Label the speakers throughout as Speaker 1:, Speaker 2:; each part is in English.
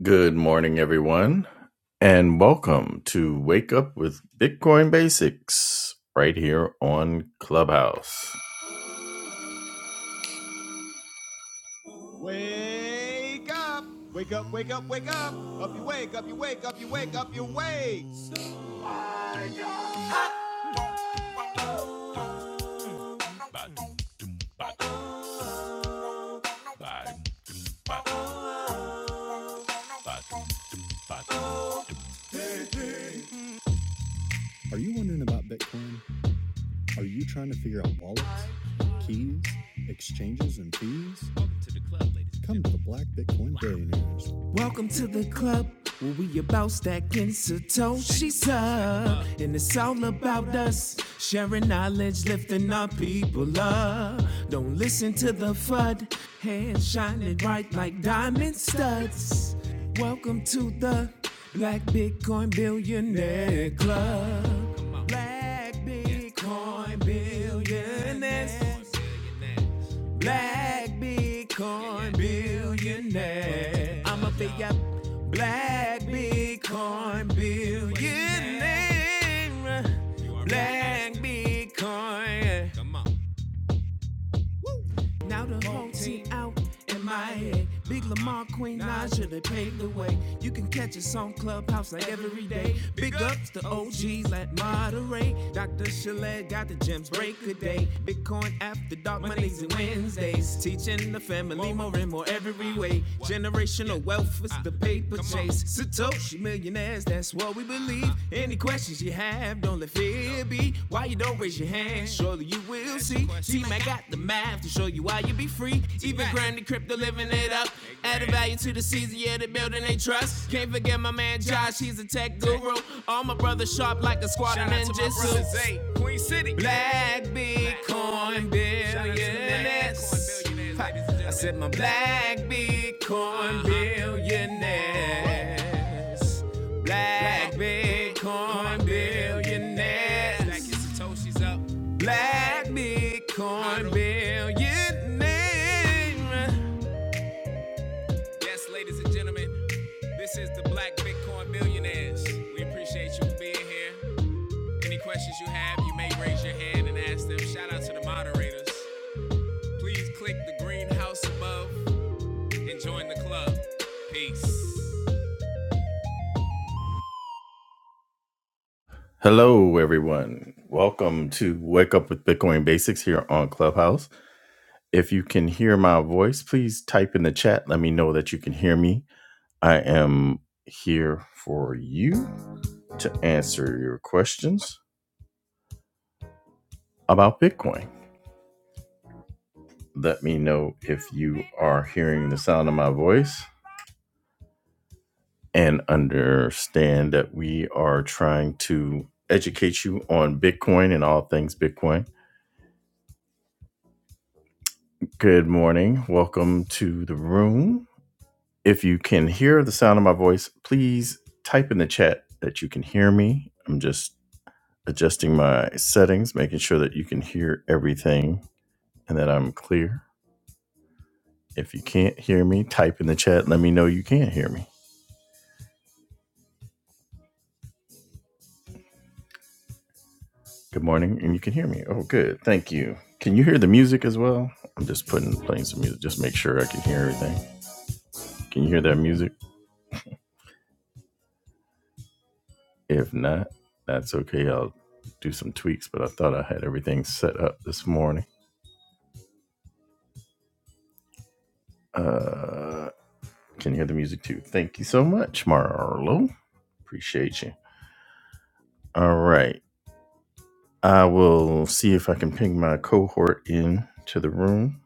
Speaker 1: Good morning, everyone, and welcome to Wake Up with Bitcoin Basics right here on Clubhouse. Wake up! Wake up, wake up, wake up! Up you wake, up you wake, up you wake, up you wake! Welcome to the club where we about stacking Satoshi's up. And it's all about us sharing knowledge, lifting our people up. Don't listen to the FUD, hands shining bright like diamond studs. Welcome to the Black Bitcoin Billionaire Club. Black Bitcoin Billionaires black Bitcoin billionaire. I'm a big up black Bitcoin billionaire. Black Bitcoin. Come on. Woo! Now the whole team out in my head. Big Lamar, Queen Naja, they paved the way. You can catch us on Clubhouse like every day. Big ups to OGs, let moderate. Dr. Chalet got the gems, break a day. Bitcoin after dark, Mondays and Wednesdays. Teaching the family more and more every way. Generational wealth is the paper chase Satoshi millionaires, that's what we believe. Any questions you have, don't let fear be. Why you don't raise your hand? Surely you will see. T Mac got the math to show you why you be free. Even Granny Crypto living it up. Adding value to the season, yeah, the building they trust. Can't forget my man Josh, he's a tech guru. All my brothers sharp like a squad of Shout ninjas. hey, Queen City. Black Bitcoin billionaires. I said my black Bitcoin billionaires. Black Bitcoin billionaires. Black Satoshi's up. Black Bitcoin billionaires. Yes, ladies and gentlemen, this is the Black Bitcoin Billionaires. We appreciate you being here. Any questions you have, you may raise your hand and ask them. Shout out to the moderators. Please click the green house above Enjoying the club. Peace. Hello, everyone. Welcome to Wake Up with Bitcoin Basics here on Clubhouse. If you can hear my voice, please type in the chat. Let me know that you can hear me. I am here for you to answer your questions about Bitcoin. Let me know if you are hearing the sound of my voice and understand that we are trying to educate you on Bitcoin and all things Bitcoin. Good morning. Welcome to the room. If you can hear the sound of my voice, please type in the chat that you can hear me. I'm just adjusting my settings, making sure that you can hear everything and that I'm clear. If you can't hear me, type in the chat. Let me know you can hear me. Good morning, and you can hear me. Oh, good. Thank you. Can you hear the music as well? I'm just putting playing some music. Just make sure I can hear everything. Can you hear that music? If not, that's okay. I'll do some tweaks, but I thought I had everything set up this morning. Uh, can you hear the music too? Thank you so much, Marlo. Appreciate you. All right. I will see if I can ping my cohort in to the room.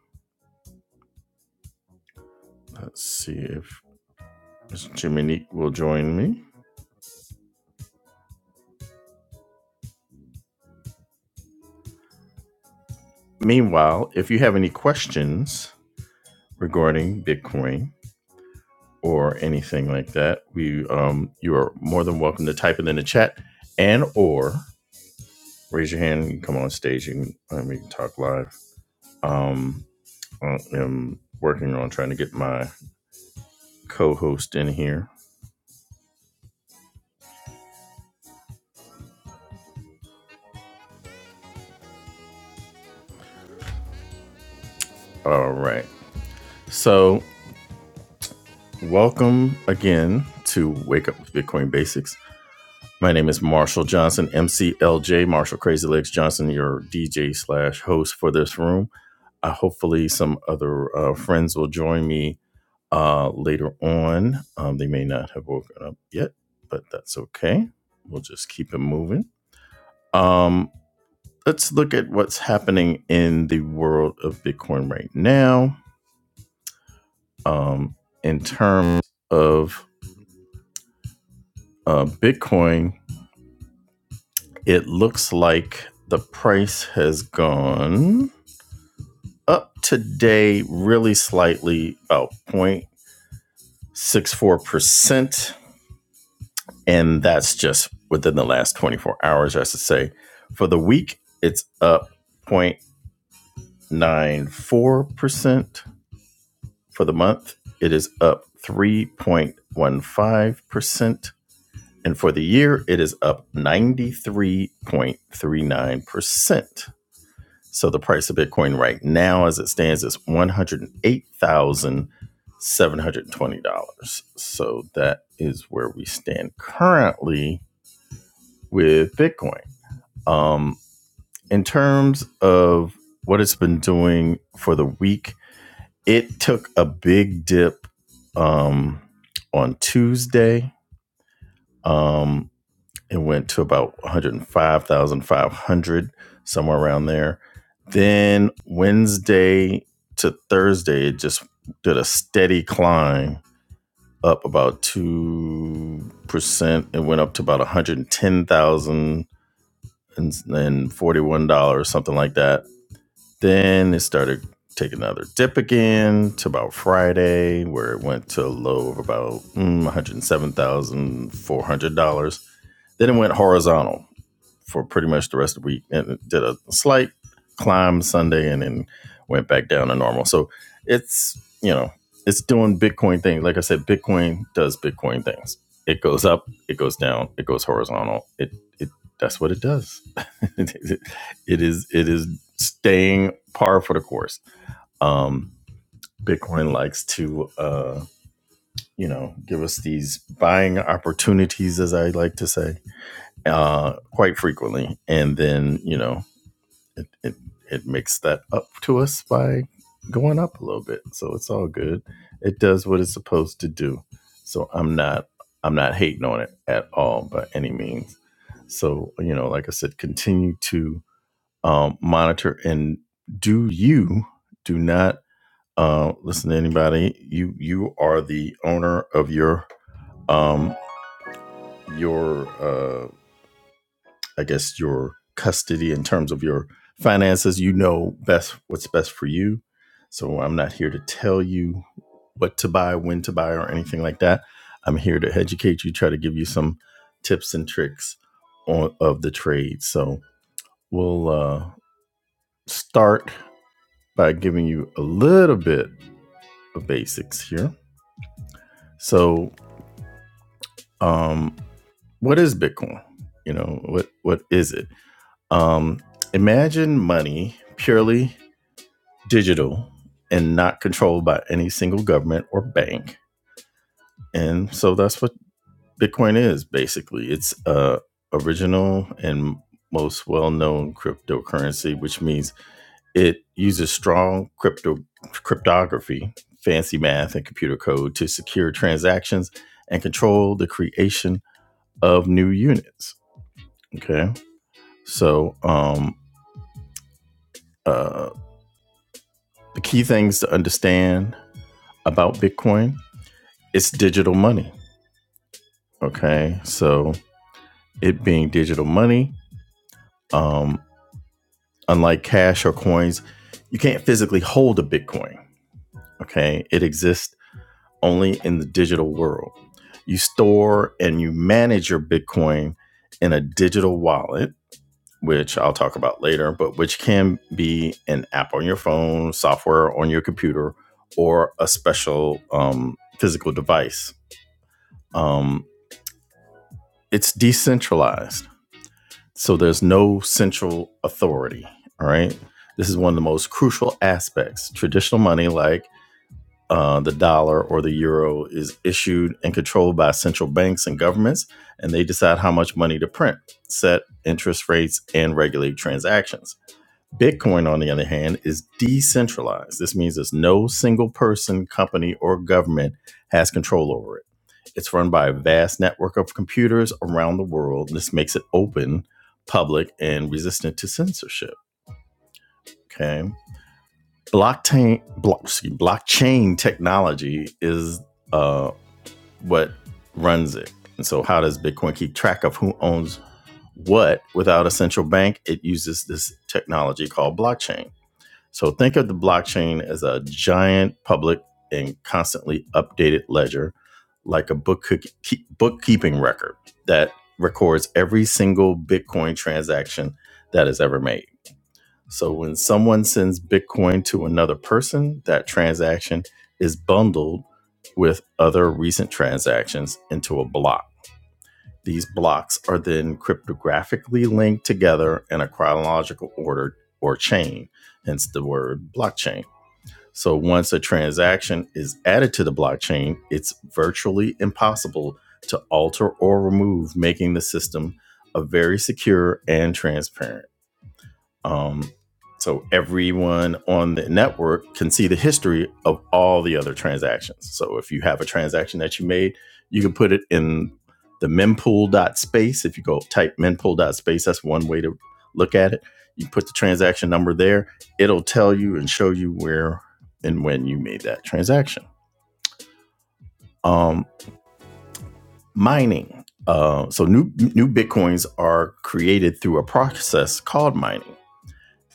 Speaker 1: Let's see if Ms. Jiminique will join me. Meanwhile, if you have any questions regarding Bitcoin or anything like that, we um, you are more than welcome to type it in the chat and or raise your hand. You can come on stage. You can, we can talk live. Um, I am working on trying to get my co-host in here. All right. So welcome again to Wake Up with Bitcoin Basics. My name is Marshall Johnson, MCLJ, Marshall Crazy Legs Johnson, your DJ slash host for this room. Uh, hopefully, some other uh, friends will join me uh, later on. Um, they may not have woken up yet, but that's okay. We'll just keep it moving. Um, let's look at what's happening in the world of Bitcoin right now. Um, in terms of uh, Bitcoin, it looks like the price has gone up today, really slightly, about 0.64%. And that's just within the last 24 hours, I should say. For the week, it's up 0.94%. For the month, it is up 3.15%. And for the year, it is up 93.39%. So the price of Bitcoin right now, as it stands, is $108,720. So that is where we stand currently with Bitcoin. Um, in terms of what it's been doing for the week, It took a big dip um, on Tuesday. Um, it went to about 105,500, somewhere around there. Then Wednesday to Thursday, it just did a steady climb up about 2%. It went up to about 110,041 dollars, something like that. Then it started taking another dip again to about Friday, where it went to a low of about mm, $107,400. Then it went horizontal for pretty much the rest of the week and it did a slight climb Sunday and then went back down to normal. So it's, you know, it's doing Bitcoin thing. Like I said, Bitcoin does Bitcoin things. It goes up, it goes down, it goes horizontal. It it that's what it does. it it is it is staying par for the course. Um Bitcoin likes to uh, you know, give us these buying opportunities as I like to say uh, quite frequently, and then you know it, it it makes that up to us by going up a little bit. So it's all good. It does what it's supposed to do. So I'm not I'm not hating on it at all by any means. So you know, like I said, continue to um, monitor and do you do not uh, listen to anybody. You you are the owner of your um your uh I guess your custody in terms of your finances. You know best what's best for you. So I'm not here to tell you what to buy, when to buy, or anything like that. I'm here to educate you, try to give you some tips and tricks on, of the trade. So we'll uh, start by giving you a little bit of basics here. So, um, what is Bitcoin? You know what what is it? Um, imagine money purely digital and not controlled by any single government or bank. And so that's what Bitcoin is basically. It's a original and most well-known cryptocurrency, which means it uses strong crypto cryptography, fancy math and computer code to secure transactions and control the creation of new units. Okay? So, um uh the key things to understand about Bitcoin, it's digital money Okay. So it being digital money, um, unlike cash or coins, you can't physically hold a Bitcoin. Okay. It exists only in the digital world. You store and you manage your Bitcoin in a digital wallet, which I'll talk about later, but which can be an app on your phone, software on your computer, or a special um, physical device. Um, it's decentralized So there's no central authority. All right. This is one of the most crucial aspects. Traditional money, like uh, the dollar or the euro, is issued and controlled by central banks and governments, and they decide how much money to print, set interest rates, and regulate transactions Bitcoin, on the other hand, is decentralized. This means there's no single person, company, or government has control over it. It's run by a vast network of computers around the world. and This makes it open, public, and resistant to censorship. Okay, blockchain block, excuse, blockchain technology is uh, what runs it. And so, how does Bitcoin keep track of who owns what without a central bank? It uses this technology called blockchain. So think of the blockchain as a giant public and constantly updated ledger, like a book bookkeeping record that records every single Bitcoin transaction that is ever made. So when someone sends Bitcoin to another person, that transaction is bundled with other recent transactions into a block. These blocks are then cryptographically linked together in a chronological order or chain, hence the word blockchain so once a transaction is added to the blockchain, it's virtually impossible to alter or remove, making the system a very secure and transparent. Um, so everyone on the network can see the history of all the other transactions. So if you have a transaction that you made, you can put it in the mempool dot space. If you go type mempool dot space, that's one way to look at it. You put the transaction number there, it'll tell you and show you where and when you made that transaction. Um, mining. Uh, so new new bitcoins are created through a process called mining.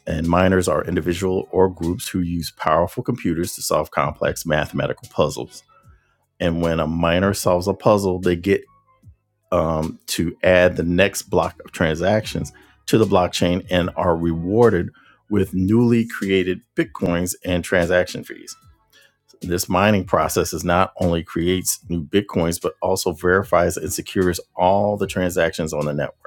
Speaker 1: and miners are individual or groups who use powerful computers to solve complex mathematical puzzles. And when a miner solves a puzzle, they get um, to add the next block of transactions to the blockchain and are rewarded with newly created bitcoins and transaction fees. This mining process is not only creates new bitcoins, but also verifies and secures all the transactions on the network.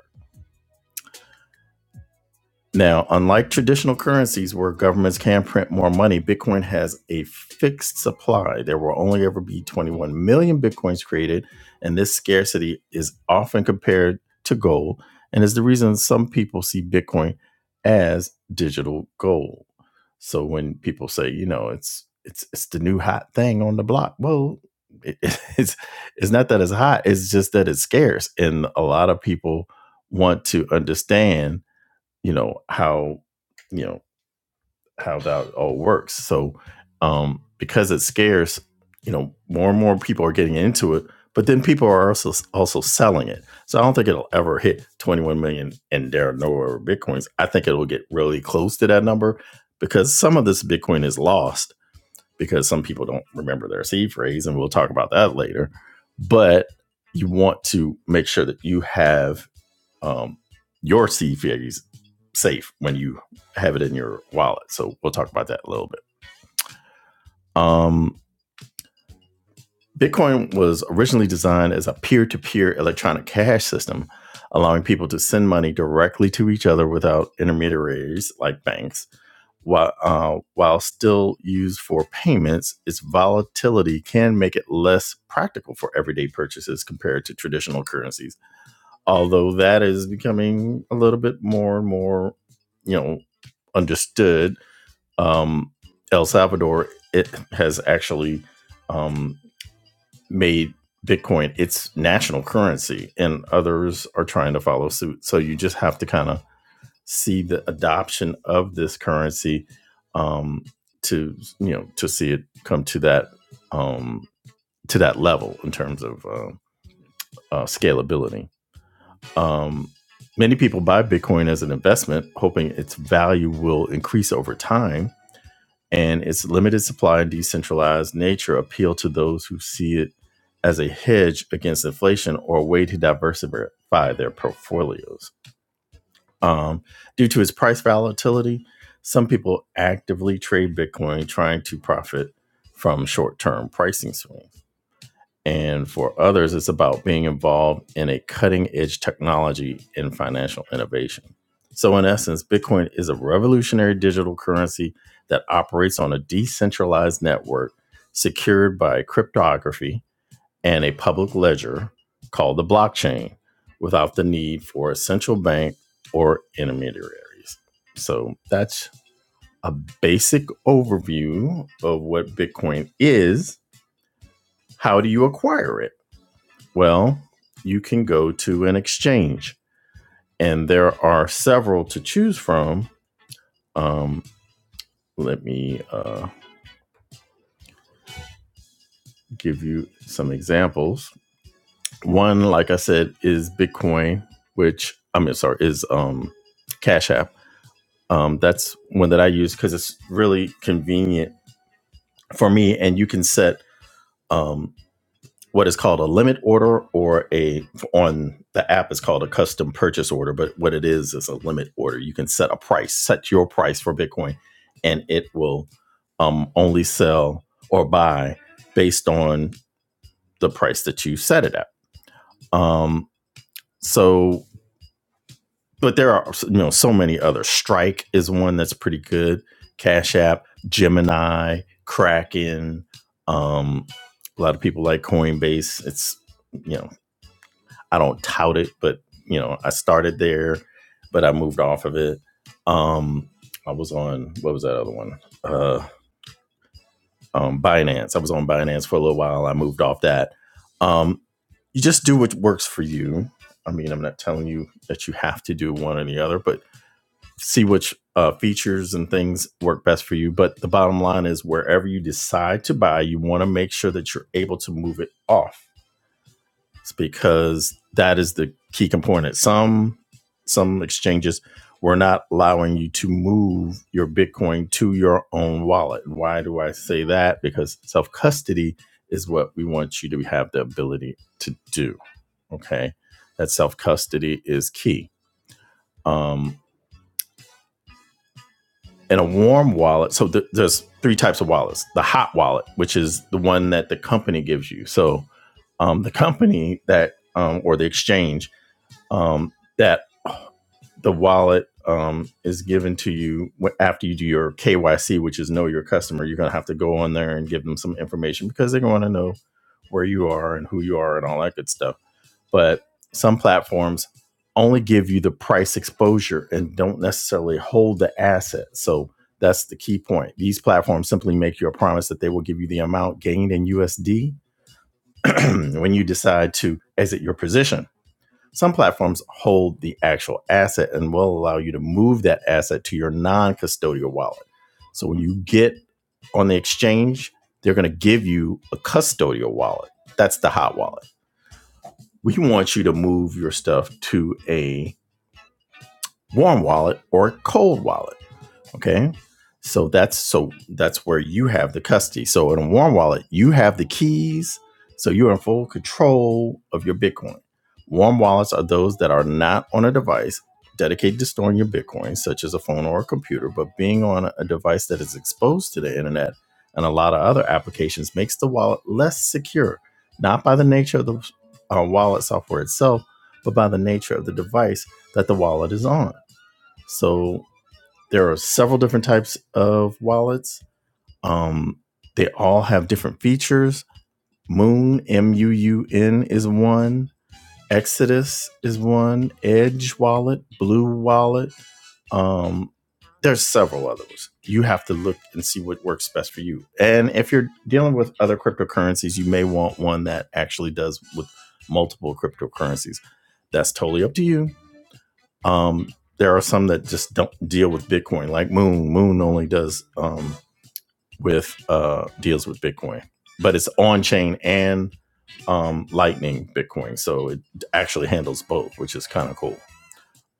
Speaker 1: Now, unlike traditional currencies where governments can print more money, Bitcoin has a fixed supply. There will only ever be 21 million Bitcoins created, and this scarcity is often compared to gold and is the reason some people see Bitcoin as digital gold. So when people say, you know, it's it's it's the new hot thing on the block, well, it, it's it's not that it's hot, it's just that it's scarce and a lot of people want to understand you know how you know how that all works so um because it's scarce you know more and more people are getting into it but then people are also also selling it so i don't think it'll ever hit 21 million and there are no other bitcoins i think it'll get really close to that number because some of this bitcoin is lost because some people don't remember their seed phrase and we'll talk about that later but you want to make sure that you have um, your seed fairies safe when you have it in your wallet. So we'll talk about that a little bit. Um, Bitcoin was originally designed as a peer to peer electronic cash system, allowing people to send money directly to each other without intermediaries like banks. While, uh, while still used for payments, its volatility can make it less practical for everyday purchases compared to traditional currencies although that is becoming a little bit more and more, you know, understood. Um, El Salvador it has actually um, made Bitcoin its national currency, and others are trying to follow suit. So you just have to kind of see the adoption of this currency um, to you know to see it come to that um, to that level in terms of uh, uh, scalability. Um, many people buy Bitcoin as an investment, hoping its value will increase over time. And its limited supply and decentralized nature appeal to those who see it as a hedge against inflation or a way to diversify their portfolios. Um, due to its price volatility, some people actively trade Bitcoin trying to profit from short term pricing swings. And for others, it's about being involved in a cutting edge technology and financial innovation. So, in essence, Bitcoin is a revolutionary digital currency that operates on a decentralized network secured by cryptography and a public ledger called the blockchain without the need for a central bank or intermediaries. So, that's a basic overview of what Bitcoin is. How do you acquire it? Well, you can go to an exchange, and there are several to choose from. Um, let me uh, give you some examples. One, like I said, is Bitcoin, which I mean, sorry, is um, Cash App. Um, that's one that I use because it's really convenient for me, and you can set um, what is called a limit order or a on the app is called a custom purchase order but what it is is a limit order you can set a price set your price for bitcoin and it will um, only sell or buy based on the price that you set it at um, so but there are you know so many other strike is one that's pretty good cash app gemini kraken um, a lot of people like coinbase it's you know I don't tout it, but you know, I started there, but I moved off of it. Um, I was on what was that other one? Uh, um, Binance. I was on Binance for a little while. I moved off that. Um, you just do what works for you. I mean, I'm not telling you that you have to do one or the other, but see which uh, features and things work best for you. But the bottom line is, wherever you decide to buy, you want to make sure that you're able to move it off it's because that is the key component. Some some exchanges were not allowing you to move your Bitcoin to your own wallet. Why do I say that? Because self custody is what we want you to have the ability to do. Okay, that self custody is key. Um, and a warm wallet. So th- there's three types of wallets. The hot wallet, which is the one that the company gives you. So um, the company that um, or the exchange um, that the wallet um, is given to you after you do your KYC, which is know your customer. You're going to have to go on there and give them some information because they're going to know where you are and who you are and all that good stuff. But some platforms only give you the price exposure and don't necessarily hold the asset. So that's the key point. These platforms simply make you a promise that they will give you the amount gained in USD when you decide to exit your position some platforms hold the actual asset and will allow you to move that asset to your non custodial wallet. So when you get on the exchange, they're going to give you a custodial wallet. That's the hot wallet. We want you to move your stuff to a warm wallet or a cold wallet. Okay. So that's so that's where you have the custody. So in a warm wallet, you have the keys. So you're in full control of your Bitcoin. Warm wallets are those that are not on a device dedicated to storing your Bitcoin, such as a phone or a computer, but being on a device that is exposed to the internet and a lot of other applications makes the wallet less secure, not by the nature of the uh, wallet software itself, but by the nature of the device that the wallet is on. So there are several different types of wallets. Um, they all have different features. Moon, M U U N, is one. Exodus is one. Edge Wallet, Blue Wallet. Um, there's several others. You have to look and see what works best for you. And if you're dealing with other cryptocurrencies, you may want one that actually does with multiple cryptocurrencies. That's totally up to you. Um, there are some that just don't deal with Bitcoin, like Moon. Moon only does um, with uh, deals with Bitcoin, but it's on chain and um, Lightning Bitcoin, so it actually handles both, which is kind of cool.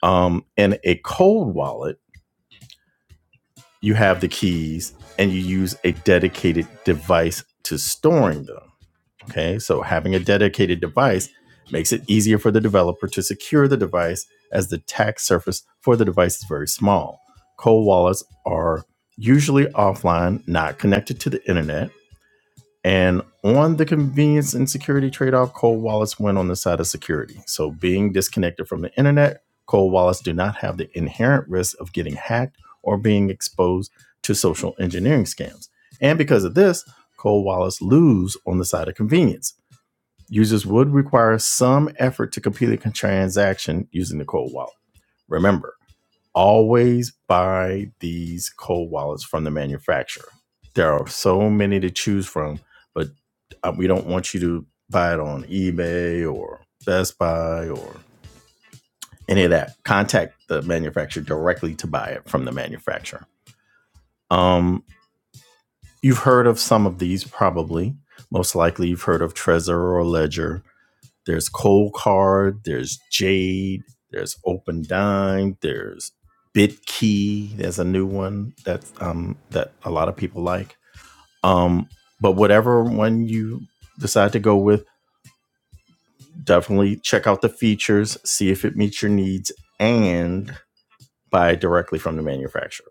Speaker 1: Um, in a cold wallet, you have the keys and you use a dedicated device to storing them. Okay, so having a dedicated device makes it easier for the developer to secure the device as the attack surface for the device is very small. Cold wallets are usually offline, not connected to the internet. And on the convenience and security trade off, cold wallets win on the side of security. So, being disconnected from the internet, cold wallets do not have the inherent risk of getting hacked or being exposed to social engineering scams. And because of this, cold wallets lose on the side of convenience Users would require some effort to complete a transaction using the cold wallet. Remember, always buy these cold wallets from the manufacturer. There are so many to choose from, but uh, we don't want you to buy it on eBay or Best Buy or any of that. Contact the manufacturer directly to buy it from the manufacturer. Um, you've heard of some of these probably. Most likely, you've heard of Trezor or Ledger There's Cold Card, there's Jade, there's Open Dime, there's BitKey. There's a new one that's um that a lot of people like. Um, but whatever one you decide to go with, definitely check out the features, see if it meets your needs, and buy directly from the manufacturer.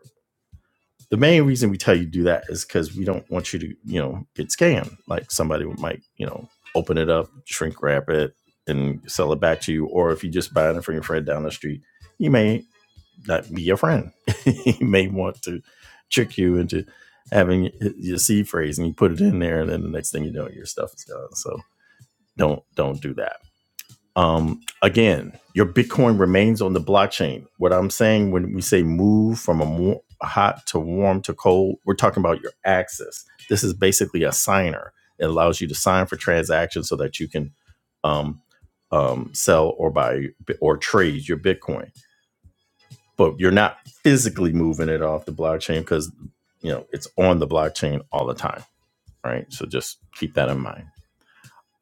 Speaker 1: the main reason we tell you to do that is because we don't want you to, you know, get scammed. Like somebody might, you know, open it up, shrink wrap it, and sell it back to you. Or if you just buy it from your friend down the street, you may not be your friend. he may want to trick you into having your seed phrase, and you put it in there, and then the next thing you know, your stuff is gone. So don't don't do that. Um, again, your Bitcoin remains on the blockchain. What I'm saying when we say move from a mo- hot to warm to cold, we're talking about your access. This is basically a signer. It allows you to sign for transactions so that you can um, um, sell or buy or trade your Bitcoin. But you're not physically moving it off the blockchain because you know it's on the blockchain all the time, right? So just keep that in mind.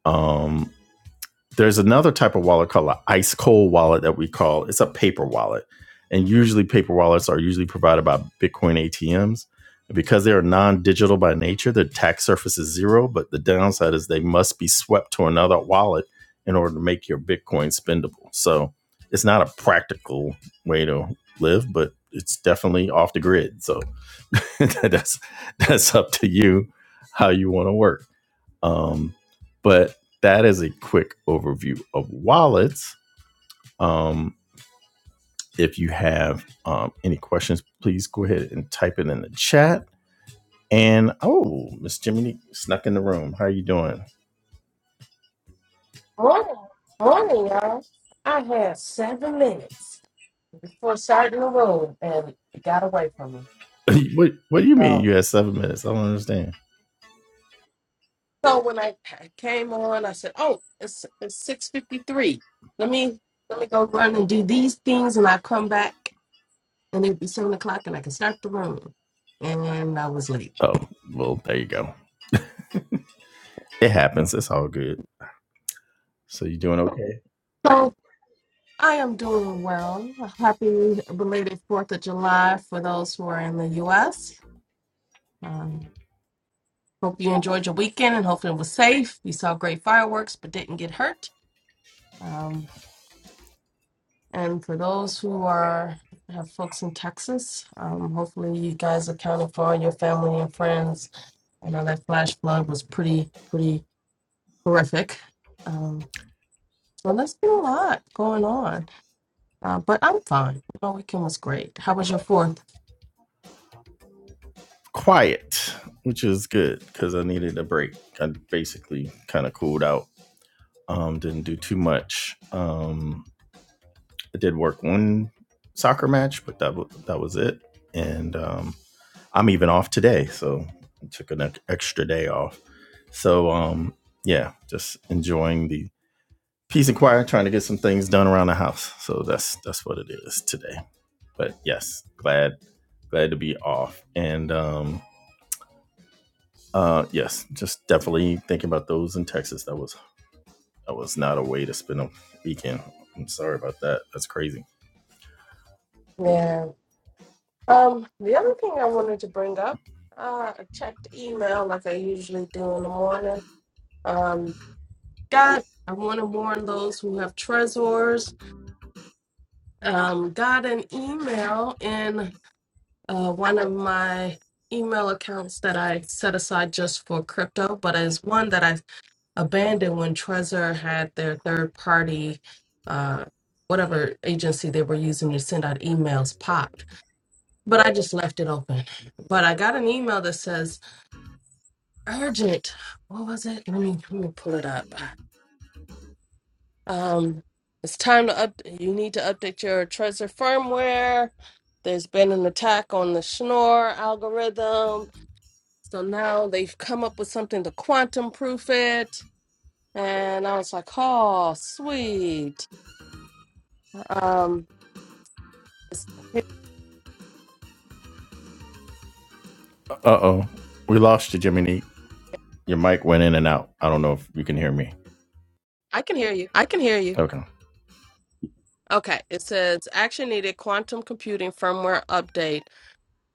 Speaker 1: Um, there's another type of wallet called an ice cold wallet that we call it's a paper wallet. And usually paper wallets are usually provided by Bitcoin ATMs. Because they are non-digital by nature, their tax surface is zero, but the downside is they must be swept to another wallet in order to make your Bitcoin spendable. So it's not a practical way to live, but it's definitely off the grid. So that's that's up to you how you want to work. Um, but that is a quick overview of wallets. Um, if you have um, any questions, please go ahead and type it in the chat. And oh, Miss Jiminy snuck in the room. How are you doing? What?
Speaker 2: Morning, y'all. I had seven minutes before starting the room, and it got away from me.
Speaker 1: what What do you mean
Speaker 2: So,
Speaker 1: you had seven minutes? I don't understand.
Speaker 2: so when I I came on, I said, "Oh, it's it's six fifty three. Let me let me go run and do these things, and I come back, and it'll be seven o'clock, and I can start the room." And I was late.
Speaker 1: Oh, well, there you go. It happens. It's all good. So you doing okay?
Speaker 2: So I am doing well. Happy belated Fourth of July for those who are in the U.S. Hope you enjoyed your weekend and hopefully it was safe. We saw great fireworks but didn't get hurt. Um, and for those who are have folks in Texas, um, hopefully you guys accounted for all your family and friends. I know that flash flood was pretty pretty horrific. Um, so there's been a lot going on, uh, but I'm fine. My weekend was great. How was your fourth?
Speaker 1: Quiet, which is good because I needed a break. I basically kind of cooled out. Um, didn't do too much. Um, I did work one soccer match, but that wa that was it. And um, I'm even off today, so I took an extra day off. So um, yeah, just enjoying the peace and quiet, trying to get some things done around the house. So that's that's what it is today. But yes, glad glad to be off. And um, uh, yes, just definitely thinking about those in Texas. That was that was not a way to spend a weekend. I'm sorry about that. That's crazy.
Speaker 2: Yeah. Um, the other thing I wanted to bring up, uh, I checked email like I usually do in the morning. Um, God, I want to warn those who have treasures. Um, got an email in uh, one of my email accounts that I set aside just for crypto, but it's one that I abandoned when Trezor had their third party, uh, whatever agency they were using to send out emails popped. But I just left it open. But I got an email that says urgent. What was it? Let me let me pull it up. Um, it's time to up. You need to update your Trezor firmware. There's been an attack on the Schnorr algorithm, so now they've come up with something to quantum proof it. And I was like, oh, sweet. Um, it's-
Speaker 1: Uh oh. We lost you, Jiminy. Your mic went in and out. I don't know if you can hear me. I can hear you.
Speaker 2: I can hear you.
Speaker 1: Okay.
Speaker 2: Okay, it says action needed quantum computing firmware update.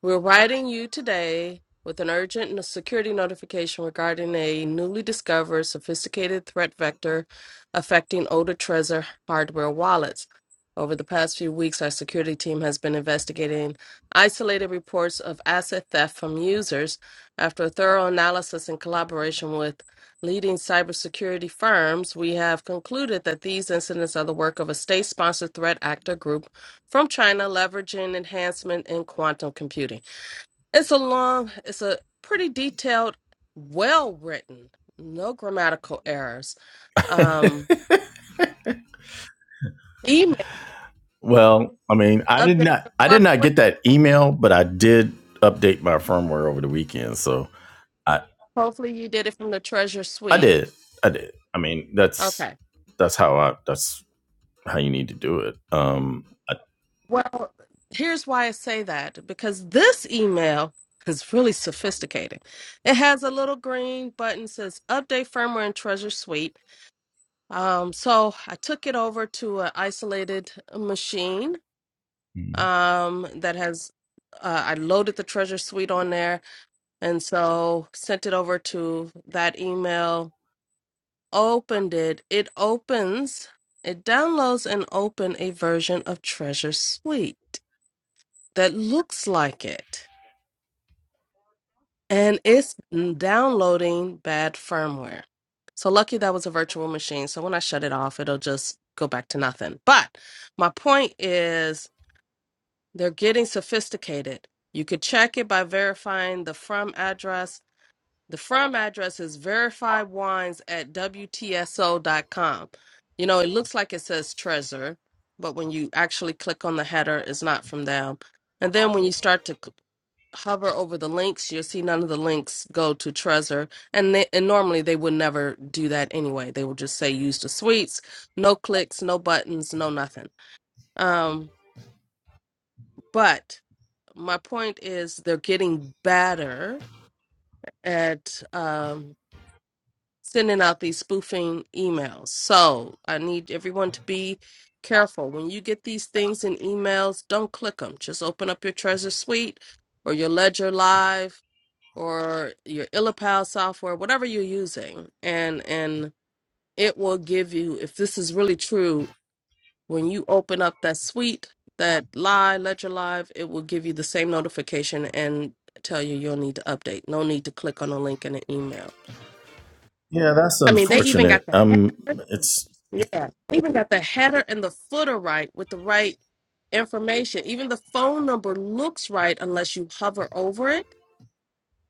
Speaker 2: We're writing you today with an urgent no- security notification regarding a newly discovered sophisticated threat vector affecting older Trezor hardware wallets. Over the past few weeks, our security team has been investigating isolated reports of asset theft from users. After a thorough analysis in collaboration with leading cybersecurity firms, we have concluded that these incidents are the work of a state sponsored threat actor group from China leveraging enhancement in quantum computing. It's a long, it's a pretty detailed, well written, no grammatical errors. Um, email
Speaker 1: Well, I mean, I did
Speaker 2: update the
Speaker 1: not I did not
Speaker 2: firmware.
Speaker 1: get that email, but I did update my firmware over the weekend. So I
Speaker 2: Hopefully, you did it from the Treasure
Speaker 1: I
Speaker 2: Suite.
Speaker 1: did. I did. I mean, that's
Speaker 2: Okay.
Speaker 1: that's how I that's how you need to do it. Um I,
Speaker 2: Well, here's why I say that because this email is really sophisticated. It has a little green button that says update firmware in Treasure Suite. Um, so I took it over to an isolated machine um, that has uh, I loaded the treasure suite on there, and so sent it over to that email. Opened it. It opens. It downloads and open a version of Treasure Suite that looks like it, and it's downloading bad firmware. So lucky that was a virtual machine. So when I shut it off, it'll just go back to nothing. But my point is They're getting sophisticated. You could check it by verifying the from address. The from address is verifywines at WTSO.com. You know, it looks like it says treasure, but when you actually click on the header, it's not from them. And then when you start to c- hover over the links, you'll see none of the links go to treasure. And, they, and normally they would never do that anyway. They will just say use the suites, no clicks, no buttons, no nothing. Um, but my point is they're getting better at um, sending out these spoofing emails. So I need everyone to be careful. When you get these things in emails, don't click them. Just open up your Treasure Suite or your Ledger Live or your Illipal software, whatever you're using, and and it will give you if this is really true when you open up that suite, that live ledger live, it will give you the same notification and tell you you'll need to update. No need to click on a link in an email.
Speaker 1: yeah, that's
Speaker 2: I mean, they even got
Speaker 1: unfortunate.
Speaker 2: the
Speaker 1: Um
Speaker 2: header.
Speaker 1: it's, it's
Speaker 2: Yeah, they even got the header and the footer right with the right information. Even the phone number looks right unless you hover over it,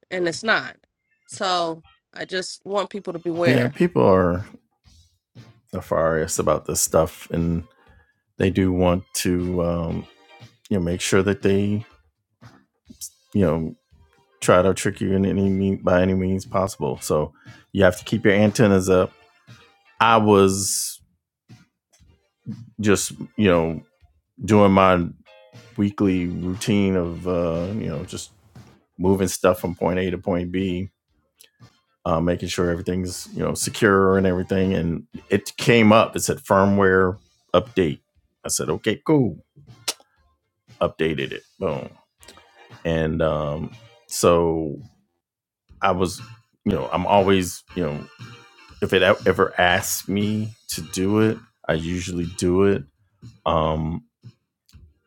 Speaker 2: and it's not. So I just want people to
Speaker 1: yeah,
Speaker 2: beware.
Speaker 1: people are nefarious about this stuff and they do want to um, you know make sure that they you know try to trick you in any mean, by any means possible. So you have to keep your antennas up. I was just you know doing my weekly routine of uh, you know just moving stuff from point A to point B. Uh, making sure everything's you know secure and everything, and it came up. It said firmware update. I said, okay, cool. Updated it. Boom. And um, so I was, you know, I'm always, you know, if it e- ever asks me to do it, I usually do it. Um,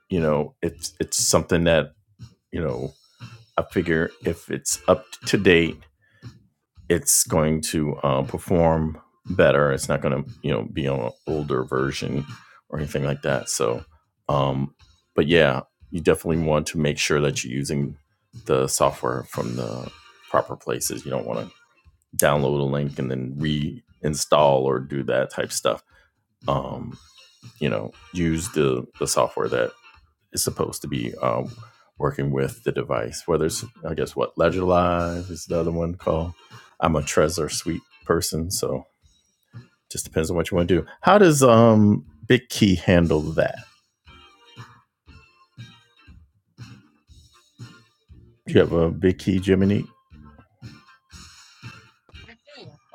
Speaker 1: you know, it's it's something that you know I figure if it's up to date, it's going to uh, perform better. It's not going to you know be on an older version or anything like that. So, um, but yeah, you definitely want to make sure that you're using the software from the proper places. You don't want to download a link and then reinstall or do that type stuff. Um, you know, use the the software that is supposed to be um, working with the device. Whether it's I guess what Ledger Live is the other one called. I'm a Trezor Suite person, so just depends on what you want to do. How does um, BitKey handle that? Do you have a BitKey Gemini?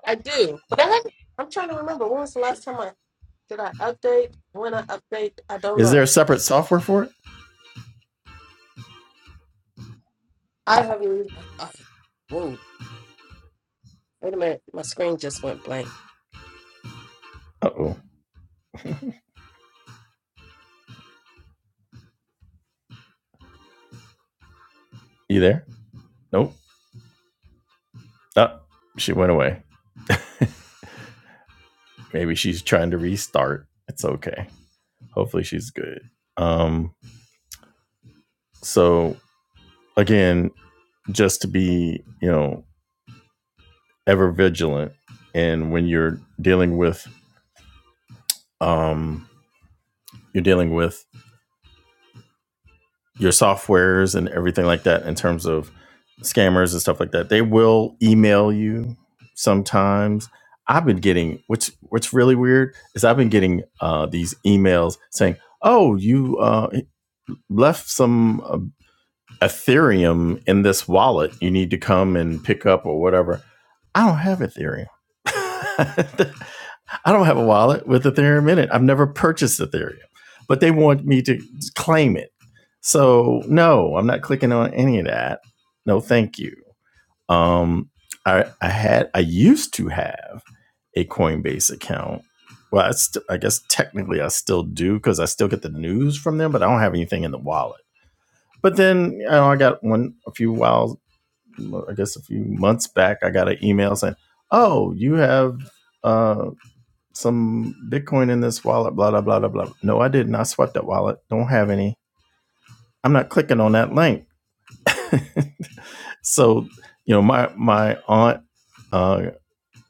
Speaker 2: I do, but I haven't, I'm trying to remember when was the last time I did I update? When I update, I don't
Speaker 1: Is there
Speaker 2: know.
Speaker 1: a separate software for it?
Speaker 2: I have. Uh, whoa! Wait a minute. My screen just went blank.
Speaker 1: Uh oh. You there? Nope. Oh, she went away. Maybe she's trying to restart. It's okay. Hopefully she's good. Um, so again, just to be, you know, ever vigilant and when you're dealing with um you're dealing with your softwares and everything like that in terms of scammers and stuff like that. They will email you sometimes. I've been getting what's what's really weird is I've been getting uh, these emails saying, "Oh, you uh, left some uh, Ethereum in this wallet. You need to come and pick up or whatever. I don't have Ethereum. I don't have a wallet with Ethereum in it. I've never purchased Ethereum, but they want me to claim it. So no, I'm not clicking on any of that. No, thank you. Um, I, I had I used to have a Coinbase account. Well, I, st- I guess technically I still do because I still get the news from them, but I don't have anything in the wallet. But then you know, I got one a few whiles, I guess a few months back, I got an email saying, "Oh, you have uh, some Bitcoin in this wallet." Blah blah blah blah blah. No, I didn't. I swept that wallet. Don't have any. I'm not clicking on that link. so you know, my my aunt uh,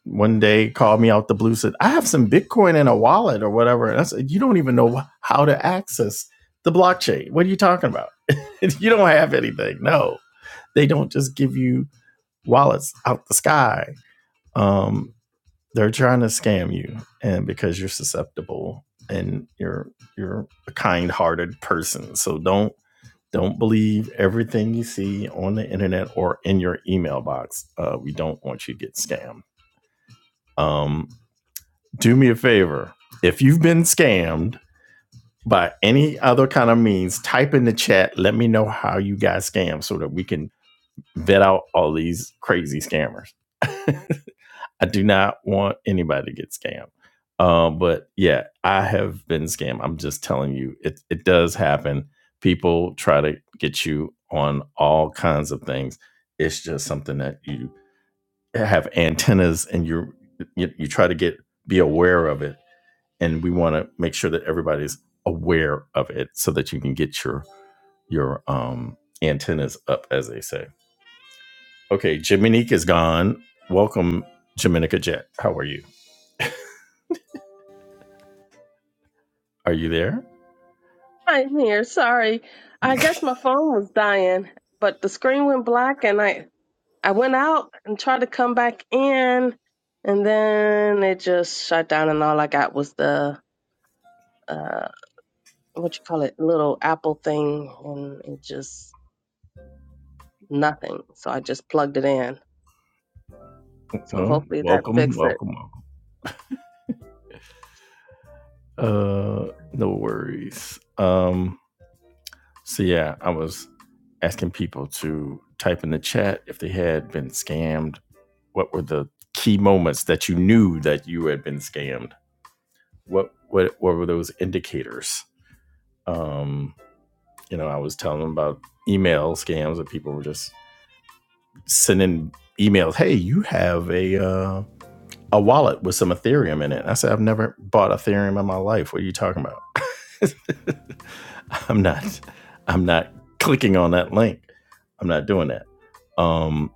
Speaker 1: one day called me out the blue said i have some bitcoin in a wallet or whatever and i said you don't even know how to access the blockchain what are you talking about you don't have anything no they don't just give you wallets out the sky um, they're trying to scam you and because you're susceptible and you're you're a kind-hearted person so don't don't believe everything you see on the internet or in your email box uh, we don't want you to get scammed um, do me a favor. If you've been scammed by any other kind of means, type in the chat. Let me know how you got scammed so that we can vet out all these crazy scammers. I do not want anybody to get scammed. Uh, but yeah, I have been scammed. I'm just telling you, it, it does happen. People try to get you on all kinds of things. It's just something that you have antennas and you you you try to get be aware of it and we want to make sure that everybody's aware of it so that you can get your your um, antennas up, as they say. Okay, Jaminica is gone. Welcome, Jaminica Jet. How are you? Are you there?
Speaker 3: I'm here. Sorry. I guess my phone was dying, but the screen went black and I I went out and tried to come back in and then it just shut down and all I got was the uh what you call it, little Apple thing and it just nothing. So I just plugged it in. So
Speaker 1: Well,
Speaker 3: hopefully that
Speaker 1: welcome,
Speaker 3: fixed it.
Speaker 1: welcome, welcome. Uh, no worries. Um, so yeah, I was asking people to type in the chat if they had been scammed. What were the key moments that you knew that you had been scammed? What what what were those indicators? Um, you know, I was telling them about email scams that people were just sending emails. Hey, you have a uh, a wallet with some Ethereum in it. And I said, I've never bought Ethereum in my life. What are you talking about? I'm not. I'm not clicking on that link. I'm not doing that. Um,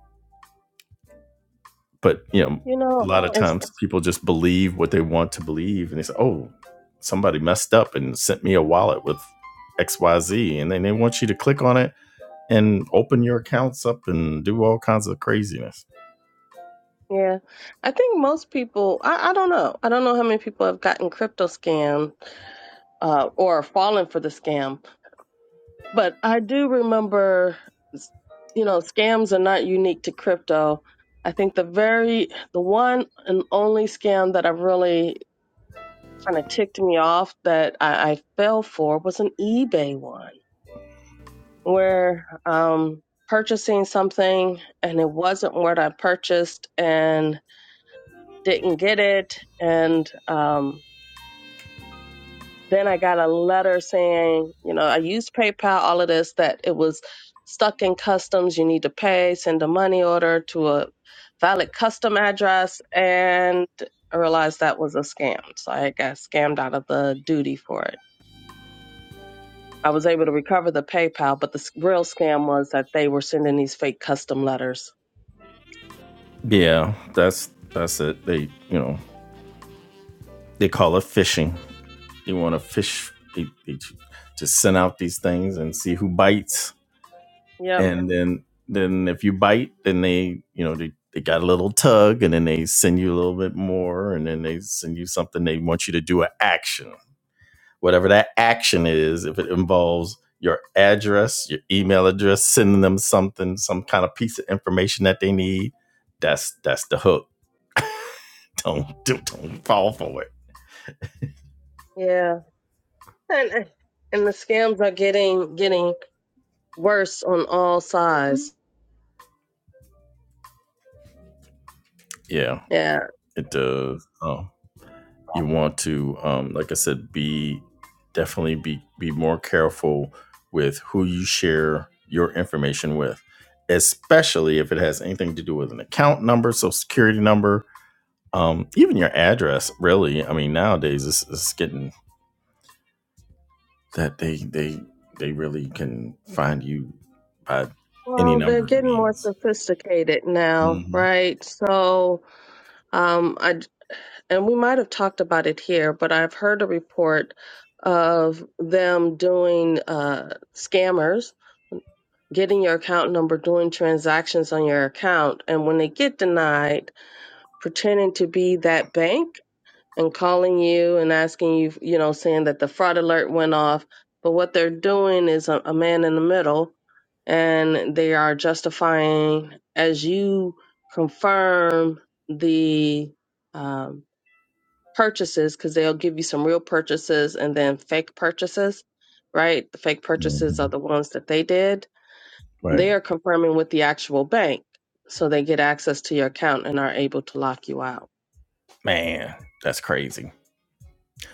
Speaker 1: but you know,
Speaker 3: You
Speaker 1: a
Speaker 3: know,
Speaker 1: lot of No.
Speaker 3: it's
Speaker 1: times people just believe what they want to believe, and they say, "Oh, somebody messed up and sent me a wallet with X Y Z, and then they want you to click on it and open your accounts up and do all kinds of craziness.
Speaker 3: yeah. I think most people I, I don't know. I don't know how many people have gotten crypto scammed uh or fallen for the scam But I do remember, you know, scams are not unique to crypto. I think the very, the one and only scam that I really kind of ticked me off that I, I fell for was an eBay one where um, purchasing something and it wasn't what I purchased and didn't get it. And, um, Then I got a letter saying, you know, I used PayPal, all of this, that it was stuck in customs. You need to pay, send a money order to a valid custom address. And I realized that was a scam. So I got scammed out of the duty for it. I was able to recover the PayPal, but the s- real scam was that they were sending these fake custom letters.
Speaker 1: Yeah, that's that's it. They you know they call it fishing. You want to fish? They, they just send out these things and see who bites,
Speaker 3: Yep.
Speaker 1: and then then if you bite, then they you know they. They got a little tug, and then they send you a little bit more, and then they send you something they want you to do an action whatever that action is, if it involves your address, your email address, sending them something, some kind of piece of information that they need, that's that's the hook. Don't don't, don't fall for it.
Speaker 3: Yeah. And and the scams are getting getting worse on all sides.
Speaker 1: Yeah, it does. Um, you want to, um, like I said, be definitely be be more careful with who you share your information with, especially if it has anything to do with an account number, social security number, um even your address really i mean nowadays it's, it's getting that they they they really can find you by any
Speaker 3: Well, they're
Speaker 1: number of
Speaker 3: getting more
Speaker 1: means
Speaker 3: sophisticated now,
Speaker 1: hmm
Speaker 3: right? So, um, I and we might have talked about it here, but I've heard a report of them doing uh, scammers getting your account number, doing transactions on your account, and when they get denied, pretending to be that bank and calling you and asking you, you know, saying that the fraud alert went off. But what they're doing is a, a man in the middle and they are justifying as you confirm the um, purchases because they'll give you some real purchases and then fake purchases right the fake purchases
Speaker 1: hmm
Speaker 3: are the ones that they did
Speaker 1: right
Speaker 3: they are confirming with the actual bank, so they get access to your account and are able to lock you out.
Speaker 1: man that's crazy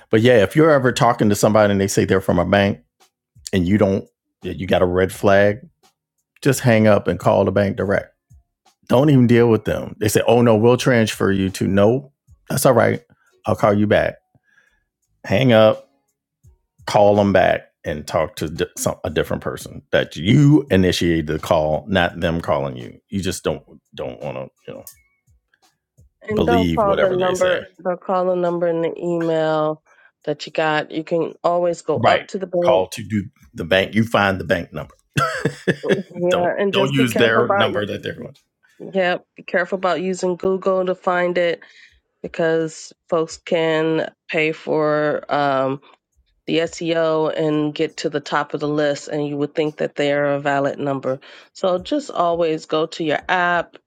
Speaker 1: but yeah if you're ever talking to somebody and they say they're from a bank and you don't yeah, you got a red flag just hang up and call the bank direct don't even deal with them they say oh no we'll transfer you to no that's all right i'll call you back hang up call them back and talk to di- some, a different person that you initiated the call, not them calling you. You just don't don't want to you know
Speaker 3: And don't
Speaker 1: believe
Speaker 3: call the
Speaker 1: whatever they say.
Speaker 3: number, they'll call the number in the email that you got. You can always go up
Speaker 1: Right.
Speaker 3: to the
Speaker 1: Call
Speaker 3: bank.
Speaker 1: to do the bank. You find the bank number. don't
Speaker 3: Yeah, and
Speaker 1: don't
Speaker 3: just be
Speaker 1: use
Speaker 3: careful
Speaker 1: their
Speaker 3: about,
Speaker 1: number that they're going. to.
Speaker 3: yeah, be careful about using Google to find it. because folks can pay for um, the SEO and get to the top of the list, and you would think that they are a valid number. So just always go to your app,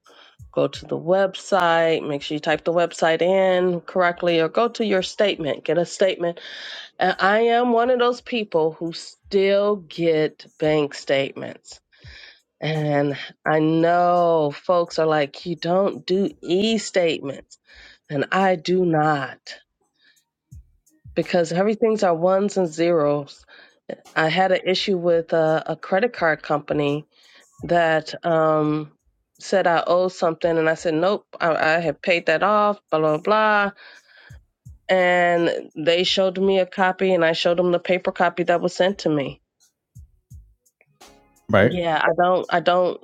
Speaker 3: go to the website, make sure you type the website in correctly, or go to your statement, get a statement. And I am one of those people who still get bank statements. And I know folks are like, you don't do e statements. And I do not. because everything's our ones and zeros. I had an issue with a, a credit card company that um, said I owe something, and I said nope, I, I had paid that off, blah blah blah. And they showed me a copy, and I showed them the paper copy that was sent to me.
Speaker 1: Right.
Speaker 3: Yeah, I don't, I don't,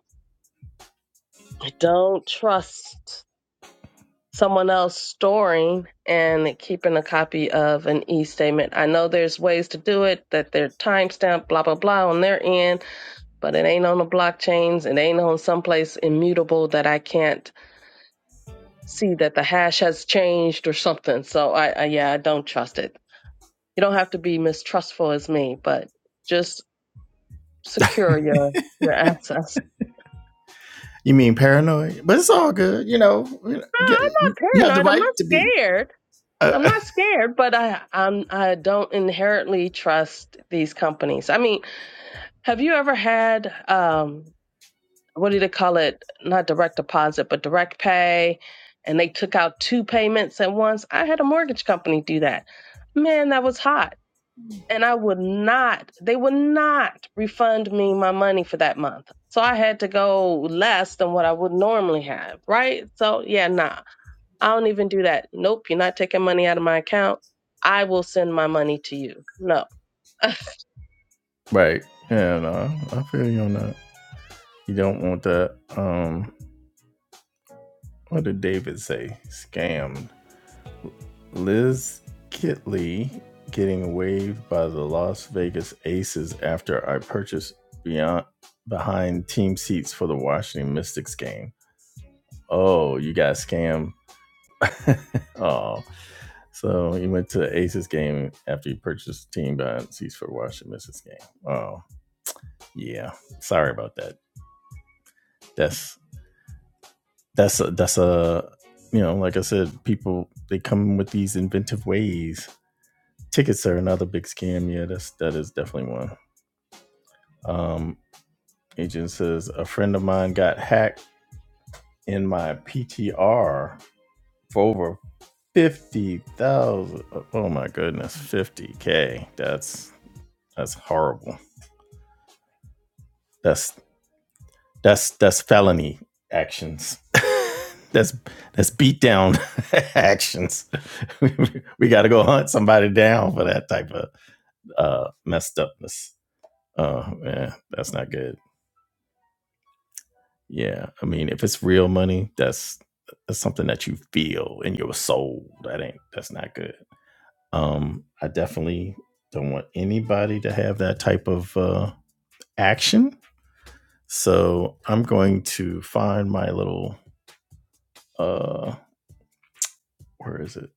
Speaker 3: I don't trust someone else storing and keeping a copy of an e-statement. I know there's ways to do it that they're timestamped, blah blah blah, on their end but it ain't on the blockchains. It ain't on someplace immutable that I can't see that the hash has changed or something. So I, I yeah, I don't trust it. You don't have to be mistrustful as me, but just secure your your access.
Speaker 1: You mean paranoid? But it's all good. You know,
Speaker 3: No,
Speaker 1: you
Speaker 3: I'm
Speaker 1: have the
Speaker 3: not paranoid. I'm
Speaker 1: right
Speaker 3: not
Speaker 1: to be.
Speaker 3: scared. I'm
Speaker 1: Uh,
Speaker 3: not scared, but I I'm I don't inherently trust these companies. I mean, have you ever had um what do they call it? Not direct deposit, but direct pay. And they took out two payments at once. I had a mortgage company do that. Man, that was hot. And I would not, they would not refund me my money for that month. So I had to go less than what I would normally have, right? So yeah, nah, I don't even do that. Nope, you're not taking money out of my account. I will send my money to you. No.
Speaker 1: right. Yeah, no, I feel you on that. You don't want that. Um, what did David say? Scammed. Liz Kitley getting waived by the Las Vegas Aces after I purchased beyond behind team seats for the Washington Mystics game. Oh, you got scammed oh, so he went to Aces game after he purchased the team, but he's for Washington missed this game. Oh, yeah. Sorry about that. That's that's a, that's a you know, like I said, people they come with these inventive ways. Tickets are another big scam. Yeah, that's that is definitely one. Um, agent says a friend of mine got hacked in my PTR for over fifty thousand. Oh my goodness, fifty k. That's That's horrible. That's that's that's felony actions. that's that's beat down actions. we got to go hunt somebody down for that type of uh, messed upness. Oh man, that's not good. Yeah, I mean, if it's real money, that's that's something that you feel in your soul. That ain't that's not good. Um, I definitely don't want anybody to have that type of uh, action So I'm going to find my little uh where is it?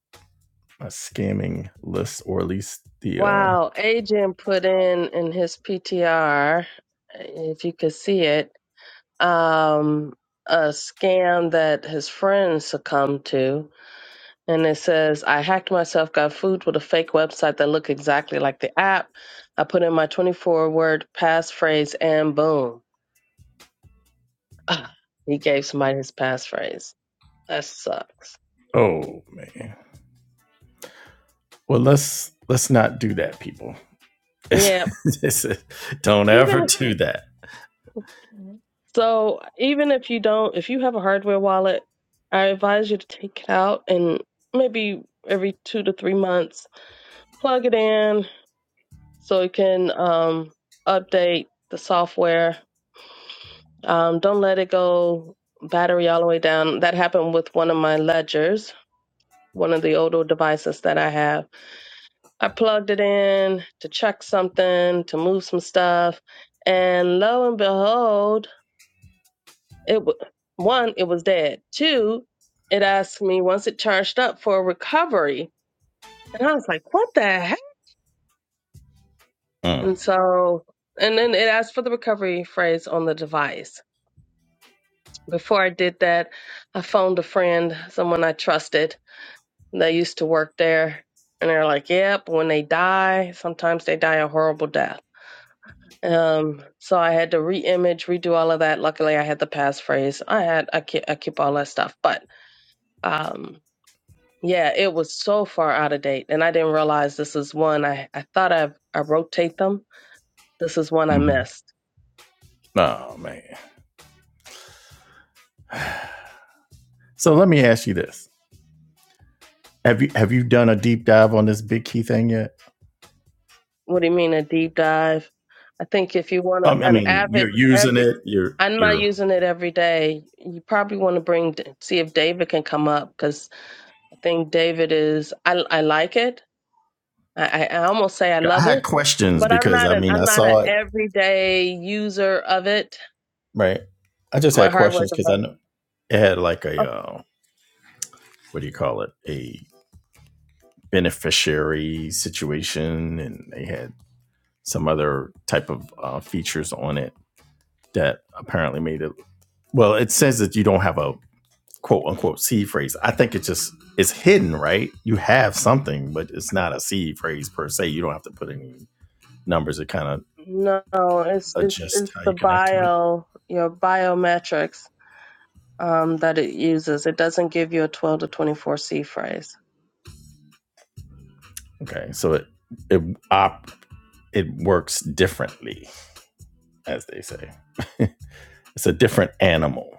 Speaker 1: My scamming list or at least the uh
Speaker 3: wow, agent put in in his PTR, if you could see it um, a scam that his friends succumbed to. And it says, I hacked myself, got food with a fake website that looked exactly like the app. I put in my 24 word passphrase and boom. Ah, he gave somebody his passphrase. That sucks.
Speaker 1: oh man. Well let's let's not do that, people.
Speaker 3: Yeah.
Speaker 1: This is- Don't ever
Speaker 3: Even
Speaker 1: do that.
Speaker 3: so, even if you don't, if you have a hardware wallet, I advise you to take it out and maybe every two to three months plug it in, so it can um, update the software. Um, don't let it go battery all the way down. That happened with one of my ledgers, one of the older devices that I have. I plugged it in to check something, to move some stuff, and lo and behold, it w- one it was dead. Two, it asked me once it charged up for a recovery, and I was like, "What the heck?"
Speaker 1: Mm.
Speaker 3: And so, and then it asked for the recovery phrase on the device Before I did that, I phoned a friend, someone I trusted. They used to work there. And they're like, yep, when they die, sometimes they die a horrible death. Um, so I had to re-image, redo all of that. Luckily, I had the passphrase. I had I keep, I keep all that stuff, but um, yeah, it was so far out of date, and I didn't realize this is one I I thought I I rotate them. This is one I
Speaker 1: Mhm.
Speaker 3: missed
Speaker 1: Oh man. So let me ask you this. Have you have you done a deep dive on this big key thing yet?
Speaker 3: What do you mean a deep dive? I think if you want a,
Speaker 1: Um, I
Speaker 3: an
Speaker 1: mean,
Speaker 3: average
Speaker 1: you're using
Speaker 3: every,
Speaker 1: it, you're
Speaker 3: I'm not
Speaker 1: you're
Speaker 3: using it every day. You probably want to bring see if David can come up because I think David is. I I like it. I I I almost say I
Speaker 1: I
Speaker 3: love
Speaker 1: had
Speaker 3: it,
Speaker 1: questions
Speaker 3: but I'm
Speaker 1: because
Speaker 3: not
Speaker 1: I
Speaker 3: an
Speaker 1: mean
Speaker 3: I'm
Speaker 1: I
Speaker 3: not an
Speaker 1: saw it
Speaker 3: everyday user of it.
Speaker 1: Right. I just
Speaker 3: My
Speaker 1: had
Speaker 3: hardware
Speaker 1: questions because I
Speaker 3: device.
Speaker 1: know it had like a uh, what do you call it? A beneficiary situation, and they had some other type of uh, features on it that apparently made it. Well, it says that you don't have a quote unquote seed phrase. I think it just it's hidden, right? You have something, but it's not a seed phrase per se. You don't have to put any numbers. It kind of
Speaker 3: No, it's it's
Speaker 1: adjusts
Speaker 3: it's
Speaker 1: how
Speaker 3: the
Speaker 1: you connect to it.
Speaker 3: bio your biometrics. um, that it uses. It doesn't give you a 12 to 24C phrase.
Speaker 1: Okay, so it it op it works differently as they say. it's a different animal,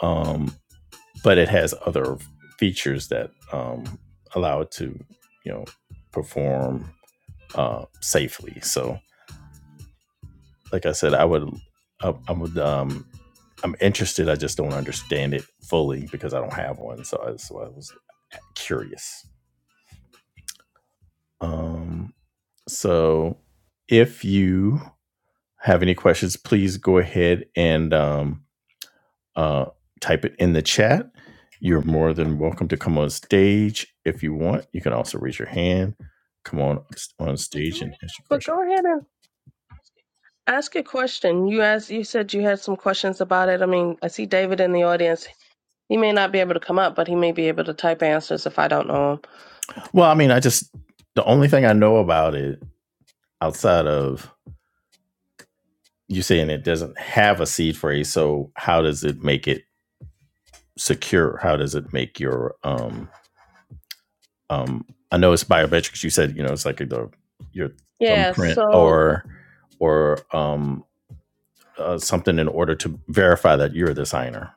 Speaker 1: um, but it has other features that um, allow it to, you know, perform uh, safely. So, like I said, I would, I, I would, um, I'm interested. I just don't understand it fully because I don't have one. So I, so I was curious. Um, so, if you have any questions, please go ahead and um, uh, type it in the chat. You're more than welcome to come on stage if you want. You can also raise your hand, come on on stage and ask your
Speaker 3: But
Speaker 1: question.
Speaker 3: go ahead and ask a question. You asked, you said you had some questions about it. I mean, I see David in the audience. He may not be able to come up, but he may be able to type answers if I don't know him.
Speaker 1: Well, I mean, I just the only thing I know about it outside of you saying it doesn't have a seed phrase. So how does it make it secure? How does it make your um um? I know it's biometrics. You said you know it's like the your
Speaker 3: Yeah,
Speaker 1: thumbprint
Speaker 3: so
Speaker 1: or or um uh, something in order to verify that you're a designer.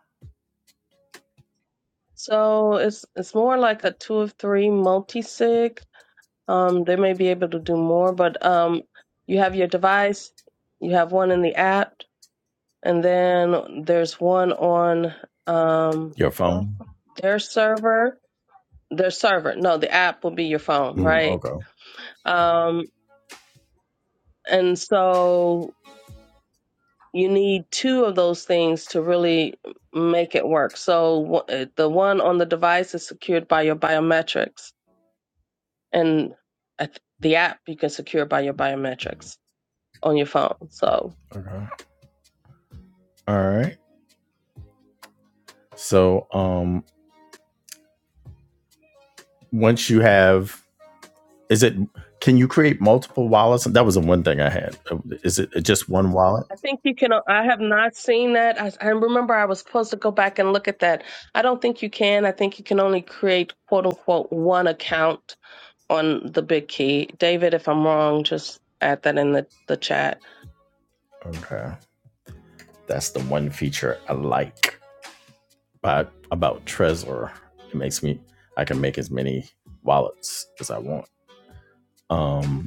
Speaker 3: so it's it's more like a two of three multi-sig. Um, they may be able to do more, but um, you have your device, you have one in the app, and then there's one on um
Speaker 1: Your phone.
Speaker 3: their server, their server. No, the app will be your phone,
Speaker 1: Mm,
Speaker 3: right?
Speaker 1: okay.
Speaker 3: Um, and so you need two of those things to really make it work. So wh- the one on the device is secured by your biometrics and I th- the app you can secure by your biometrics on your phone. So
Speaker 1: Okay. All right. So um once you have Is it? Can you create multiple wallets? That was the one thing I had. Is it just one wallet?
Speaker 3: I think you can. uh, I have not seen that. I, I remember I was supposed to go back and look at that. I don't think you can. I think you can only create quote unquote one account on the big key. David, if I'm wrong, just add that in the, the chat.
Speaker 1: Okay, that's the one feature I like about about Trezor. It makes me I can make as many wallets as I want. Um,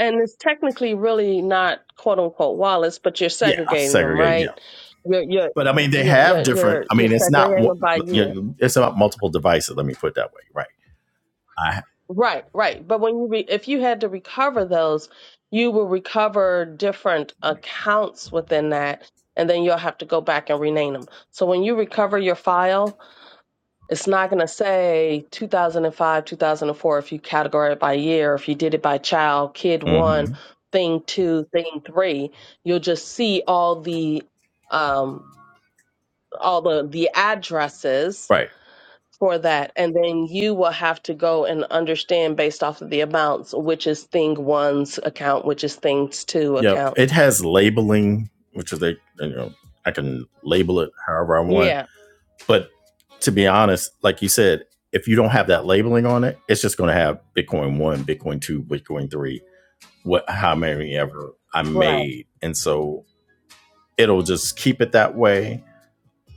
Speaker 3: And it's technically really not quote unquote wallets, but you're
Speaker 1: Yeah,
Speaker 3: segregating them,
Speaker 1: segregating. Yeah,
Speaker 3: right? You're, you're,
Speaker 1: but I mean they
Speaker 3: yeah,
Speaker 1: have
Speaker 3: are
Speaker 1: different.
Speaker 3: you're,
Speaker 1: I
Speaker 3: you're
Speaker 1: mean it's not.
Speaker 3: segregating them by
Speaker 1: You
Speaker 3: year.
Speaker 1: know, it's about multiple devices. Let me put it that way. Right. I.
Speaker 3: Right, right. But when you re- if you had to recover those, you will recover different accounts within that, and then you'll have to go back and rename them. So when you recover your file, it's not going to say 2005, 2004 if you categorize it by year, if you did it by child, kid one,
Speaker 1: mhm.
Speaker 3: thing two, thing three. You'll just see all the um all the the addresses
Speaker 1: Right.
Speaker 3: for that and then you will have to go and understand based off of the amounts which is thing one's account which is things two
Speaker 1: Yep.
Speaker 3: account
Speaker 1: It has labeling, which is they. You know, I can label it however I want.
Speaker 3: yeah
Speaker 1: But to be honest, like you said, if you don't have that labeling on it, it's just going to have Bitcoin one, Bitcoin two, Bitcoin three, what how many ever I
Speaker 3: right
Speaker 1: made, and so it'll just keep it that way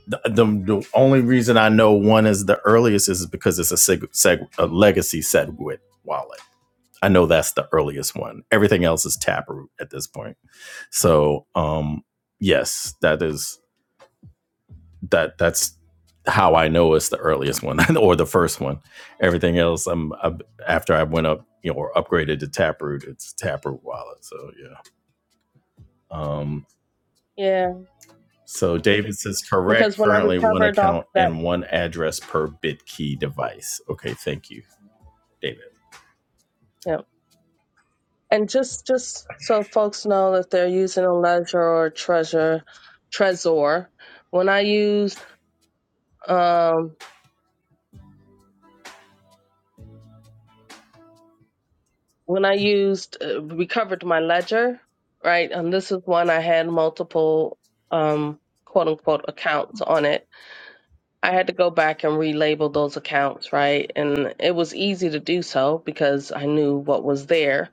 Speaker 1: the, the, the only reason I know one is the earliest is because it's a, seg, seg, a legacy SegWit wallet. I know that's the earliest one. Everything else is Taproot at this point. So, um, yes, that is that. That's how I know it's the earliest one or the first one. Everything else, I'm, i after I went up, you know, or upgraded to Taproot. It's Taproot wallet. So yeah. Um,
Speaker 3: yeah
Speaker 1: So David says
Speaker 3: because
Speaker 1: correct.
Speaker 3: when i
Speaker 1: Currently, one
Speaker 3: recovered off
Speaker 1: account
Speaker 3: that
Speaker 1: and one address per BitKey device. Okay, thank you, David.
Speaker 3: yeah and just just so folks know if they're using a ledger or treasure trezor when i used um when i used uh, recovered my ledger right and this is one i had multiple um quote unquote accounts on it I had to go back and relabel those accounts, right? And it was easy to do so because I knew what was there.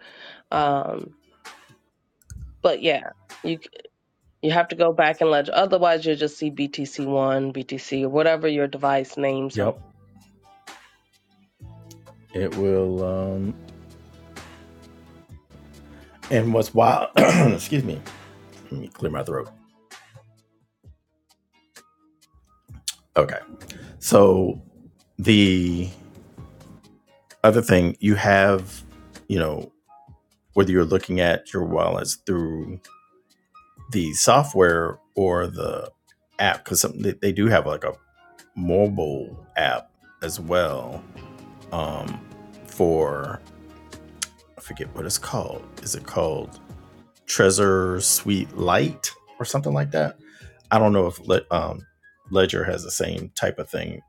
Speaker 3: Um, but yeah, you c- you have to go back and ledger. Otherwise, you'll just see BTC1, BTC, or whatever your device names them.
Speaker 1: Yep, it will. Um, and what's wild? excuse me. Let me clear my throat. Okay, so the other thing you have, you know, whether you're looking at your wallets through the software or the app, because they, they do have like a mobile app as well um, for I forget what it's called. Is it called Treasure Suite Light or something like that? I don't know if Le- um, Ledger has the same type of thing,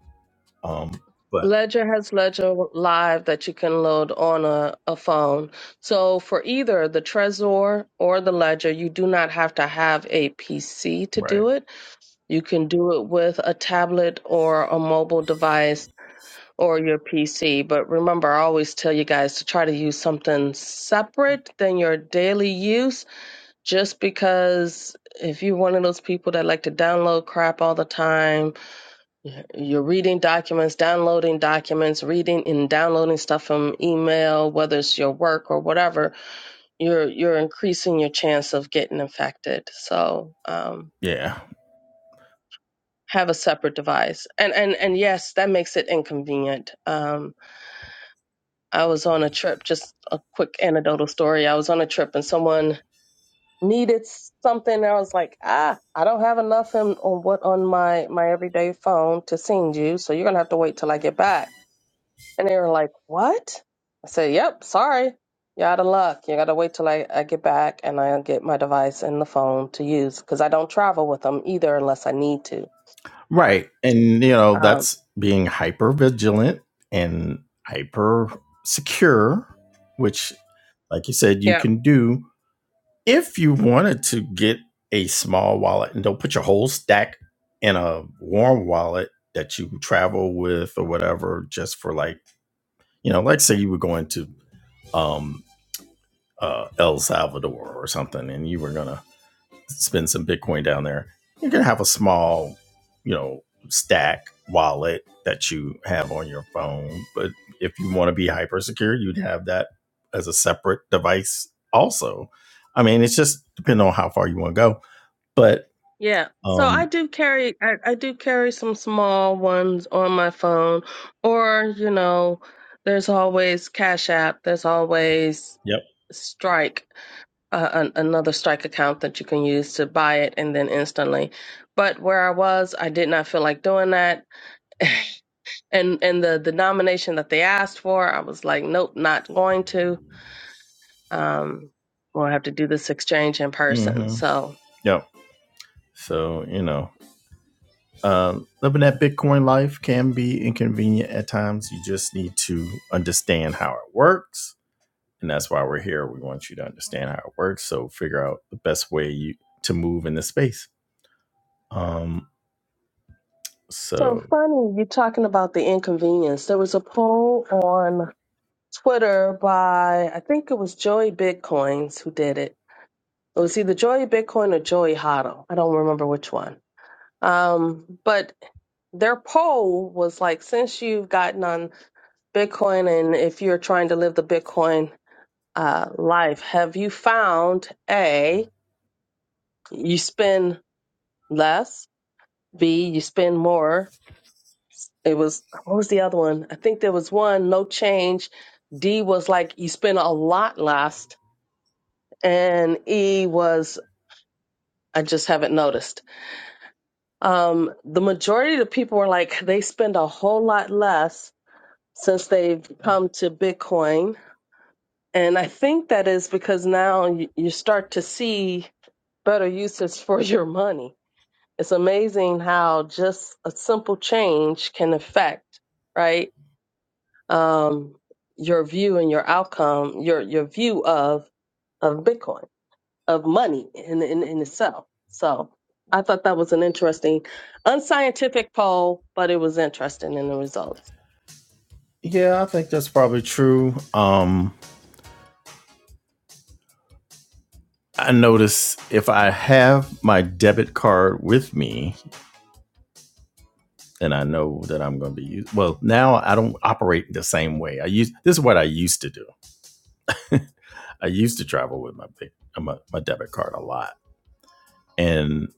Speaker 1: um, but
Speaker 3: Ledger has Ledger Live that you can load on a, a phone. So for either the Trezor or the Ledger, you do not have to have a PC to
Speaker 1: right.
Speaker 3: do it. You can do it with a tablet or a mobile device or your PC. But remember, I always tell you guys to try to use something separate than your daily use, just because if you're one of those people that like to download crap all the time, you're reading documents, downloading documents, reading and downloading stuff from email, whether it's your work or whatever, you're you're increasing your chance of getting infected. So um,
Speaker 1: Yeah.
Speaker 3: have a separate device, and and and yes, that makes it inconvenient. Um, I was on a trip, just a quick anecdotal story. I was on a trip and someone needed something. I was like, ah, I don't have enough in, on what on my, my everyday phone to send you. So you're going to have to wait till I get back. And they were like, what? I said, yep, sorry. You're out of luck. You got to wait till I, I get back and I'll get my device and the phone to use because I don't travel with them either unless I need to.
Speaker 1: Right. And you know,
Speaker 3: Um,
Speaker 1: that's being hyper vigilant and hyper secure, which like you said you
Speaker 3: yeah,
Speaker 1: can do if you wanted to get a small wallet and don't put your whole stack in a warm wallet that you travel with or whatever just for like, you know, like say you were going to um uh El Salvador or something and you were going to spend some Bitcoin down there, you're going to have a small, you know, stack wallet that you have on your phone. But if you want to be hyper secure, you'd have that as a separate device also. I mean, it's just depending on how far you want to go. But
Speaker 3: Yeah, so
Speaker 1: um,
Speaker 3: I do carry I, I do carry some small ones on my phone, or you know, there's always Cash App. There's always
Speaker 1: Yep.
Speaker 3: Strike, uh, an, another Strike account that you can use to buy it and then instantly. But where I was, I did not feel like doing that, and and the the nomination that they asked for, I was like, nope, not going to. Um, we'll have to do this exchange in person.
Speaker 1: hmm
Speaker 3: So
Speaker 1: Yep. So, you know, um, living that Bitcoin life can be inconvenient at times. You just need to understand how it works and that's why we're here. We want you to understand how it works, so figure out the best way you to move in this space. Um,
Speaker 3: So
Speaker 1: so
Speaker 3: funny, you're talking about the inconvenience. There was a poll on Twitter by, I think it was Joey Bitcoins who did it. It was either Joey Bitcoin or Joey Hotto. I don't remember which one. Um, but their poll was like, since you've gotten on Bitcoin and if you're trying to live the Bitcoin uh, life, have you found A, you spend less, B, you spend more, It was what was the other one? I think there was one, no change. D was like you spent a lot last, and E was I just haven't noticed. Um, the majority of the people were like they spend a whole lot less since they've come to Bitcoin, and I think that is because now you, you start to see better uses for your money. It's amazing how just a simple change can affect, right? um, your view and your outcome, your your view of of Bitcoin, of money in in, in itself. So I thought that was an interesting, unscientific poll, but it was interesting in the results.
Speaker 1: yeah, I think that's probably true. Um, I notice if I have my debit card with me, and I know that I'm going to be used. Well, now I don't operate the same way. I use this is what I used to do. I used to travel with my my, my debit card a lot, and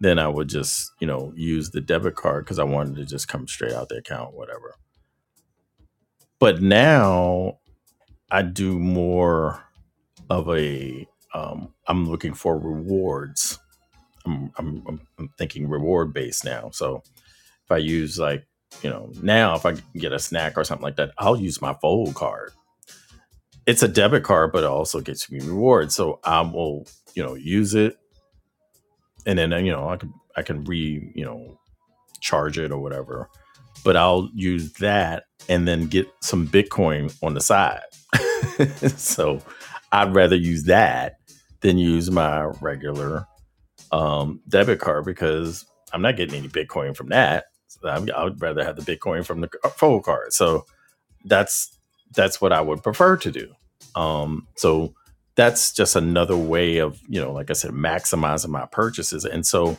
Speaker 1: then I would just you know use the debit card because I wanted to just come straight out the account, whatever But now I do more of a um, I'm looking for rewards. I'm, I'm, I'm thinking reward based now. So if I use like, you know, now if I get a snack or something like that, I'll use my fold card. It's a debit card, but it also gets me rewards. So I will, you know, use it and then, you know, I can, I can re, you know, charge it or whatever. But I'll use that and then get some Bitcoin on the side. so I'd rather use that than use my regular um, debit card because I'm not getting any Bitcoin from that. So I'm, I would rather have the Bitcoin from the c- full card. So that's that's what I would prefer to do. Um, so that's just another way of you know, like I said, maximizing my purchases. And so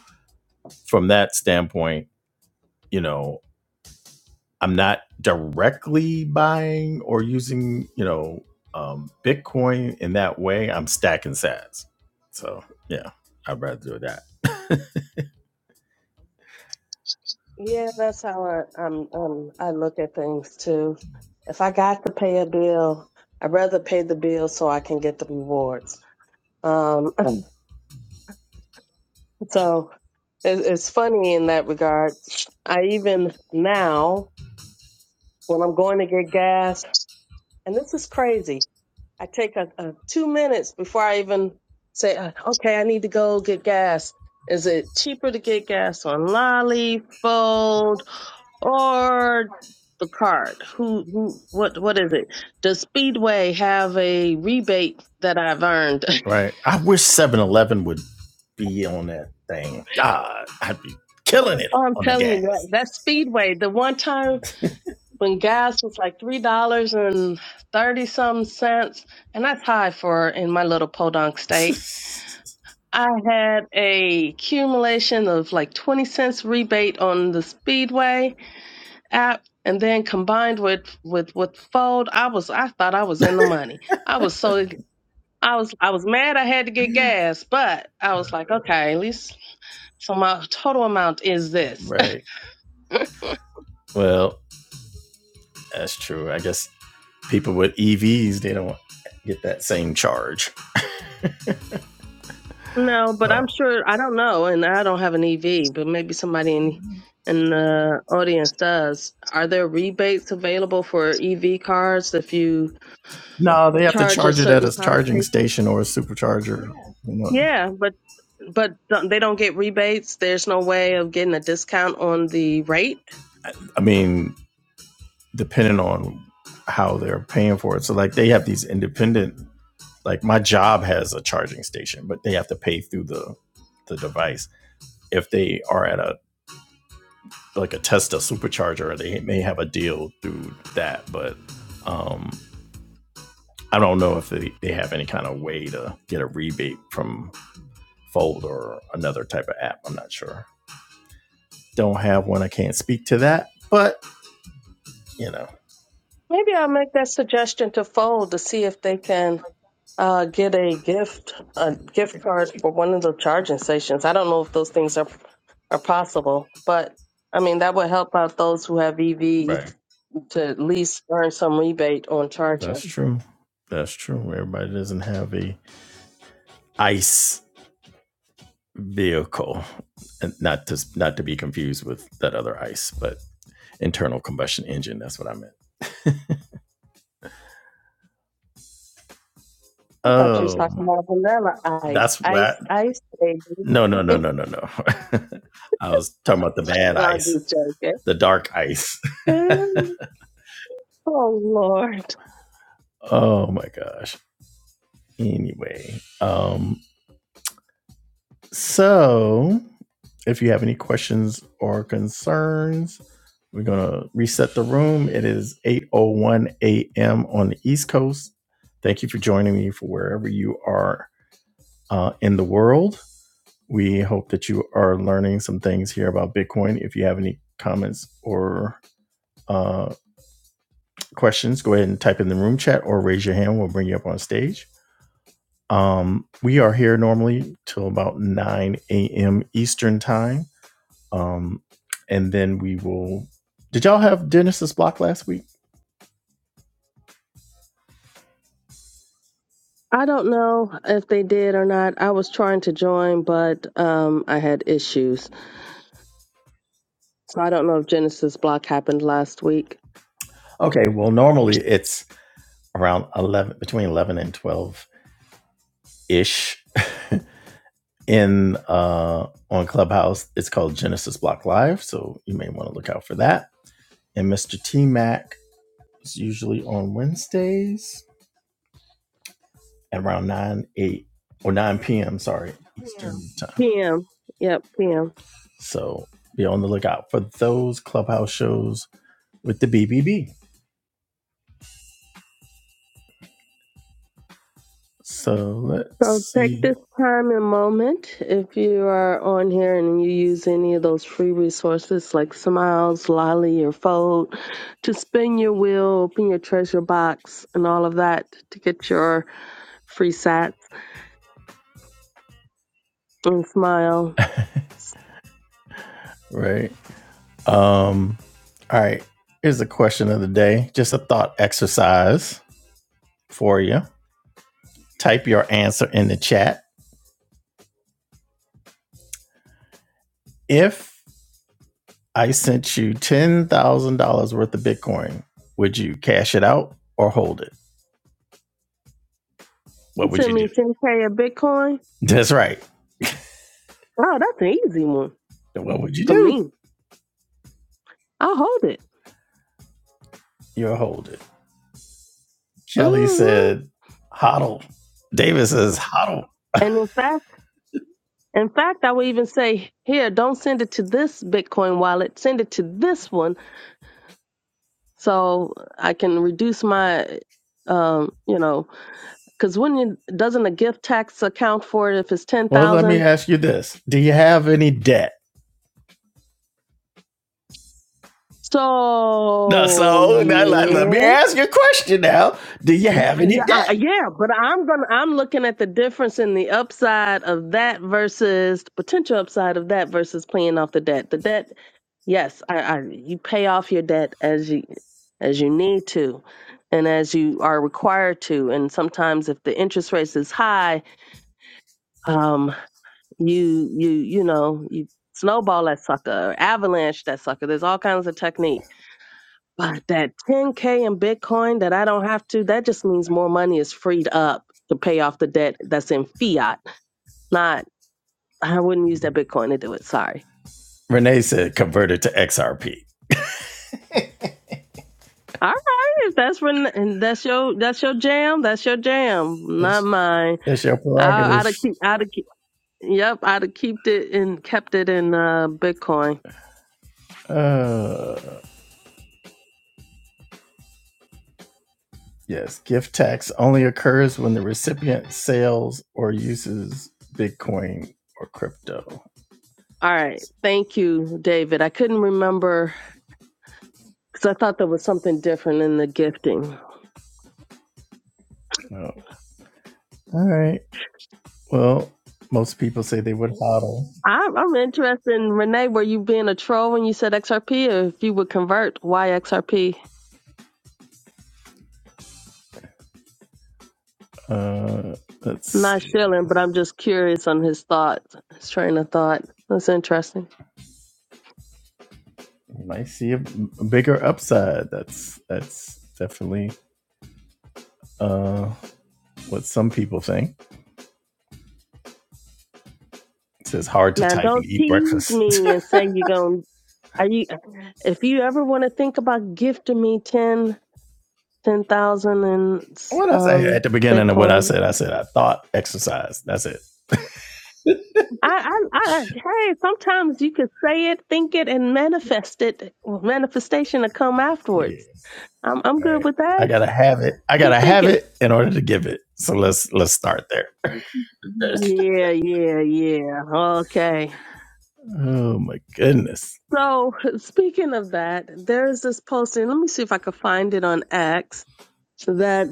Speaker 1: from that standpoint, you know, I'm not directly buying or using, you know, um, Bitcoin in that way. I'm stacking sats. So yeah, I'd rather do that.
Speaker 3: Yeah, that's how I um, um I look at things too. If I got to pay a bill, I'd rather pay the bill so I can get the rewards. Um, Mm. so it, it's funny in that regard. I even now when I'm going to get gas. And this is crazy. I take a, a two minutes before I even say, uh, okay, I need to go get gas. Is it cheaper to get gas on Lolly, Fold, or the card? Who, who, what, what is it? Does Speedway have a rebate that I've earned?
Speaker 1: right. I wish Seven Eleven would be on that thing. God, I'd be killing it
Speaker 3: I'm
Speaker 1: on the
Speaker 3: telling you that
Speaker 1: gas.
Speaker 3: that Speedway, the one time when gas was like three dollars and thirty some cents, and that's high for in my little podunk state I had a accumulation of like 20 cents rebate on the Speedway app and then combined with with with Fold, I was I thought I was in the money. I was so I was I was mad I had to get gas, but I was like, okay, at least so my total amount is this.
Speaker 1: Right. Well, that's true. I guess people with EVs, they don't get that same charge.
Speaker 3: no, but I'm
Speaker 1: Uh,
Speaker 3: sure I don't know and I don't have an EV, but maybe somebody in in the audience does. Are there rebates available for EV cars if you
Speaker 1: no, they have to
Speaker 3: charge at
Speaker 1: charge it at
Speaker 3: certain
Speaker 1: a
Speaker 3: power
Speaker 1: charging
Speaker 3: stations.
Speaker 1: station or a supercharger. You know,
Speaker 3: Yeah, but but don't- they don't get rebates. There's no way of getting a discount on the rate.
Speaker 1: I mean, depending on how they're paying for it. So like they have these independent like my job has a charging station, but they have to pay through the the device. If they are at a like a Tesla supercharger, they may have a deal through that, but um I don't know if they, they have any kind of way to get a rebate from Fold or another type of app. I'm not sure. Don't have one. I can't speak to that, but you know,
Speaker 3: Maybe I'll make that suggestion to Fold to see if they can uh, get a gift a gift card for one of the charging stations. I don't know if those things are are possible, but I mean that would help out those who have EV
Speaker 1: Right.
Speaker 3: to at least earn some rebate on
Speaker 1: that's
Speaker 3: charging.
Speaker 1: true. That's true. Everybody doesn't have a ice vehicle, and not to not to be confused with that other ice, but internal combustion engine. That's what I meant.
Speaker 3: I thought you was talking
Speaker 1: oh,
Speaker 3: about vanilla ice,
Speaker 1: that's
Speaker 3: ice,
Speaker 1: what.
Speaker 3: ice, baby.
Speaker 1: No, no, no, no, no, no. I was talking about the bad
Speaker 3: No, I'm
Speaker 1: ice,
Speaker 3: just joking.
Speaker 1: the dark ice.
Speaker 3: Oh Lord.
Speaker 1: oh my gosh. Anyway, um, So, if you have any questions or concerns, we're gonna reset the room. It is 8:01 a.m. on the East Coast. Thank you for joining me for wherever you are uh, in the world. We hope that you are learning some things here about Bitcoin. If you have any comments or uh, questions, go ahead and type in the room chat or raise your hand. We'll bring you up on stage. Um, we are here normally till about 9 a.m. Eastern time Um, and then we will. Did y'all have Dennis's block last week?
Speaker 3: I don't know if they did or not. I was trying to join, but um I had issues. So I don't know if Genesis block happened last week.
Speaker 1: Okay. Well, normally it's around eleven, between eleven and twelve ish. In uh, on Clubhouse, it's called Genesis Block Live, so you may want to look out for that. And Mr. T Mac is usually on Wednesdays at around nine eight or nine p.m. Sorry, Eastern yeah. time.
Speaker 3: PM. Yep, PM.
Speaker 1: So be on the lookout for those Clubhouse shows with the BBB. So let's
Speaker 3: So take
Speaker 1: see.
Speaker 3: this time and moment if you are on here and you use any of those free resources like Smiles, Lolly, or Fold to spin your wheel, open your treasure box, and all of that to get your free sats and smile.
Speaker 1: Right. Um, all right. Here's the question of the day. Just a thought exercise for you. Type your answer in the chat. If I sent you ten thousand dollars worth of Bitcoin, would you cash it out or hold it?
Speaker 3: You
Speaker 1: What would
Speaker 3: send
Speaker 1: you
Speaker 3: me
Speaker 1: do?
Speaker 3: 10K of Bitcoin.
Speaker 1: That's right.
Speaker 3: Oh, that's an easy one
Speaker 1: What would you
Speaker 3: for
Speaker 1: do?
Speaker 3: me. I'll hold it.
Speaker 1: You'll hold it. Kelly
Speaker 3: hmm
Speaker 1: said, "Hodl." David says, "Hodl."
Speaker 3: And in fact, in fact, I would even say, here, don't send it to this Bitcoin wallet. Send it to this one so I can reduce my, um, you know, because when you, doesn't a gift tax account for it if it's
Speaker 1: Well, let me
Speaker 3: 10,000?
Speaker 1: ask you this: Do you have any debt? No,
Speaker 3: So,
Speaker 1: so now, let, me
Speaker 3: yeah.
Speaker 1: ask you a question now. Do you have
Speaker 3: Yeah,
Speaker 1: any
Speaker 3: I-
Speaker 1: debt?
Speaker 3: yeah, but I'm gonna I'm looking at the difference in the upside of that versus potential upside of that versus paying off the debt. The debt, yes, I, I you pay off your debt as you as you need to, and as you are required to. And sometimes, if the interest rate is high, um, you you you know you snowball that sucker, or avalanche that sucker. There's all kinds of techniques but that 10K in Bitcoin that I don't have to, that just means more money is freed up to pay off the debt that's in fiat. Not, I wouldn't use that Bitcoin to do it. Sorry.
Speaker 1: Renee said convert it to XRP.
Speaker 3: All right. If that's when, and that's your, that's your jam. That's your jam. Not
Speaker 1: It's,
Speaker 3: mine.
Speaker 1: that's your
Speaker 3: I, I'd have
Speaker 1: prerogative.
Speaker 3: keep, I'd have keep, yep. I'd have kept it and kept it in uh, Bitcoin.
Speaker 1: Uh, yes, gift tax only occurs when the recipient sells or uses Bitcoin or crypto.
Speaker 3: All right. Thank you, David. I couldn't remember because I thought there was something different in the gifting.
Speaker 1: No. All right. Well, most people say they would hodl.
Speaker 3: I'm, I'm interested in Renee. Were you being a troll when you said XRP, or if you would convert, why XRP?
Speaker 1: Uh, let's
Speaker 3: am not
Speaker 1: see.
Speaker 3: shilling, but I'm just curious on his thoughts, his train of thought. That's interesting.
Speaker 1: You might see a a bigger upside. That's that's definitely uh, what some people think. It says hard to
Speaker 3: Now,
Speaker 1: type and
Speaker 3: don't
Speaker 1: eat
Speaker 3: tease
Speaker 1: breakfast.
Speaker 3: me and say you're going. Are you? If you ever want to think about gifting me ten, ten thousand in
Speaker 1: what I say at
Speaker 3: um
Speaker 1: the beginning of what I
Speaker 3: Bitcoin,
Speaker 1: said, I said I thought exercise. That's it.
Speaker 3: I, I, I, hey, sometimes you can say it, think it, and manifest it. Manifestation to come
Speaker 1: Yeah.
Speaker 3: afterwards. I'm, I'm
Speaker 1: All
Speaker 3: good
Speaker 1: right.
Speaker 3: with that.
Speaker 1: I gotta have it. I gotta
Speaker 3: Keep
Speaker 1: have
Speaker 3: thinking it.
Speaker 1: it in order to give it. So let's let's start there.
Speaker 3: Yeah, yeah, yeah. Okay.
Speaker 1: Oh my goodness.
Speaker 3: So speaking of that, there's this posting. Let me see if I could find it on X that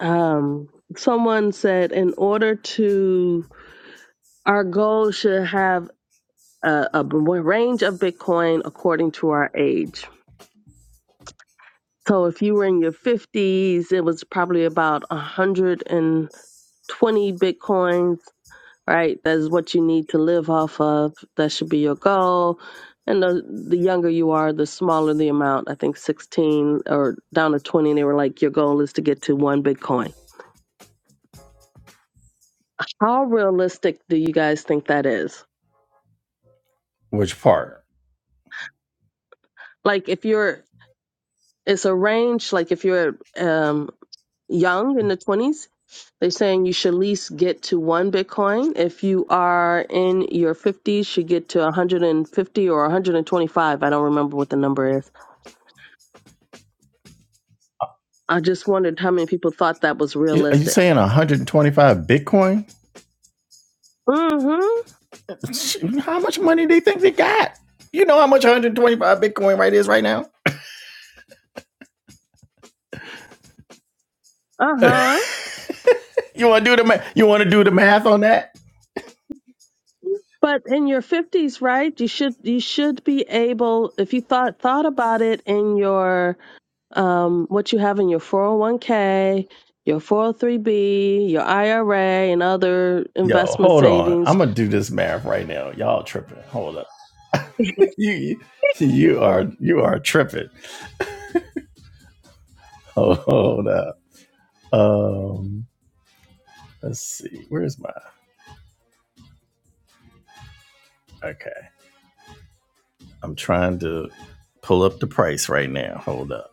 Speaker 3: um someone said in order to our goal should have a, a b- range of Bitcoin according to our age. So if you were in your 50s, it was probably about 120 Bitcoins right? That's what you need to live off of. That should be your goal. And the the younger you are, the smaller the amount. I think 16 or down to 20, and they were like, your goal is to get to one Bitcoin. How realistic do you guys think that is?
Speaker 1: Which part?
Speaker 3: Like, if you're, it's a range. Like, if you're um, young in the 20s, they're saying you should at least get to one Bitcoin. If you are in your 50s, you should get to 150 or 125. I don't remember what the number is I just wondered how many people thought that was
Speaker 1: Are you
Speaker 3: realistic.
Speaker 1: saying 125 Bitcoin?
Speaker 3: Mm-hmm.
Speaker 1: How much money do you think they got? You know how much 125 Bitcoin right is right now?
Speaker 3: Uh-huh.
Speaker 1: You want to do the ma- you want to do the math on that?
Speaker 3: But in your fifties, right? You should you should be able if you thought thought about it in your um what you have in your four hundred one k, your four hundred three b, your IRA, and other
Speaker 1: Yo,
Speaker 3: investment
Speaker 1: hold on.
Speaker 3: savings
Speaker 1: I'm gonna do this math right now. Y'all tripping. Hold up. you you are you are tripping. Hold, hold up. Um let's see. Where's my okay. I'm trying to pull up the price right now. Hold up.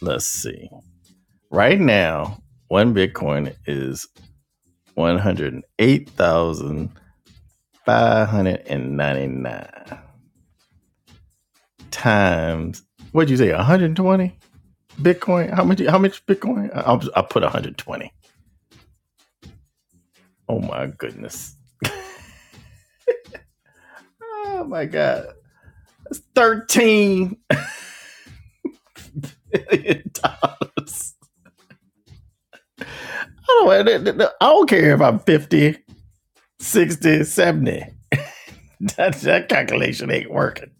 Speaker 1: Let's see. Right now, one Bitcoin is one hundred and eight thousand five hundred and ninety nine times what'd you say, One hundred and twenty? Bitcoin. How much? How much Bitcoin? I, i put 120. Oh my goodness. Oh my god. 13 million dollars. I don't, I don't care if I'm fifty, sixty, seventy. That, that calculation ain't working.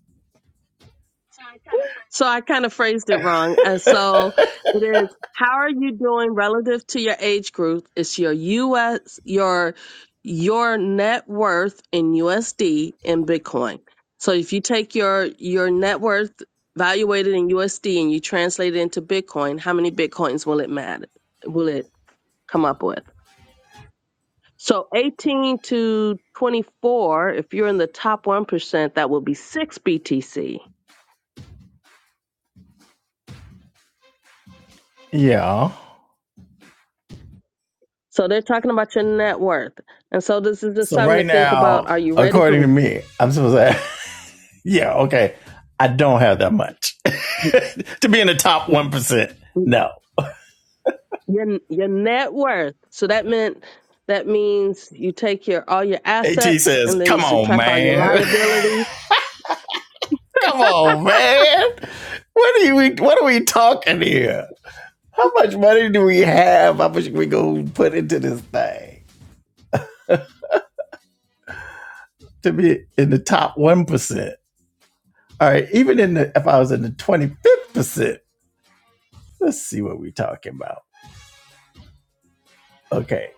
Speaker 3: So I kind of phrased it wrong. And so it is how are you doing relative to your age group? It's your US your your net worth in USD in Bitcoin. So if you take your your net worth valuated in USD and you translate it into Bitcoin, how many Bitcoins will it matter? Will it come up with? So 18 to 24, if you're in the top 1%, that will be 6 BTC.
Speaker 1: Yeah.
Speaker 3: So they're talking about your net worth. And so this is just
Speaker 1: So
Speaker 3: something to
Speaker 1: right
Speaker 3: think about.
Speaker 1: now,
Speaker 3: Are you ready for
Speaker 1: according to me, I'm supposed to. have, yeah. Okay. I don't have that much to be in the top one percent. No.
Speaker 3: your your net worth? So that meant that means you take your all your
Speaker 1: At
Speaker 3: assets
Speaker 1: says,
Speaker 3: and then you
Speaker 1: "Come on,
Speaker 3: subtract all your
Speaker 1: man."
Speaker 3: liabilities.
Speaker 1: Come on, man. What are we? What are we talking here? How much money do we have? How much we gonna put into this thing to be in the top one percent? All right, even in the if I was in the twenty fifth percent, let's see what we're talking about. Okay,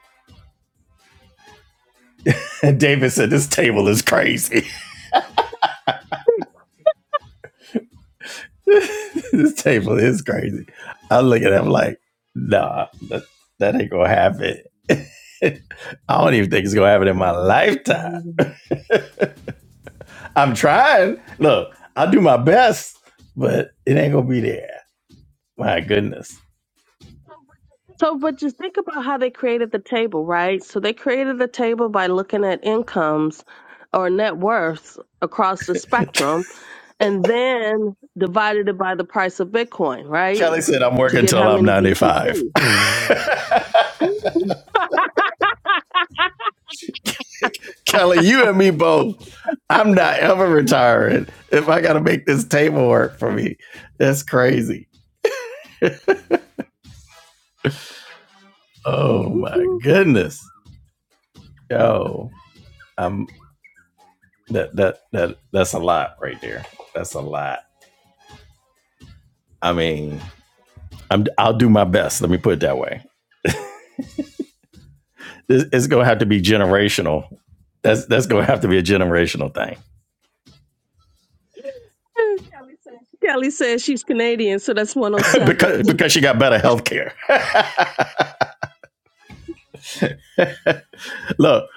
Speaker 1: and David said this table is crazy. this table is crazy. I look at him like, nah, that, that ain't gonna happen. I don't even think it's gonna happen in my lifetime.
Speaker 3: Mhm.
Speaker 1: I'm trying. Look, I'll do my best, but it ain't gonna be there. My goodness.
Speaker 3: So but just think about how they created the table, right? So they created the table by looking at incomes or net worths across the spectrum and then divided it by the price of Bitcoin, right?
Speaker 1: Kelly said I'm
Speaker 3: To
Speaker 1: working
Speaker 3: get how
Speaker 1: till I'm
Speaker 3: many
Speaker 1: 95.
Speaker 3: BTC.
Speaker 1: Kelly, you and me both. I'm not ever retiring if I gotta make this table work for me. That's crazy. Oh my goodness. Yo, I'm that that that that's a lot right there. That's a lot. I mean, I'm I'll do my best. Let me put it that way. This, it's gonna have to be generational. That's that's gonna have to be a generational thing
Speaker 3: Kelly says she's Canadian, so that's 107.
Speaker 1: because
Speaker 3: Oh, seven.
Speaker 1: because she got better health care. Look,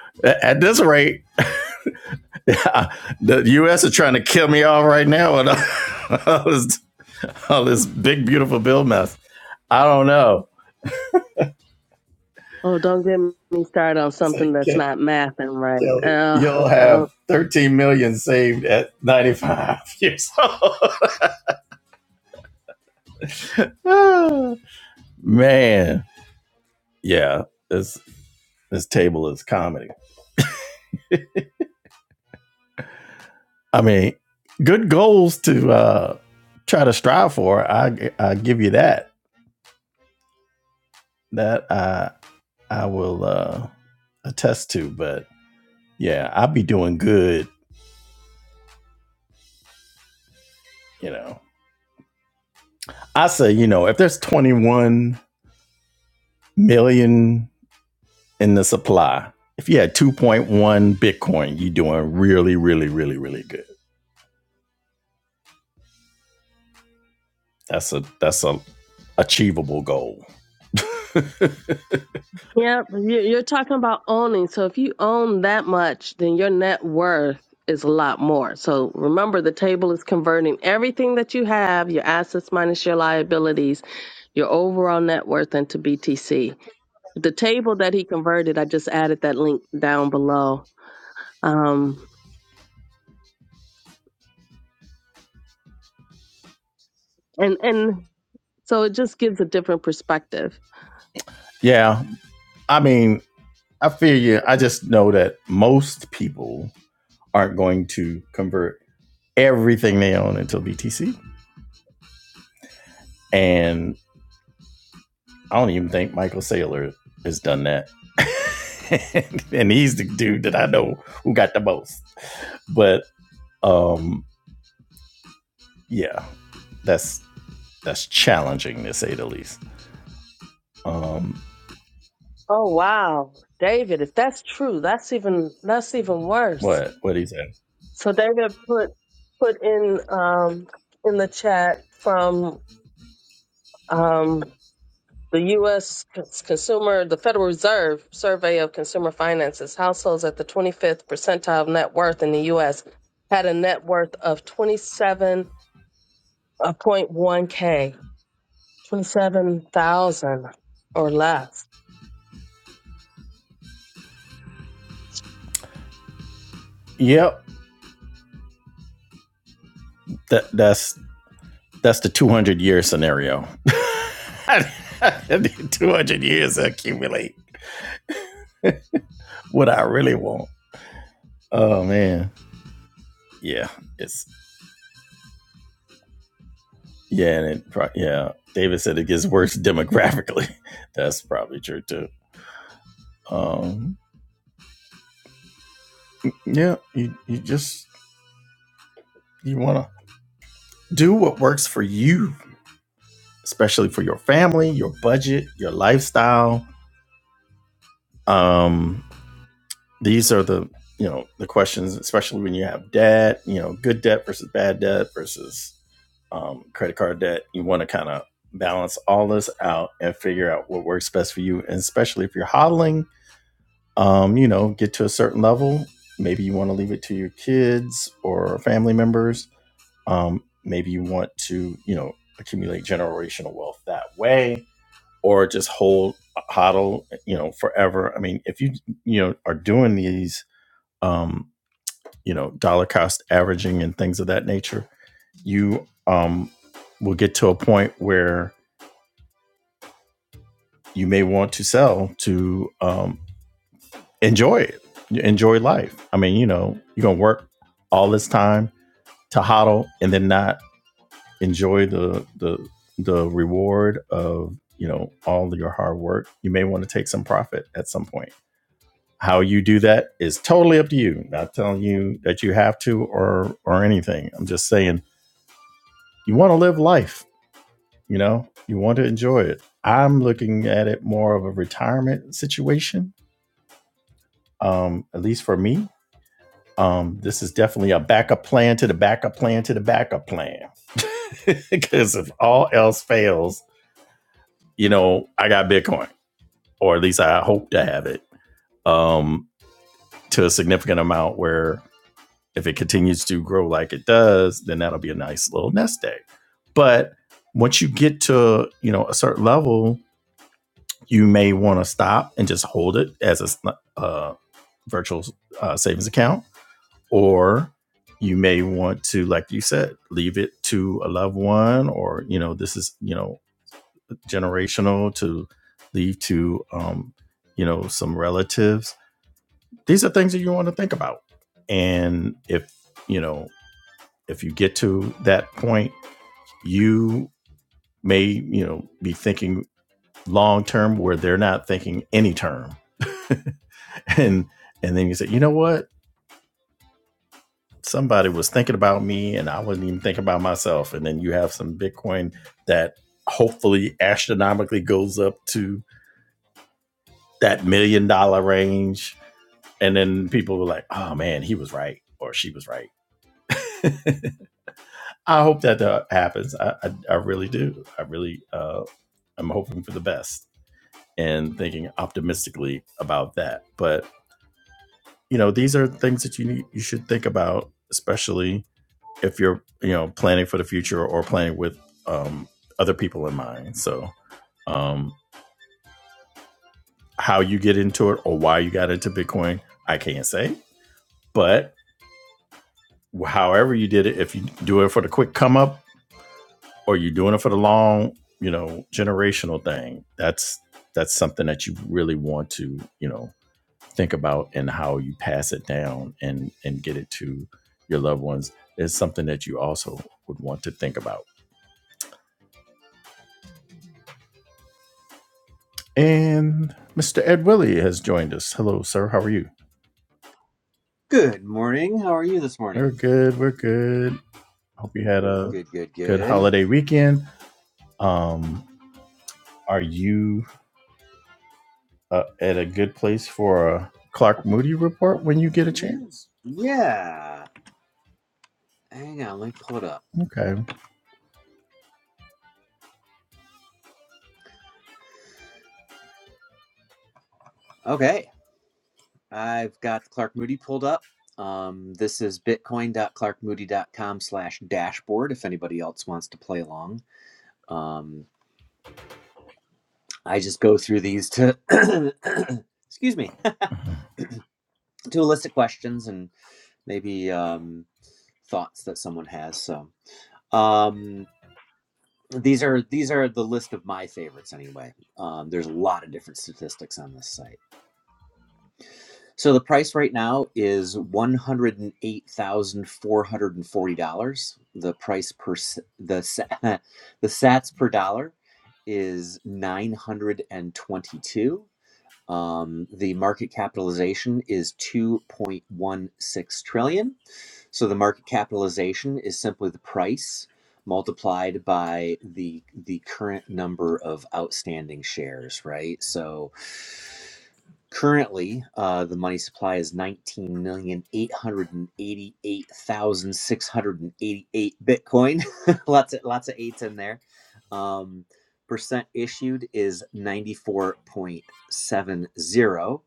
Speaker 1: at this rate, the U.S. is trying to kill me off right now with all, all, this, all this big beautiful bill mess. I don't know.
Speaker 3: Oh, don't get me started on
Speaker 1: It's
Speaker 3: something
Speaker 1: like
Speaker 3: that's not math and right.
Speaker 1: Kelly,
Speaker 3: Uh,
Speaker 1: you'll have
Speaker 3: no.
Speaker 1: 13 million saved at 95 years old. Man, yeah, this this table is comedy. I mean, good goals to uh, try to strive for. I I give you that. That I I will uh, attest to. But yeah, I'll be doing good. You know, I say you know if there's 21 million in the supply, if you had 2.1 Bitcoin, you're doing really, really, really, really good. That's a that's a achievable goal.
Speaker 3: Yeah, but you- you're talking about owning. So if you own that much, then your net worth is a lot more. So remember, the table is converting everything that you have, your assets minus your liabilities, your overall net worth into BTC. The table that he converted, I just added that link down below. Um, and and So it just gives a different perspective.
Speaker 1: Yeah, I mean, I feel you. I just know that most people aren't going to convert everything they own into BTC. And I don't even think Michael Saylor has done that. and he's the dude that I know who got the most. But um yeah, that's that's challenging to say the least. Um
Speaker 3: Oh wow, David, if that's true, that's even that's even worse.
Speaker 1: what what he said.
Speaker 3: So David put put in um in the chat from um the U.S. Cons- Consumer, the Federal Reserve Survey of Consumer Finances, households at the 25th percentile of net worth in the U.S. had a net worth of 27.1K, 27,000 or less.
Speaker 1: Yep. That that's That's the 200 year scenario. 200 years to accumulate what I really want. Oh man, yeah, it's yeah, and it pro- yeah. David said it gets worse demographically. That's probably true too. Um, yeah, you you just you want to do what works for you, especially for your family, your budget, your lifestyle. Um, these are the you know the questions, especially when you have debt, you know, good debt versus bad debt versus um, credit card debt. You want to kind of balance all this out and figure out what works best for you, and especially if you're hodling, um, you know, get to a certain level. Maybe you want to leave it to your kids or family members. Um, maybe you want to, you know, accumulate generational wealth that way, or just hold uh, hodl, you know, forever. I mean, if you you know are doing these. Um, you know dollar cost averaging and things of that nature you um, will get to a point where you may want to sell to um, enjoy it enjoy life i mean you know you're gonna work all this time to hodl and then not enjoy the the the reward of you know all of your hard work you may want to take some profit at some point how you do that is totally up to you not telling you that you have to or or anything i'm just saying you want to live life You know, you want to enjoy it. I'm looking at it more of a retirement situation, um, at least for me. Um, this is definitely a backup plan to the backup plan to the backup plan. Because if all else fails, you know, I got Bitcoin, or at least I hope to have it um, to a significant amount where if it continues to grow like it does, then that'll be a nice little nest egg. But once you get to, you know, a certain level, you may want to stop and just hold it as a uh, virtual uh, savings account, or you may want to, like you said, leave it to a loved one, or you know, this is you know generational to leave to um, you know some relatives. These are things that you want to think about, and if you know if you get to that point, you may you know be thinking long term where they're not thinking any term and and then you say you know what somebody was thinking about me and i wasn't even thinking about myself and then you have some bitcoin that hopefully astronomically goes up to that million dollar range and then people were like oh man he was right or she was right i hope that uh, happens I, I i really do i really uh i'm hoping for the best and thinking optimistically about that but you know these are things that you need you should think about especially if you're you know planning for the future or planning with um, other people in mind so um, how you get into it or why you got into bitcoin i can't say but however you did it if you do it for the quick come up or you're doing it for the long you know generational thing that's that's something that you really want to you know think about and how you pass it down and and get it to your loved ones is something that you also would want to think about. And Mr. Ed Willie has joined us. Hello, sir. How are you?
Speaker 4: Good morning. How are you this morning?
Speaker 1: We're good. We're good. Hope you had a
Speaker 4: Good, good,
Speaker 1: good
Speaker 4: good.
Speaker 1: holiday weekend. Um, are you uh, at a good place for a Clark Moody report when you get a chance?
Speaker 4: Yeah. Hang on, let me pull it up.
Speaker 1: Okay.
Speaker 4: Okay. I've got Clark Moody pulled up. Um, this is bitcoin.clarkmoody.com slash dashboard if anybody else wants to play along. Um, I just go through these to, excuse me, to elicit questions and maybe um, thoughts that someone has. So um, these are these are the list of my favorites anyway. Um, there's a lot of different statistics on this site. So the price right now is one hundred and eight thousand four hundred and forty dollars. The price per s- the sa- the Sats per dollar is nine hundred and twenty two. Um, the market capitalization is two point one six trillion. So the market capitalization is simply the price multiplied by the the current number of outstanding shares. Right. So Currently, uh, the money supply is 19,888,688 Bitcoin. lots of lots of eights in there. Um, percent issued is 94.70.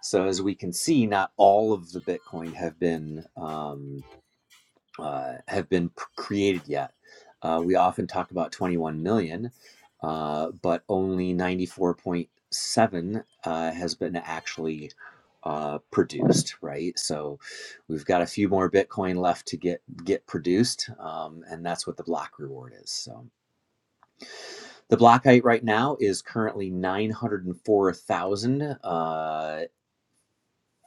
Speaker 4: So as we can see, not all of the Bitcoin have been um uh, have been p- created yet. Uh, we often talk about 21 million, uh, but only 94.7 uh, has been actually uh, produced, right? So we've got a few more Bitcoin left to get get produced, um, and that's what the block reward is. So the block height right now is currently 904,000.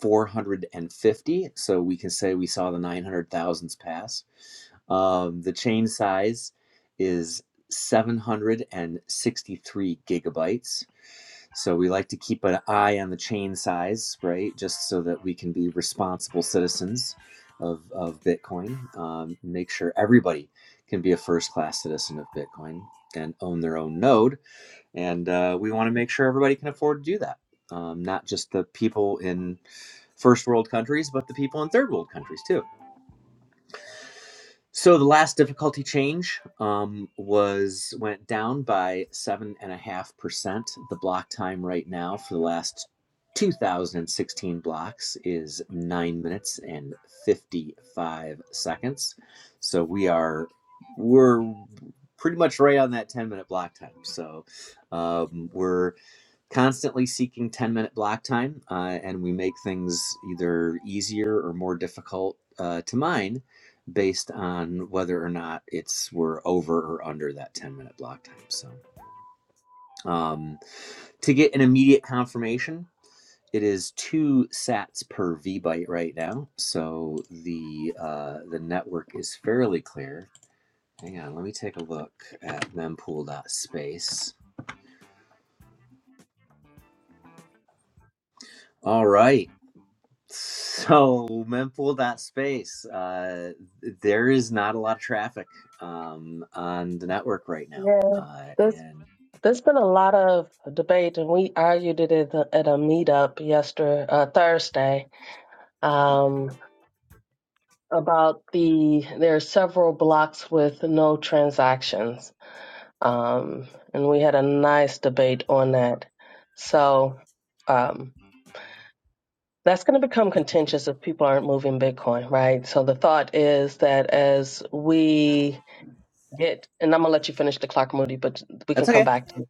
Speaker 4: 450. So we can say we saw the 900,000s pass. Um, the chain size is 763 gigabytes. So we like to keep an eye on the chain size, right? Just so that we can be responsible citizens of, of Bitcoin. Um, make sure everybody can be a first class citizen of Bitcoin and own their own node and uh, we want to make sure everybody can afford to do that um, not just the people in first world countries but the people in third world countries too so the last difficulty change um, was went down by 7.5% the block time right now for the last 2016 blocks is 9 minutes and 55 seconds so we are we're pretty much right on that 10 minute block time so um, we're constantly seeking 10 minute block time uh, and we make things either easier or more difficult uh, to mine based on whether or not it's we're over or under that 10 minute block time so um, to get an immediate confirmation it is two sats per vbyte right now so the uh, the network is fairly clear hang on let me take a look at mempool. dot Space. all right So mempool mempool.space, uh, there is not a lot of traffic um, on the network right now, uh,
Speaker 3: Yeah,
Speaker 4: and
Speaker 3: There's been a lot of debate, and we argued it at, the, at a meetup yesterday, uh, Thursday, um, about the there are several blocks with no transactions, um, and we had a nice debate on that. So um, that's going to become contentious if people aren't moving Bitcoin, right? So the thought is that as we get, and I'm gonna let you finish the clock, Moody, but we can
Speaker 4: that's
Speaker 3: come
Speaker 4: okay.
Speaker 3: back to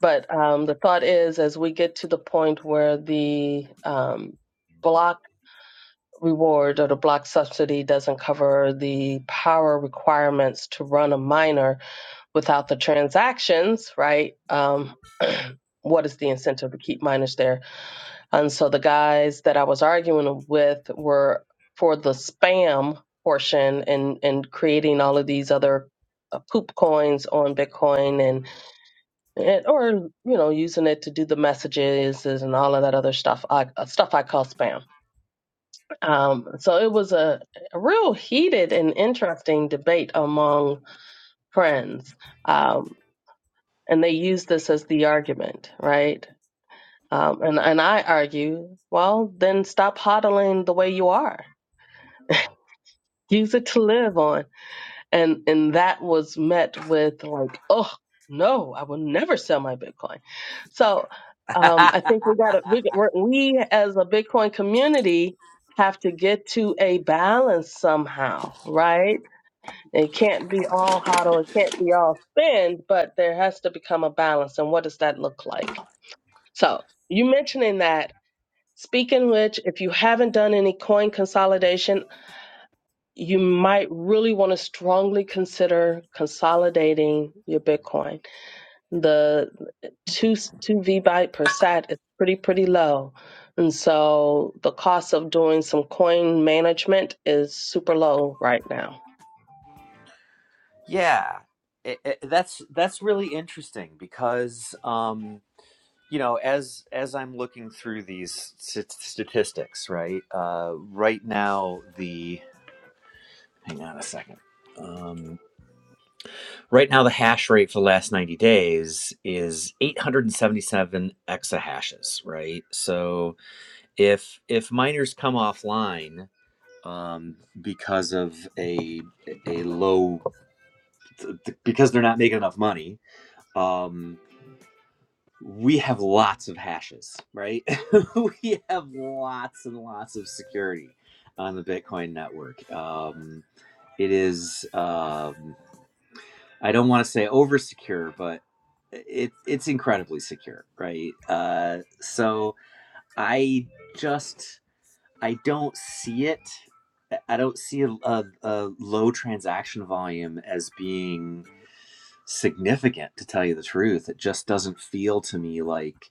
Speaker 3: But um, the thought is, as we get to the point where the um, block reward or the block subsidy doesn't cover the power requirements to run a miner without the transactions, right? Um, what is the incentive to keep miners there? And so the guys that I was arguing with were for the spam portion and and creating all of these other uh, poop coins on Bitcoin and and, or you know using it to do the messages and all of that other stuff I, uh, stuff i call spam um, so it was a, a real heated and interesting debate among friends um, and they use this as the argument right um, and, and i argue well then stop hodling the way you are use it to live on and and that was met with like oh no i will never sell my bitcoin so um, i think we got to we, we're- we as a bitcoin community have to get to a balance somehow right it can't be all hodl it can't be all spend but there has to become a balance and what does that look like so you mentioning that speaking which if you haven't done any coin consolidation you might really want to strongly consider consolidating your Bitcoin. The two two Vbyte per sat is pretty pretty low, and so the cost of doing some coin management is super low right now.
Speaker 4: yeah, It- it- that's that's really interesting because um, you know as as I'm looking through these st- statistics, right? Uh, right now, the hang on a second. Um, Right now, the hash rate for the last 90 days is 877 exahashes, right? So if if miners come offline um, because of a a low because they're not making enough money, um, we have lots of hashes, right? we have lots and lots of security on the Bitcoin network. Um, it is. Um, I don't want to say over secure, but it it's incredibly secure, right? Uh, so I just I don't see it. I don't see a, a, a low transaction volume as being significant. To tell you the truth, it just doesn't feel to me like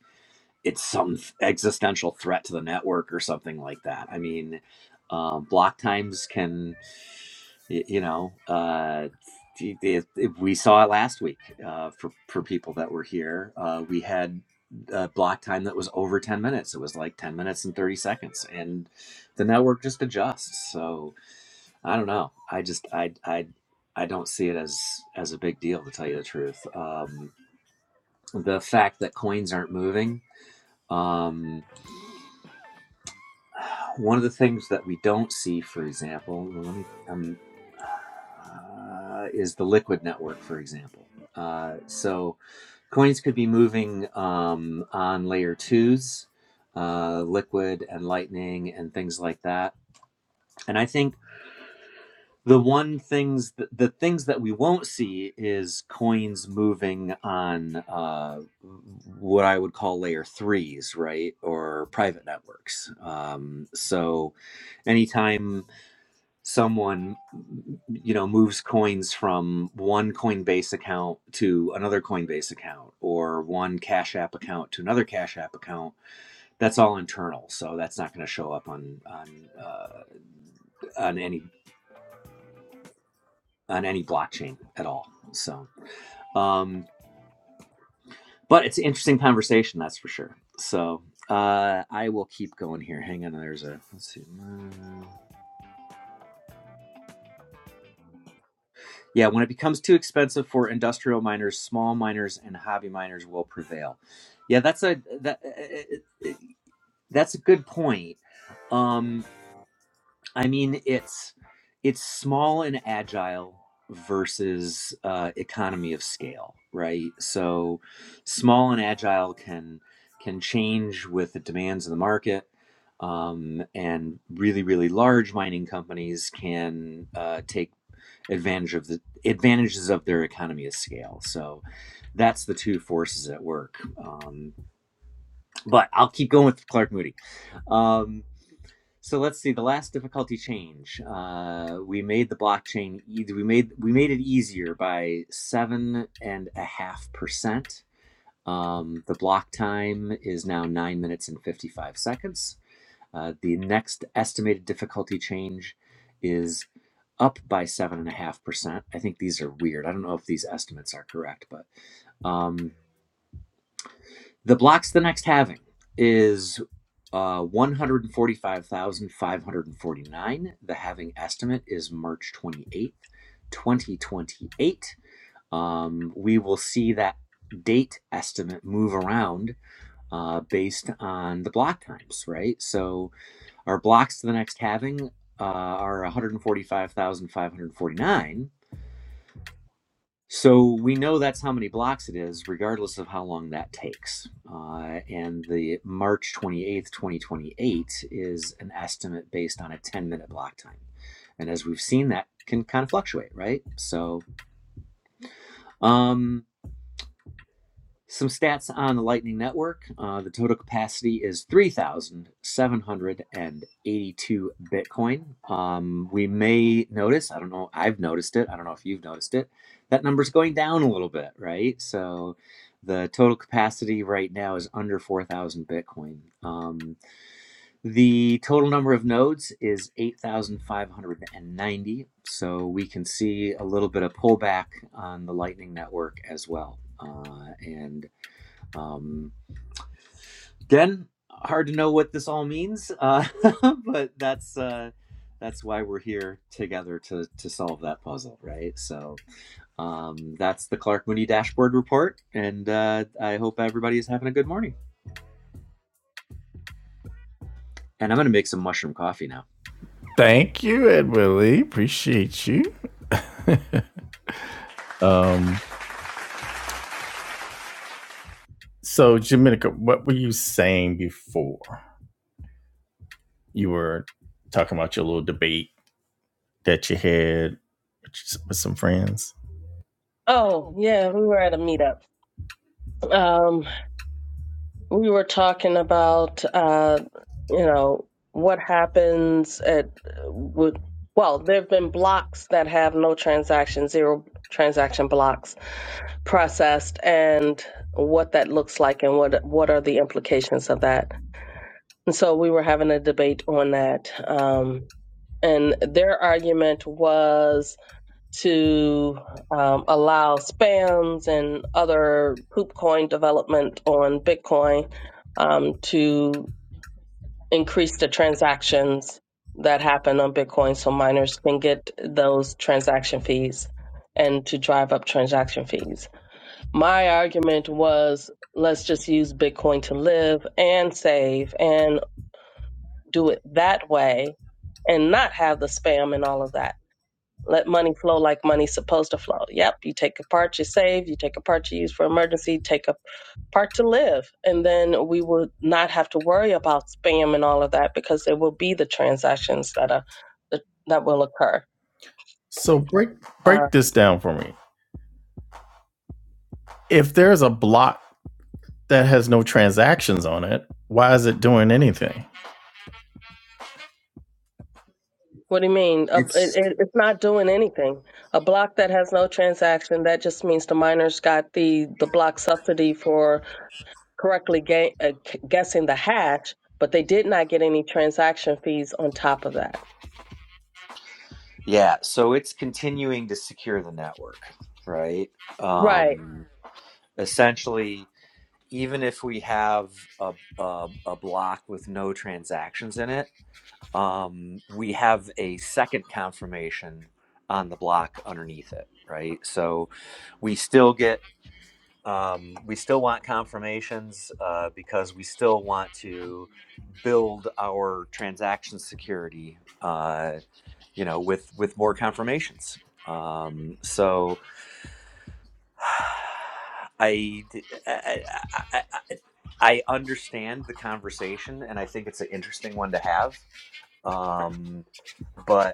Speaker 4: it's some th- existential threat to the network or something like that. I mean, um, block times can, y- you know, uh, t- it, it- we saw it last week uh, for for people that were here. Uh, we had a block time that was over ten minutes. It was like ten minutes and thirty seconds, and the network just adjusts. So I don't know. I just I I I don't see it as as a big deal to tell you the truth. Um, the fact that coins aren't moving. Um, One of the things that we don't see, for example, well, let me, um, uh, is the liquid network, for example. Uh, so coins could be moving um, on layer twos, uh, liquid and lightning and things like that. And I think the one things, th- the things that we won't see is coins moving on uh, what I would call layer threes, right? Or private networks. Um, so anytime someone you know moves coins from one coinbase account to another coinbase account or one cash app account to another cash app account that's all internal so that's not going to show up on on uh, on any on any blockchain at all so um but it's an interesting conversation that's for sure so uh i will keep going here hang on there's a let's see Uh, Yeah, when it becomes too expensive for industrial miners, small miners and hobby miners will prevail. Yeah, that's a that uh, uh, uh, uh, that's a good point. Um, I mean, it's it's small and agile versus uh, economy of scale, right? So, small and agile can can change with the demands of the market. Um, and really, really large mining companies can uh, take advantage of the advantages of their economy of scale. So that's the two forces at work. Um, but I'll keep going with Clark Moody. Um, so let's see the last difficulty change. Uh, we made the blockchain. e- We made we made it easier by seven and a half percent. Um, the block time is now nine minutes and fifty five seconds uh, the next estimated difficulty change is up by 7.5%. I think these are weird. I don't know if these estimates are correct, but um, the blocks the next halving is uh, 145,549. The halving estimate is March 28th, 2028. Um, we will see that date estimate move around uh, based on the block times, right? So our blocks to the next halving uh, are 145,549. So we know that's how many blocks it is, regardless of how long that takes. Uh, and the March 28th, 2028 is an estimate based on a 10 minute block time. And as we've seen, that can kind of fluctuate, right? So, um, Some stats on the Lightning Network. Uh, the total capacity is 3,782 Bitcoin. Um, we may notice, I don't know, I've noticed it. I don't know if you've noticed it. That number's going down a little bit, right? So the total capacity right now is under 4,000 Bitcoin. Um, the total number of nodes is 8,590. So we can see a little bit of pullback on the Lightning Network as well. Uh, and um, again, hard to know what this all means, uh, but that's uh, that's why we're here together to to solve that puzzle, right? So um, that's the Clark Moody dashboard report, and uh, I hope everybody is having a good morning. And I'm going to make some mushroom coffee now.
Speaker 1: Thank you, Ed Willie. Appreciate you. um, So, Jamenica, what were you saying before? You were talking about your little debate that you had with with some friends.
Speaker 3: Oh yeah, we were at a meetup. Um, we were talking about uh, you know what happens at would well there have been blocks that have no transactions, zero transaction blocks processed and what that looks like and what what are the implications of that. And so we were having a debate on that. Um, and their argument was to um, allow spams and other poop coin development on Bitcoin um, to increase the transactions that happen on Bitcoin so miners can get those transaction fees and to drive up transaction fees my argument was let's just use Bitcoin to live and save and do it that way and not have the spam and all of that. Let money flow like money's supposed to flow. Yep, you take a part you save, you take a part you use for emergency, take a part to live. And then we would not have to worry about spam and all of that because there will be the transactions that are that that will occur.
Speaker 1: So break
Speaker 3: Uh,
Speaker 1: break this down for me. If there's a block that has no transactions on it, why is it doing anything?
Speaker 3: What do you mean? A,
Speaker 4: It's
Speaker 3: it, it- it's not doing anything. A block that has no transaction, that just means the miners got the, the block subsidy for correctly ga- uh, c- guessing the hash, but they did not get any transaction fees on top of that.
Speaker 4: Yeah, so it's continuing to secure the network, right?
Speaker 3: Right.
Speaker 4: Um, essentially, even if we have a, a, a block with no transactions in it, um, we have a second confirmation on the block underneath it, right? So we still get um, we still want confirmations uh, because we still want to build our transaction security, uh, you know, with with more confirmations. Um, so, I, I, I I I understand the conversation, and I think it's an interesting one to have. Um, but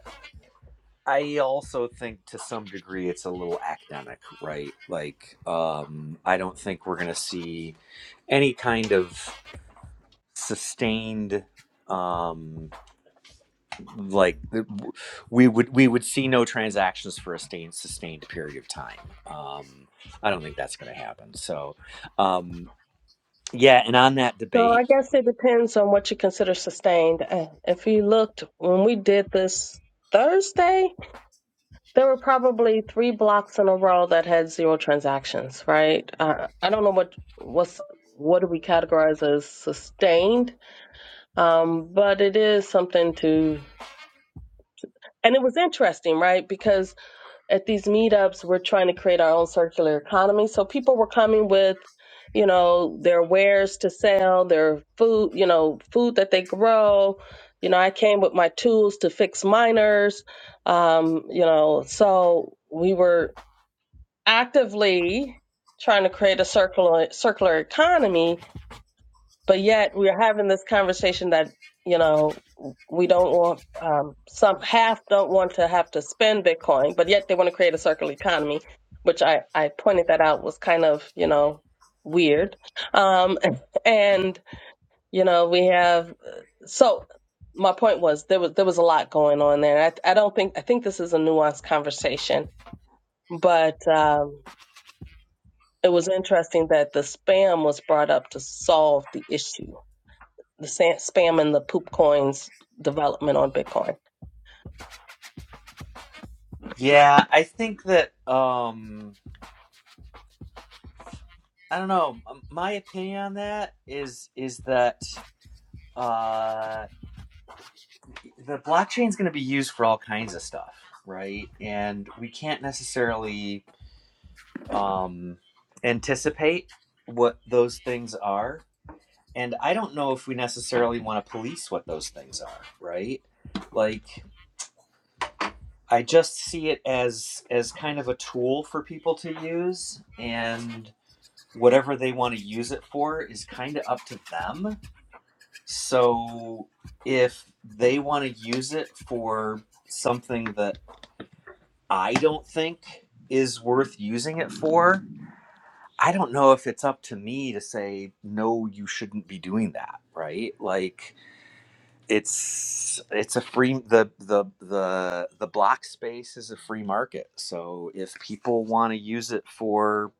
Speaker 4: I also think to some degree it's a little academic, right? Like, um, I don't think we're going to see any kind of sustained um like the- we would we would see no transactions for a sustained sustained period of time um i don't think that's going to happen so um yeah and on that
Speaker 3: So
Speaker 4: debate
Speaker 3: I guess it depends on what you consider sustained. Uh, If you looked, when we did this Thursday, There were probably three blocks in a row that had zero transactions, right? Uh, I don't know what what's what do we categorize as sustained, um, but it is something to. And it was interesting, right? Because at these meetups, we're trying to create our own circular economy. So people were coming with, you know, their wares to sell, their food, you know, food that they grow. You know, I came with my tools to fix miners. Um, you know, so we were actively trying to create a circular circular economy, but yet we're having this conversation that you know we don't want um, some half don't want to have to spend Bitcoin, but yet they want to create a circular economy, which I I pointed that out was kind of you know weird, um, and you know we have so. My point was there was there was a lot going on there. I I don't think I think this is a nuanced conversation, but um, it was interesting that the spam was brought up to solve the issue the sa- spam and the poop coins development on bitcoin
Speaker 4: yeah i think that um i don't know m- my opinion on that is is that Uh, the blockchain is going to be used for all kinds of stuff, right? And we can't necessarily um, anticipate what those things are. And I don't know if we necessarily want to police what those things are, right? Like I just see it as as kind of a tool for people to use and whatever they want to use it for is kind of up to them. So if they want to use it for something that I don't think is worth using it for. I don't know if it's up to me to say no you shouldn't be doing that, right? Like it's it's a free the the the the block space is a free market. So if people want to use it for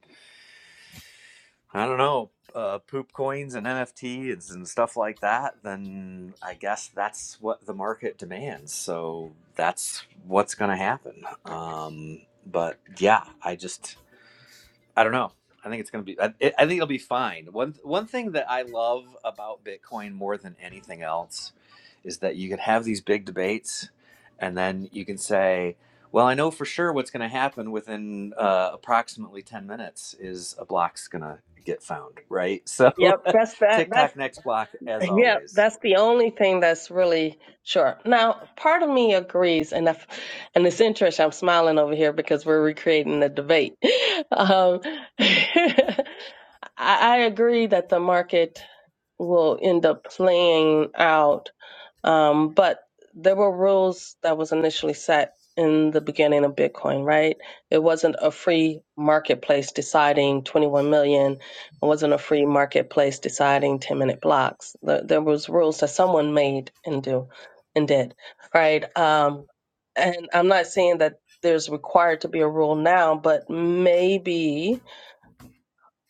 Speaker 4: I don't know, uh, poop coins and NFTs and stuff like that, then I guess that's what the market demands. So that's what's going to happen. Um, but yeah, I just I don't know. I think it's going to be. I, I think it'll be fine. One one thing that I love about Bitcoin more than anything else is that you can have these big debates, and then you can say, "Well, I know for sure what's going to happen within uh, approximately ten minutes is a block's going to get found." Right. So,
Speaker 3: yep that's that that's
Speaker 4: TikTok next block as
Speaker 3: yeah
Speaker 4: always.
Speaker 3: that's the only thing that's really sure now part of me agrees and if, and it's interesting i'm smiling over here because we're recreating the debate um, I, I agree that the market will end up playing out Um, but there were rules that was initially set in the beginning of Bitcoin, right? It wasn't a free marketplace deciding 21 million. It wasn't a free marketplace deciding 10 minute blocks. There there was rules that someone made and do and did, right? Um, and I'm not saying that there's required to be a rule now, but maybe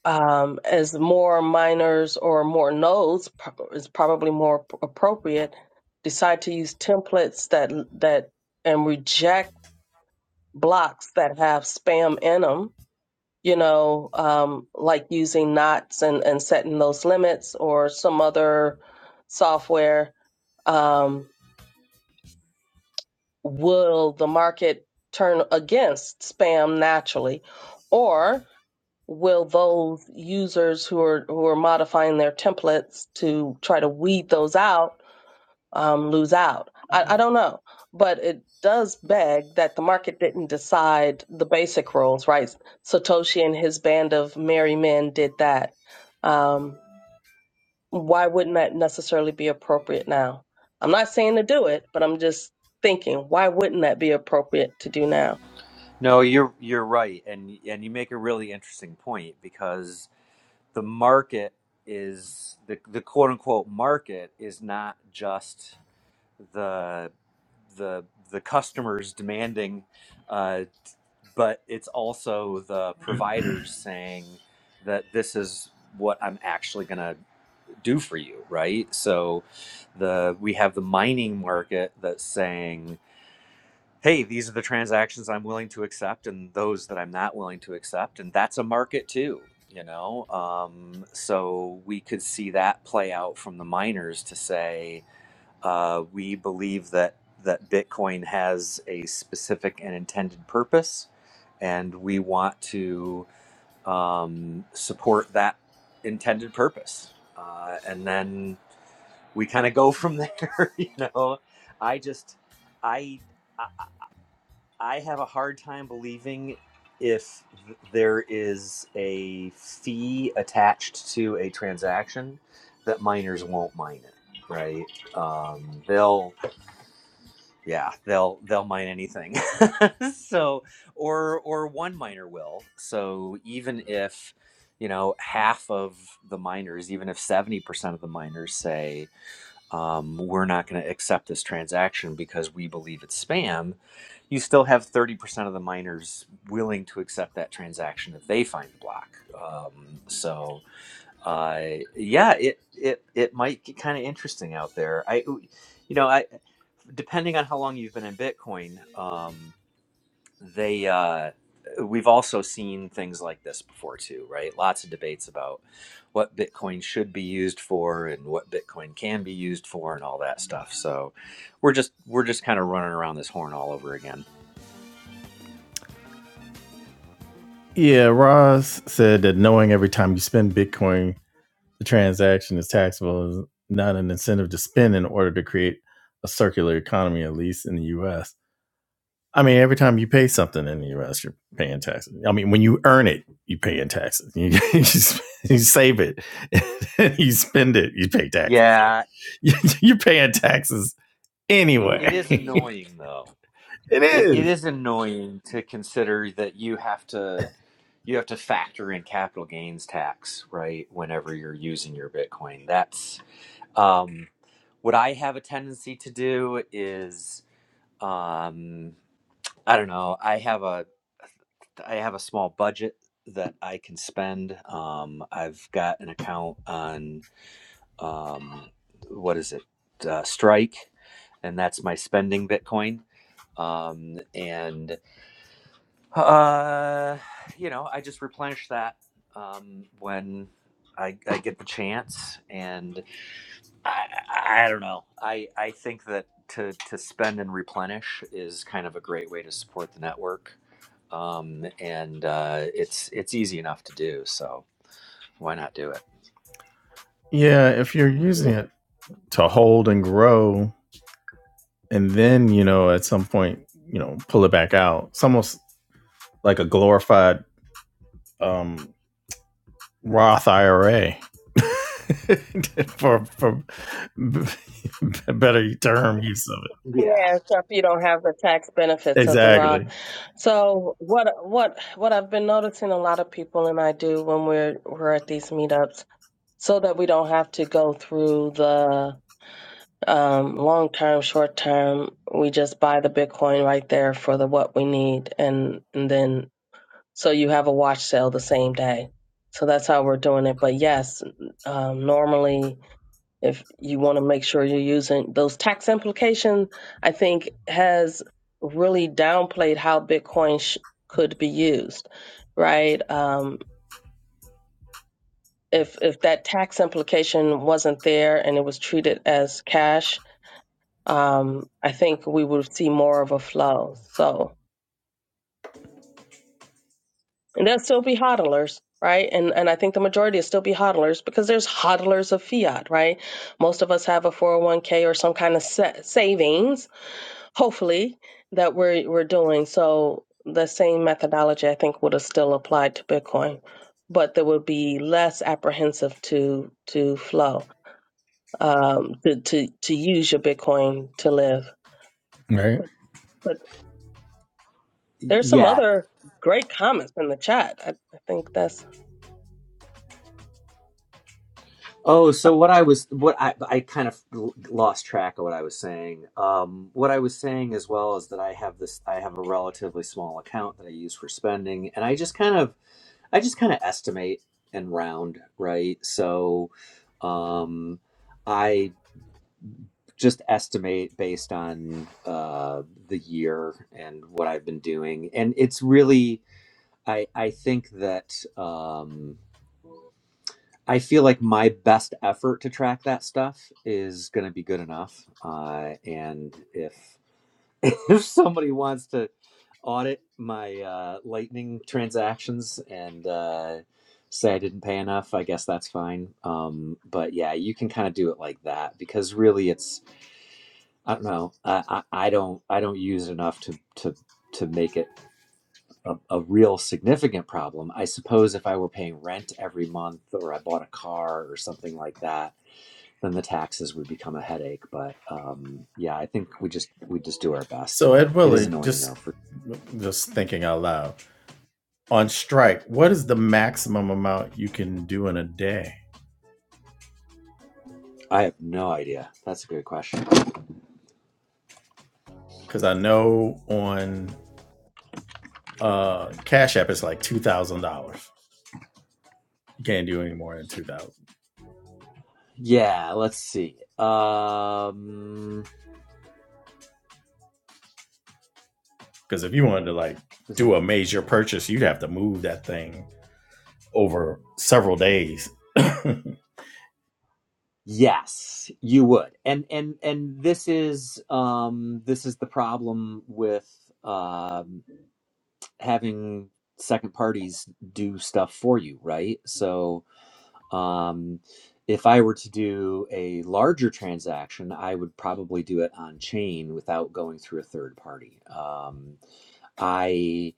Speaker 3: um, as more minors or more nodes pro- is probably more p- appropriate. Decide to use templates that that and reject blocks that have spam in them. You know, um, like using knots and and setting those limits or some other software. Um, will the market turn against spam naturally, or will those users who are who are modifying their templates to try to weed those out um, lose out? I, I don't know, but it does beg that the market didn't decide the basic rules, right? Satoshi and his band of merry men did that. Um, why wouldn't that necessarily be appropriate now? I'm not saying to do it, but I'm just thinking, why wouldn't that be appropriate to do now?
Speaker 4: No, you're you're right, and and you make a really interesting point because the market is the the quote unquote market is not just the the the customers demanding, uh, but it's also the providers saying that this is what I'm actually going to do for you, right? So the we have the mining market that's saying hey, these are the transactions I'm willing to accept and those that I'm not willing to accept. And that's a market too, you know? Um, so we could see that play out from the miners to say, uh, we believe that, that Bitcoin has a specific and intended purpose, and we want to um, support that intended purpose. Uh, and then we kind of go from there, you know? I just, I. I have a hard time believing if th- there is a fee attached to a transaction that miners won't mine it. Right? Um, they'll, yeah, they'll they'll mine anything. so, or or one miner will. So even if you know half of the miners, even if seventy percent of the miners say um, we're not going to accept this transaction because we believe it's spam, you still have 30% of the miners willing to accept that transaction if they find the block. Um, so, uh, yeah, it, it, it might get kind of interesting out there. I, you know, I, depending on how long you've been in Bitcoin, Um, they uh, we've also seen things like this before too right lots of debates about what bitcoin should be used for and what bitcoin can be used for and all that stuff so we're just we're just kind of running around this horn all over again
Speaker 1: Yeah, Ross said that knowing every time you spend Bitcoin, the transaction is taxable is not an incentive to spend in order to create a circular economy, at least in the U.S. I mean, every time you pay something in the U.S., you're paying taxes. I mean, when you earn it, you pay in taxes. You, you, you save it, you spend it, you pay taxes. So
Speaker 4: yeah
Speaker 1: you, you're paying taxes
Speaker 4: it
Speaker 1: anyway.
Speaker 4: is annoying though
Speaker 1: it
Speaker 4: It it
Speaker 1: is.
Speaker 4: is annoying to consider that you have to you have to factor in capital gains tax, right? Whenever you're using your Bitcoin, that's um, what I have a tendency to do. Is um, I don't know. I have a I have a small budget that I can spend. Um, I've got an account on um, what is it, uh, Strike, and that's my spending Bitcoin. Um, and Uh, you know, I just replenish that um, when I, I get the chance, and I, I don't know. I I think that to to spend and replenish is kind of a great way to support the network, um, and uh, it's it's easy enough to do. So why not do it?
Speaker 1: Yeah, if you're using it to hold and grow, and then you know at some point, you know, pull it back out. It's almost like a glorified um, Roth IRA for for b- a better term use of it.
Speaker 4: Yeah.
Speaker 3: Yeah, except you don't have the tax benefits of the Roth.
Speaker 1: Exactly.
Speaker 3: So what what what I've been noticing a lot of people and I do when we're we're at these meetups, so that we don't have to go through the um, long term, short term, we just buy the Bitcoin right there for the what we need, and and then so you have a watch sale the same day. So that's how we're doing it. But yes, um, normally if you want to make sure you're using those tax implications i think has really downplayed how bitcoin sh- could be used right um, if if that tax implication wasn't there and it was treated as cash um, i think we would see more of a flow so and there'll still be hodlers right and and i think the majority will still be hodlers because there's hodlers of fiat right most of us have a 401k or some kind of sa- savings hopefully that we're we're doing so the same methodology i think would have still applied to bitcoin but there would be less apprehensive to to flow um to to, to use your bitcoin to live
Speaker 1: Right.
Speaker 3: but there's some
Speaker 4: Yeah.
Speaker 3: other great comments in the chat i, I think that's
Speaker 4: Oh, so what I was, what I, I kind of l- lost track of what I was saying. Um, what I was saying as well is that I have this, I have a relatively small account that I use for spending, and I just kind of, I just kind of estimate and round, right? So, um, I just estimate based on uh, the year and what I've been doing, and it's really, I, I think that. Um, I feel like my best effort to track that stuff is going to be good enough. Uh, and if if somebody wants to audit my uh, Lightning transactions and uh, say I didn't pay enough, I guess that's fine. Um, but yeah, you can kind of do it like that because really, it's I don't know. I, I, I don't I don't use it enough to to to make it. A, a real significant problem. I suppose if I were paying rent every month or I bought a car or something like that, then the taxes would become a headache. But um, yeah, I think we just we just do our best.
Speaker 1: So Ed
Speaker 4: It is
Speaker 1: Willie,
Speaker 4: annoying though.
Speaker 1: just
Speaker 4: For
Speaker 1: just thinking out loud on strike. What is the maximum amount you can do in a day?
Speaker 4: I have no idea. That's a good question.
Speaker 1: Because I know on uh, Cash App it's like two thousand dollars. You can't do any more than two thousand.
Speaker 4: Yeah, let's see. Um,
Speaker 1: Because if you wanted to like do a major purchase, you'd have to move that thing over several days.
Speaker 4: yes, you would, and and and this is um, this is the problem with um, having second parties do stuff for you, right? So Um, if I were to do a larger transaction, I would probably do it on chain without going through a third party. Um, I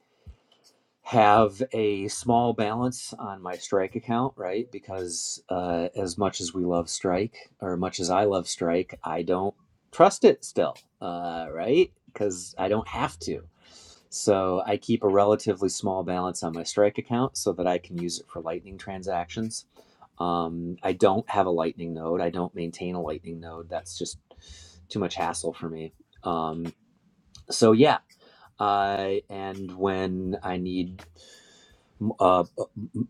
Speaker 4: have a small balance on my strike account right because uh, as much as we love strike or much as i love strike i don't trust it still uh, right because i don't have to so i keep a relatively small balance on my strike account so that i can use it for lightning transactions um, i don't have a lightning node i don't maintain a lightning node that's just too much hassle for me um, so yeah I and when I need uh,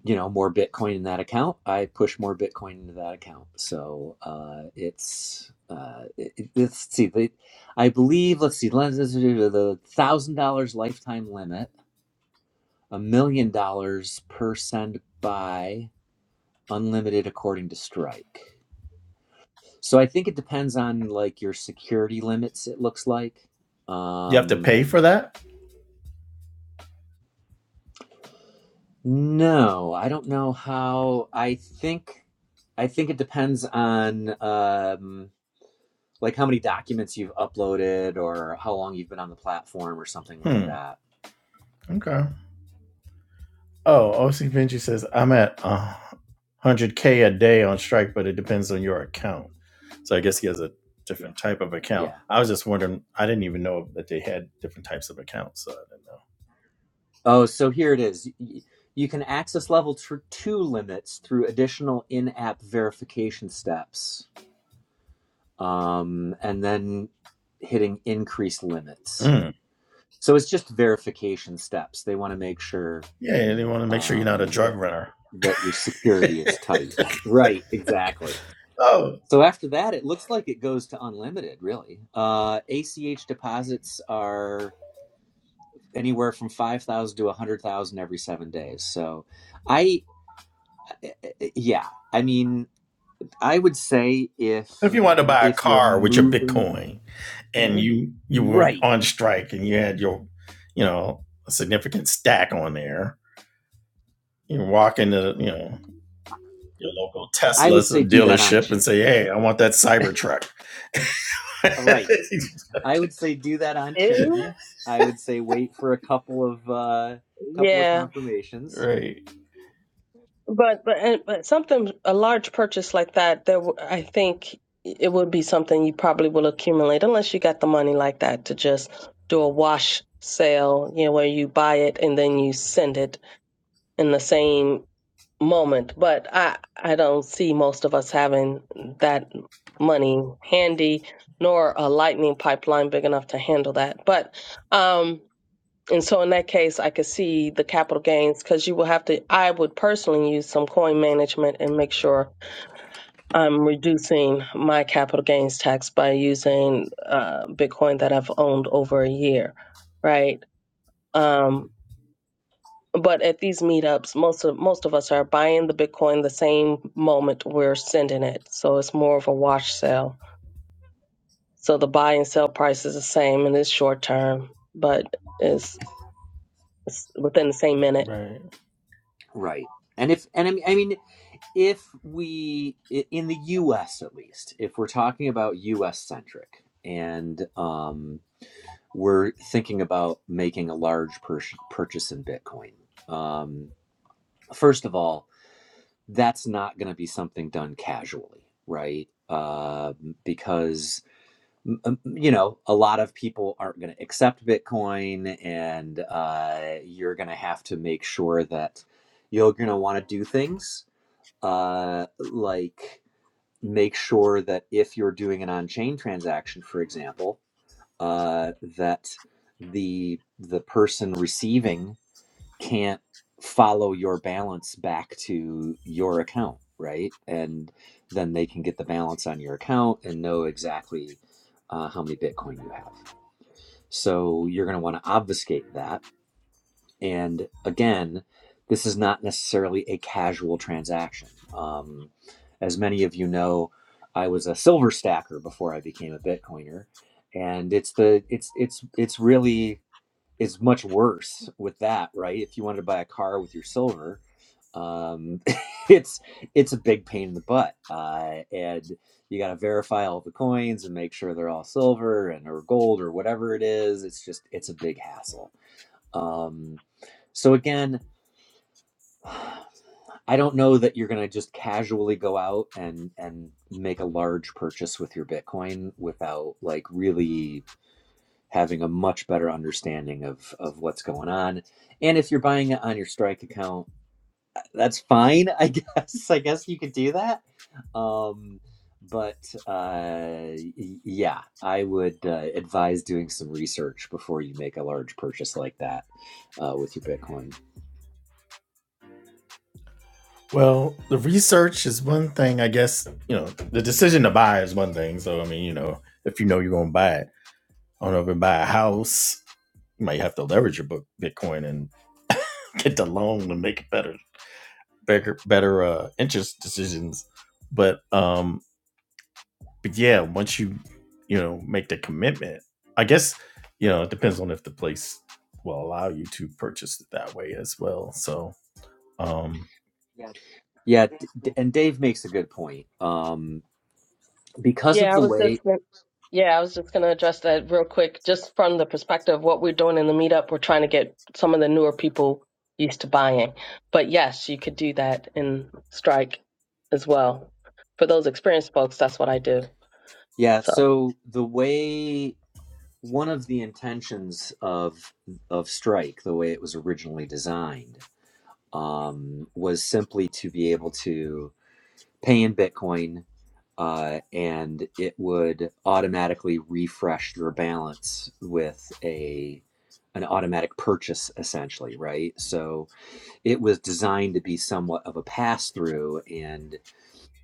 Speaker 4: you know, more Bitcoin in that account, I push more Bitcoin into that account. So uh, it's uh, it- let's see, the, I believe let's see, let's, let's do the thousand dollars lifetime limit, a million dollars per send buy, unlimited according to Strike. So I think it depends on like your security limits. It looks like.
Speaker 1: You have to
Speaker 4: Um,
Speaker 1: pay for that?
Speaker 4: No, I don't know how. I think I think it depends on um like how many documents you've uploaded or how long you've been on the platform or something like
Speaker 1: Hmm.
Speaker 4: that.
Speaker 1: Okay. Oh, OC Vinci says, I'm at uh, 100K a day on strike, but it depends on your account. So I guess he has a different type of account.
Speaker 4: Yeah.
Speaker 1: I was just wondering, I didn't even know that they had different types of accounts. So I didn't
Speaker 4: Oh, so here it is. Y- You can access level tr- 2 limits through additional in-app verification steps. Um and then hitting increase limits.
Speaker 1: know. Mm.
Speaker 4: So it's just verification steps. They want to make sure
Speaker 1: Yeah, they want to make sure you're not a
Speaker 4: um,
Speaker 1: drug runner.
Speaker 4: that your security is tight. Right, exactly.
Speaker 1: Oh,
Speaker 4: So after that, it looks like it goes to unlimited, really. Uh, ACH deposits are anywhere from 5,000 to 100,000 every seven days. So I, eh, eh, eh, yeah, I mean, I would say
Speaker 1: If
Speaker 4: if,
Speaker 1: you wanted to buy a
Speaker 4: if you're
Speaker 1: car with your
Speaker 4: moving,
Speaker 1: Bitcoin and you you were
Speaker 4: right,
Speaker 1: on strike and you had your you know a significant stack on there, you walk into you know your local
Speaker 4: I would
Speaker 1: Tesla's
Speaker 4: say do that on
Speaker 1: dealership and
Speaker 4: chain.
Speaker 1: say, "Hey, I want that Cybertruck."
Speaker 4: All right, I would say do that on
Speaker 3: Ew.
Speaker 4: chain. I would say wait for a couple of, uh, couple of
Speaker 3: yeah
Speaker 4: confirmations
Speaker 1: right,
Speaker 3: But but and, but something a large purchase like that, there w- I think it would be something you probably will accumulate unless you got the money like that to just do a wash sale, you know, where you buy it and then you send it in the same moment. But I I don't see most of us having that money handy nor a lightning pipeline big enough to handle that. But um and so in that case, I could see the capital gains because you will have to, I would personally use some coin management and make sure I'm reducing my capital gains tax by using uh, Bitcoin that I've owned over a year, right? Um, but at these meetups, most of most of us are buying the Bitcoin the same moment we're sending it, so it's more of a wash sale. So the buy and sell price is the same, and it's short term, but it's, it's within the same minute
Speaker 1: right.
Speaker 4: Right. And if and I mean, I mean if we in the US at least, if we're talking about US centric and um we're thinking about making a large pur- purchase in Bitcoin. Um first of all, that's not going to be something done casually, right? Uh, because you know a lot of people aren't going to accept bitcoin and uh, you're going to have to make sure that you're going to want to do things uh, like make sure that if you're doing an on-chain transaction, for example, uh, that the the person receiving can't follow your balance back to your account, right? And then they can get the balance on your account and know exactly uh, how many Bitcoin you have. So you're going to want to obfuscate that and again, this is not necessarily a casual transaction. Um, as many of you know, I was a silver stacker before I became a Bitcoiner, and it's the it's it's it's really it's much worse with that, right? If you wanted to buy a car with your silver, um, it's it's a big pain in the butt, uh, and you got to verify all the coins and make sure they're all silver and or gold or whatever it is. It's just it's a big hassle um, so again, I don't know that you're going to just casually go out and and make a large purchase with your Bitcoin without like really having a much better understanding of of what's going on. And if you're buying it on your Strike account, that's fine, I guess. I guess you could do that. Um, but uh, y- yeah, I would uh, advise doing some research before you make a large purchase like that uh, with your Bitcoin.
Speaker 1: Well, the research is one thing, I guess. You know, the decision to buy is one thing. So I mean, you know, if you know you're going to buy it I over buy a house, you might have to leverage your book Bitcoin and get the loan to make better, better, better uh, interest decisions. But um, but yeah, once you you know make the commitment, I guess you know it depends on if the place will allow you to purchase it that way as well. So um,
Speaker 4: Yeah, D- D- and Dave makes a good point. Um, because
Speaker 3: Yeah,
Speaker 4: of
Speaker 3: I
Speaker 4: the
Speaker 3: was
Speaker 4: way,
Speaker 3: just gonna- yeah, I was just going to address that real quick, just from the perspective of what we're doing in the meetup. We're trying to get some of the newer people used to buying, but yes, you could do that in Strike as well. For those experienced folks, that's what I do.
Speaker 4: yeah,
Speaker 3: So
Speaker 4: so the way one of the intentions of of Strike, the way it was originally designed, um, was simply to be able to pay in Bitcoin, uh, and it would automatically refresh your balance with a an automatic purchase, essentially, right? So it was designed to be somewhat of a pass through and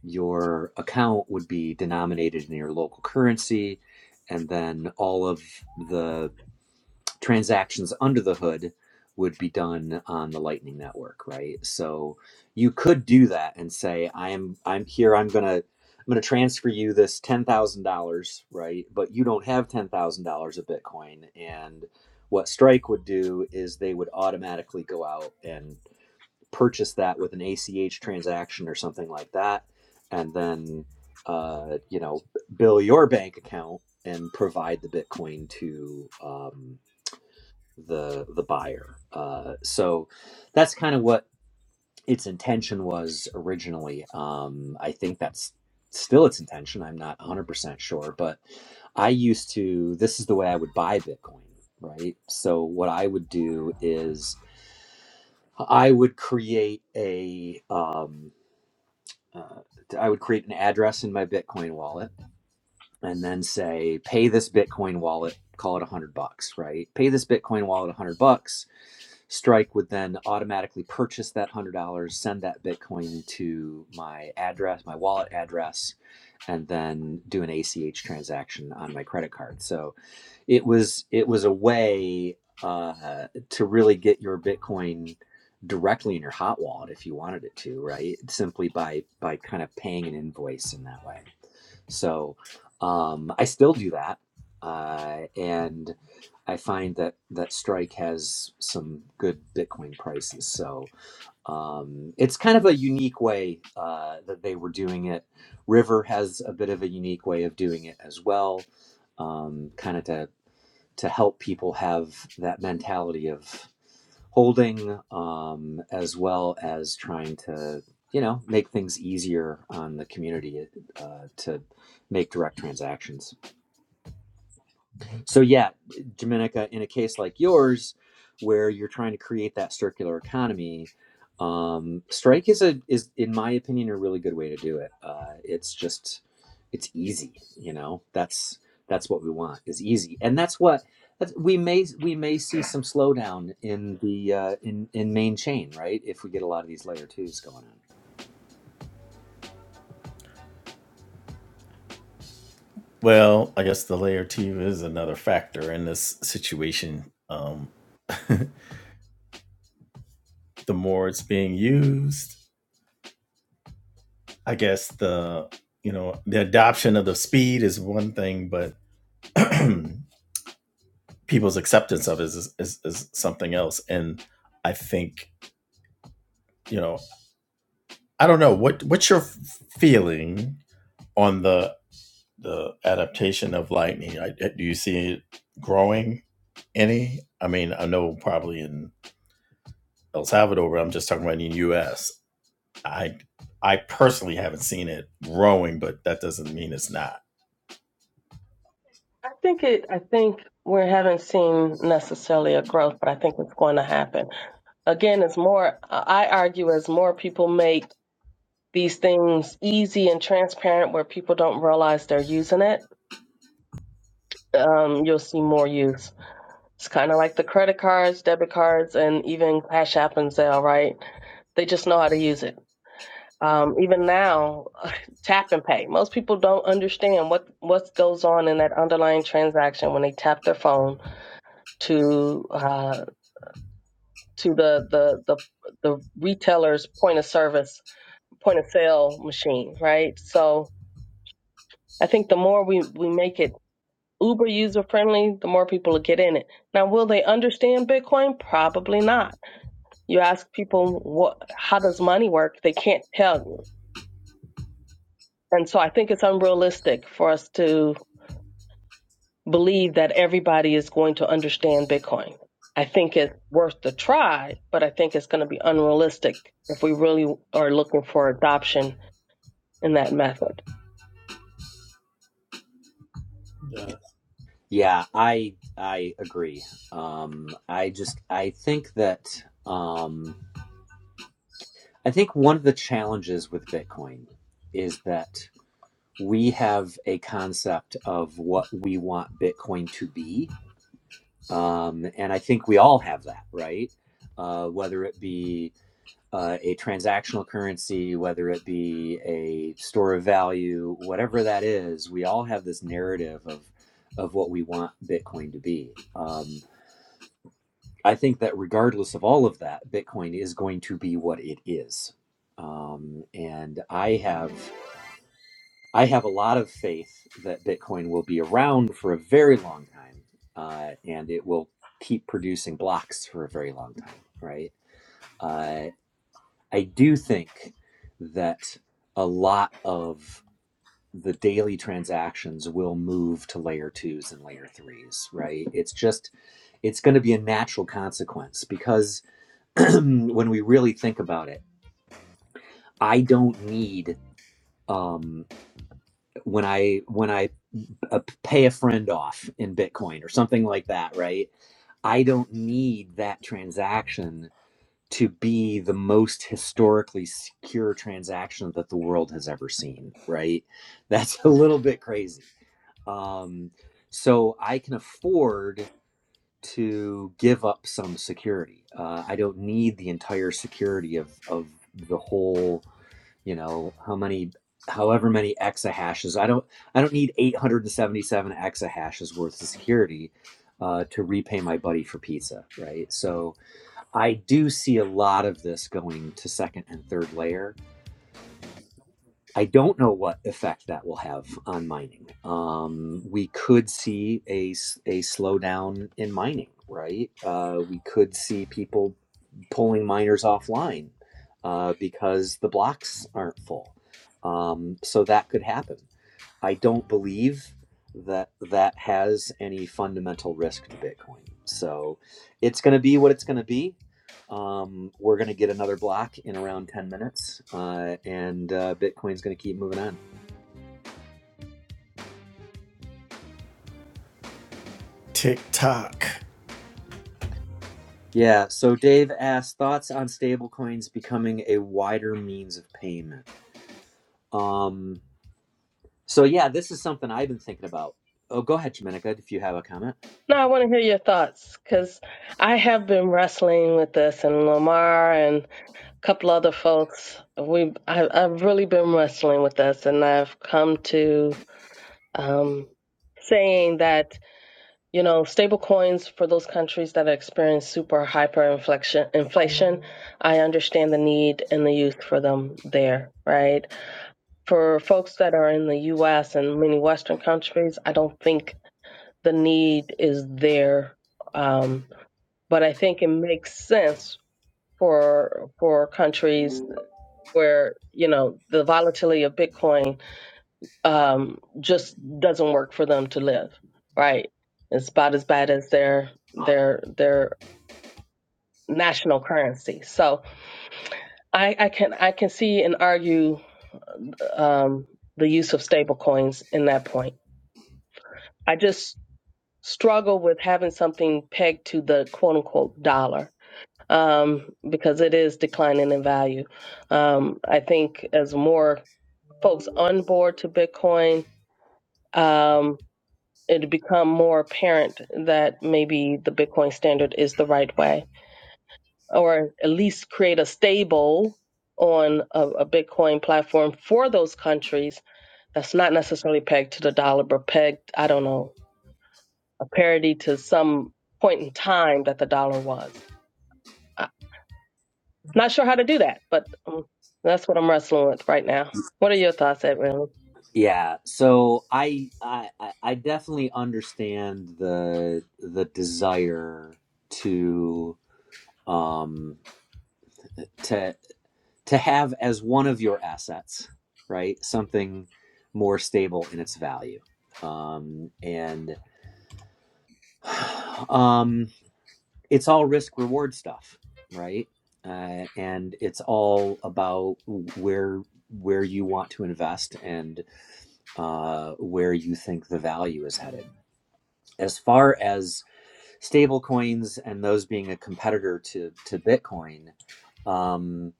Speaker 4: your account would be denominated in your local currency, and then all of the transactions under the hood would be done on the Lightning Network, right? So you could do that and say, "I am, I'm here. I'm gonna, I'm gonna transfer you this ten thousand dollars, right?" But you don't have ten thousand dollars of Bitcoin, and what Strike would do is they would automatically go out and purchase that with an ACH transaction or something like that, and then uh, you know bill your bank account and provide the Bitcoin to um, the the buyer. Uh, so that's kind of what its intention was originally. Um, I think that's still its intention. I'm not 100% sure, but I used to. This is the way I would buy Bitcoin, right? So what I would do is I would create a um, uh, I would create an address in my Bitcoin wallet and then say, pay this Bitcoin wallet, call it a hundred bucks, right? Pay this Bitcoin wallet a hundred bucks. Strike would then automatically purchase that hundred dollars, send that Bitcoin to my address, my wallet address, and then do an ACH transaction on my credit card. So it was it was a way uh, to really get your Bitcoin directly in your hot wallet if you wanted it to, right? Simply by by kind of paying an invoice in that way. So um, I still do that, uh, and I find that that Strike has some good Bitcoin prices. So um, it's kind of a unique way uh, that they were doing it. River has a bit of a unique way of doing it as well, um, kind of to to help people have that mentality of holding, um, as well as trying to you know make things easier on the community uh, to make direct transactions. So yeah, Dominica, in a case like yours, where you're trying to create that circular economy, um, strike is a is in my opinion a really good way to do it. Uh, it's just it's easy, you know. That's that's what we want is easy, and that's what that's, we may we may see some slowdown in the uh, in in main chain, right? If we get a lot of these layer twos going on.
Speaker 1: well, I guess the layer two is another factor in this situation. Um, the more it's being used I guess the you know the adoption of the speed is one thing, but people's acceptance of it is, is is something else. And I think you know I don't know what what's your feeling on the the adaptation of lightning. I, do you see it growing any? I mean, I know probably in El Salvador, but I'm just talking about in the U.S. I I personally haven't seen it growing, but that doesn't mean it's not.
Speaker 3: I think it. I think we haven't seen necessarily a growth, but I think it's going to happen. Again, it's more. I argue as more people make these things easy and transparent, where people don't realize they're using it um, you'll see more use. It's kind of like the credit cards, debit cards, and even Cash App and Zelle, right? They just know how to use it. Um, even now, tap and pay. Most people don't understand what what goes on in that underlying transaction when they tap their phone to uh, to the, the the the retailer's point of service, point of sale machine, right? So I think the more we we make it Uber user friendly, the more people will get in it. Now, will they understand Bitcoin? Probably not. You ask people what, how does money work? They can't tell you. And so I think it's unrealistic for us to believe that everybody is going to understand Bitcoin. I think it's worth the try, but I think it's going to be unrealistic if we really are looking for adoption in that method.
Speaker 4: Yeah, I I agree. Um, I just I think that. Um, I think one of the challenges with Bitcoin is that we have a concept of what we want Bitcoin to be. Um, and I think we all have that, right? Uh, whether it be uh, a transactional currency, whether it be a store of value, whatever that is, we all have this narrative of, of what we want Bitcoin to be. Um, I think that regardless of all of that, Bitcoin is going to be what it is. Um, and I have I have a lot of faith that Bitcoin will be around for a very long time, uh, and it will keep producing blocks for a very long time. Right? Uh, I do think that a lot of the daily transactions will move to layer twos and layer threes. Right? It's just it's going to be a natural consequence because when we really think about it i don't need um when i when i uh, pay a friend off in bitcoin or something like that right i don't need that transaction to be the most historically secure transaction that the world has ever seen right that's a little bit crazy um, so I can afford to give up some security. Uh, I don't need the entire security of of the whole. you know how many however many exahashes i don't i don't need 877 exahashes worth of security uh, to repay my buddy for pizza right so i do see a lot of this going to second and third layer I don't know what effect that will have on mining. Um, we could see a, s- a slowdown in mining, right? Uh, we could see people pulling miners offline uh, because the blocks aren't full. Um, so that could happen. I don't believe that that has any fundamental risk to Bitcoin. So it's going to be what it's going to be. Um, we're going to get another block in around 10 minutes, uh, and uh, Bitcoin's going to keep moving on.
Speaker 1: TikTok.
Speaker 4: Yeah. So Dave asked thoughts on stablecoins becoming a wider means of payment. Um, so yeah, this is something I've been thinking about. Oh, go ahead, Dominica, if you have a comment.
Speaker 3: Now, I want to hear your thoughts because I have been wrestling with this and Lamar and couple other folks. We I, I've really been wrestling with this, and I've come to um, saying that you know stable coins for those countries that experience super hyper inflation inflation i understand the need and the use for them there right for folks that are in the us and many western countries i don't think the need is there um, but i think it makes sense for for countries where you know the volatility of Bitcoin um, just doesn't work for them to live, right? It's about as bad as their their their national currency. So I, I can I can see and argue um, the use of stable coins in that point. I just struggle with having something pegged to the quote unquote dollar um, because it is declining in value. Um, I think as more folks on board to Bitcoin. um, it become more apparent that maybe the Bitcoin standard is the right way, or at least create a stable on a, a Bitcoin platform for those countries that's not necessarily pegged to the dollar, but pegged, I don't know, a parity to some point in time that the dollar was. I'm not sure how to do that, but um, that's what I'm wrestling with right now. What are your thoughts, Edwin?
Speaker 4: Yeah, so I I I I definitely understand the the desire to um to to have as one of your assets, right? Something more stable in its value. Um and um it's all risk reward stuff, right? Uh, and it's all about where where you want to invest and uh, where you think the value is headed as far as stable coins and those being a competitor to to Bitcoin, um,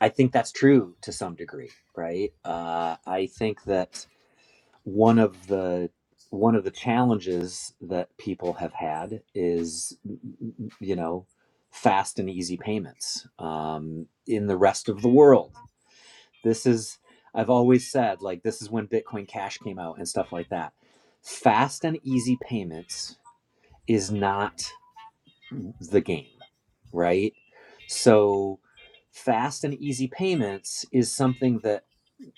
Speaker 4: I think that's true to some degree, right? Uh, I think that one of the one of the challenges that people have had is, you know, fast and easy payments um, in the rest of the world. This is I've always said like this is when Bitcoin Cash came out and stuff like that. Fast and easy payments is not the game, right? So fast and easy payments is something that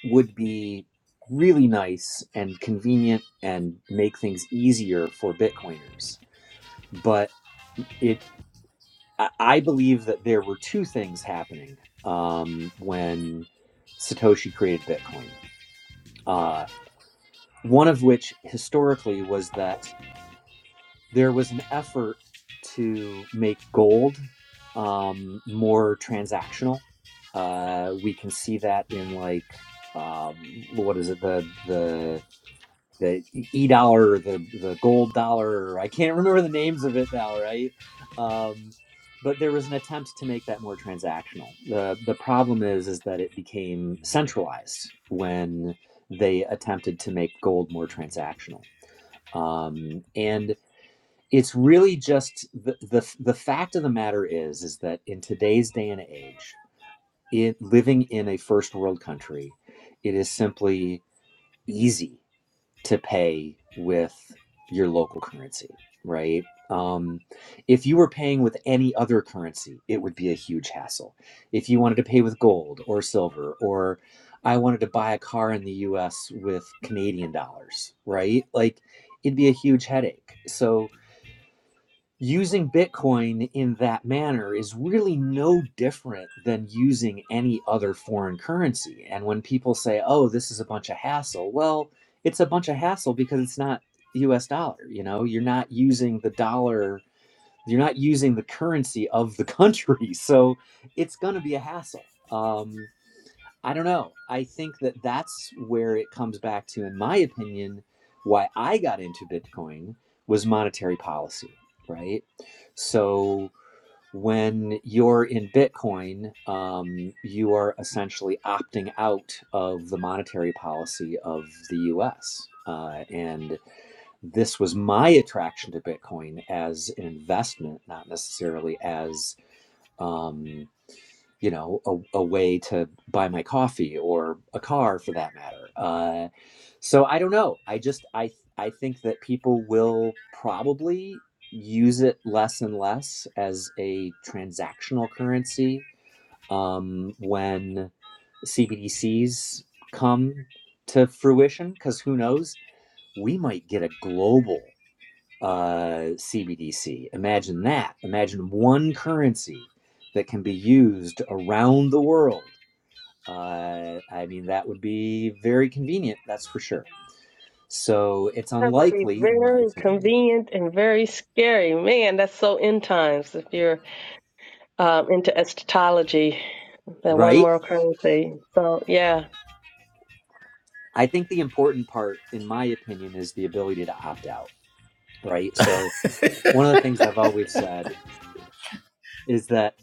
Speaker 4: would be really nice and convenient and make things easier for bitcoiners but it i I believe that there were two things happening um, when satoshi created bitcoin uh, one of which historically was that there was an effort to make gold um, more transactional. Uh, we can see that in like um, what is it the the the e dollar or the the gold dollar or I can't remember the names of it now right um, but there was an attempt to make that more transactional the the problem is is that it became centralized when they attempted to make gold more transactional um, and it's really just the, the the fact of the matter is is that in today's day and age it living in a first world country it is simply easy to pay with your local currency right um, if you were paying with any other currency it would be a huge hassle if you wanted to pay with gold or silver or i wanted to buy a car in the us with canadian dollars right like it'd be a huge headache so using Bitcoin in that manner is really no different than using any other foreign currency. And when people say, oh, this is a bunch of hassle, well, it's a bunch of hassle because it's not US dollar. You know, you're not using the dollar, you're not using the currency of the country. So it's going to be a hassle. Um, I don't know. I think that that's where it comes back to, in my opinion, why I got into Bitcoin was monetary policy, right? So when you're in Bitcoin, um, you are essentially opting out of the monetary policy of the US. Uh, and this was my attraction to Bitcoin as an investment, not necessarily as. Um, you know a, a way to buy my coffee or a car for that matter uh, so i don't know i just i i think that people will probably use it less and less as a transactional currency um, when cbdc's come to fruition because who knows we might get a global uh, CBDC. Imagine that. Imagine one currency that can be used around the world. Uh, I mean, that would be very convenient, that's for sure. So it's
Speaker 3: That would be
Speaker 4: unlikely, in my
Speaker 3: very
Speaker 4: opinion,
Speaker 3: convenient and very scary. Man, that's so end times if you're um, into eschatology, that one
Speaker 4: right?
Speaker 3: world currency. So yeah,
Speaker 4: I think the important part, in my opinion, is the ability to opt out, right? So one of the things I've always said is that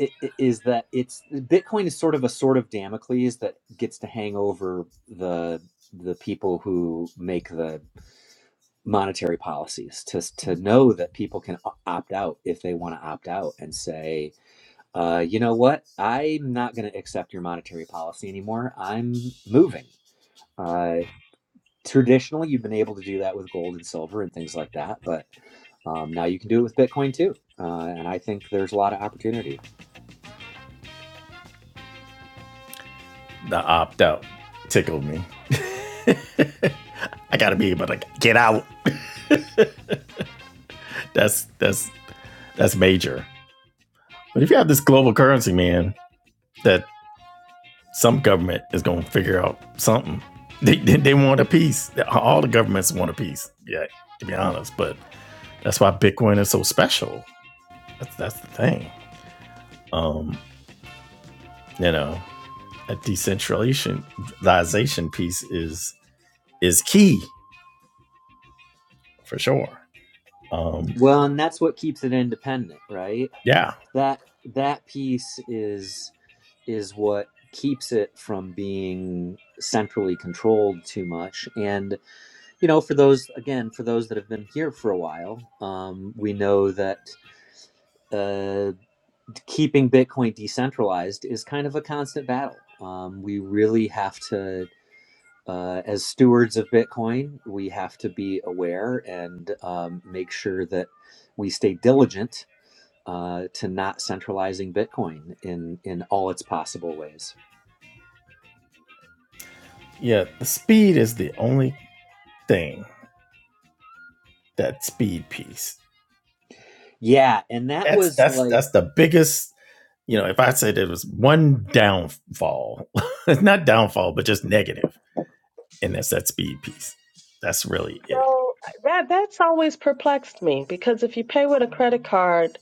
Speaker 4: i- i- is that it's Bitcoin is sort of a sort of Damocles that gets to hang over the the people who make the monetary policies to to know that people can opt out if they want to opt out and say, uh, you know what, I'm not going to accept your monetary policy anymore. I'm moving. Uh, traditionally, you've been able to do that with gold and silver and things like that, but um, now you can do it with Bitcoin too. Uh, and I think there's a lot of opportunity
Speaker 1: the opt out tickled me. I gotta be able to get out. That's that's that's major. But if you have this global currency, man, that some government is gonna figure out something. They they, they want a piece. All the governments want a piece. Yeah, to be honest. But that's why Bitcoin is so special. That's that's the thing. Um, you know, a decentralization piece is is key for sure. Um,
Speaker 4: Well, and that's what keeps it independent, right?
Speaker 1: yeah,
Speaker 4: That that piece is is what keeps it from being centrally controlled too much. And you know, for those again, for those that have been here for a while, um, we know that uh, keeping Bitcoin decentralized is kind of a constant battle. Um, we really have to. Uh, as stewards of Bitcoin, we have to be aware and um, make sure that we stay diligent uh, to not centralizing Bitcoin in in all its possible ways.
Speaker 1: Yeah, the speed is the only thing that speed piece.
Speaker 4: Yeah, and that
Speaker 1: That's
Speaker 4: was
Speaker 1: that's
Speaker 4: like
Speaker 1: that's the biggest. You know, if I said there was one downfall, it's not downfall, but just negative, and that's that speed piece. That's really it.
Speaker 3: so that that's always perplexed me because if you pay with a credit card,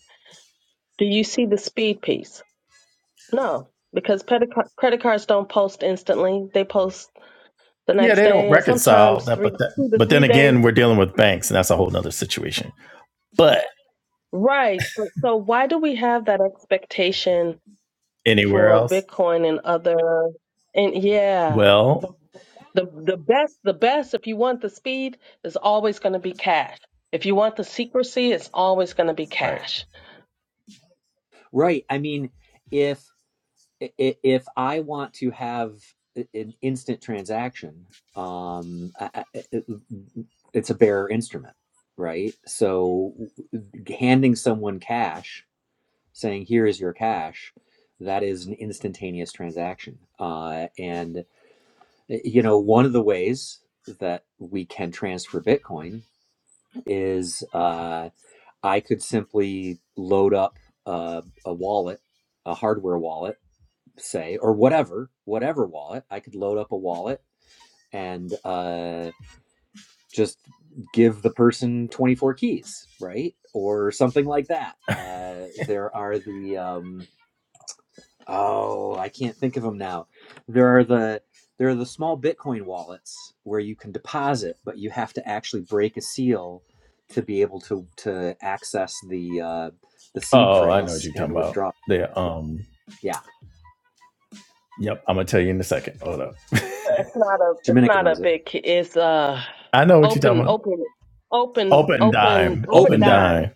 Speaker 3: do you see the speed piece? No, because credit car- credit cards don't post instantly; they post the
Speaker 1: Yeah,
Speaker 3: next
Speaker 1: they don't
Speaker 3: day, and
Speaker 1: reconcile
Speaker 3: sometimes
Speaker 1: that, but
Speaker 3: three
Speaker 1: that,
Speaker 3: two to
Speaker 1: but
Speaker 3: three
Speaker 1: then
Speaker 3: days.
Speaker 1: again, we're dealing with banks, and that's a whole nother situation. But
Speaker 3: Right. So, so why do we have that expectation
Speaker 1: Anywhere
Speaker 3: for
Speaker 1: else?
Speaker 3: Bitcoin and other? And yeah.
Speaker 1: Well,
Speaker 3: The the best, the best, if you want the speed, is always going to be cash. If you want the secrecy, it's always going to be
Speaker 1: Right.
Speaker 3: cash.
Speaker 4: right. I mean, if if I want to have an instant transaction, um, I, it- it's a bearer instrument, right? So handing someone cash, saying here is your cash, that is an instantaneous transaction, uh, and eh, you know one of the ways that we can transfer bitcoin is uh, I could simply load up uh, a wallet, a hardware wallet, say, or whatever, whatever wallet. I could load up a wallet and uh, just give the person 24 keys, right? Or something like that. Uh, there are the. Um, Oh, I can't think of them now. There are the there are the small Bitcoin wallets where you can deposit, but you have to actually break a seal to be able to to access the uh, the seed
Speaker 1: oh, I know what
Speaker 4: phrase
Speaker 1: you're talking
Speaker 4: and
Speaker 1: about.
Speaker 4: withdraw.
Speaker 1: The um,
Speaker 4: Yeah,
Speaker 1: yep, I'm gonna tell you in a second. Hold up,
Speaker 3: It's not a it's
Speaker 4: Dominica
Speaker 3: not a
Speaker 4: knows it.
Speaker 3: big ki- it's uh
Speaker 1: I know what you're
Speaker 3: open
Speaker 1: talking about.
Speaker 3: open open
Speaker 1: Open
Speaker 3: open
Speaker 1: dime,
Speaker 3: open
Speaker 4: Open
Speaker 1: open
Speaker 4: Dime.
Speaker 3: dime.
Speaker 1: dime.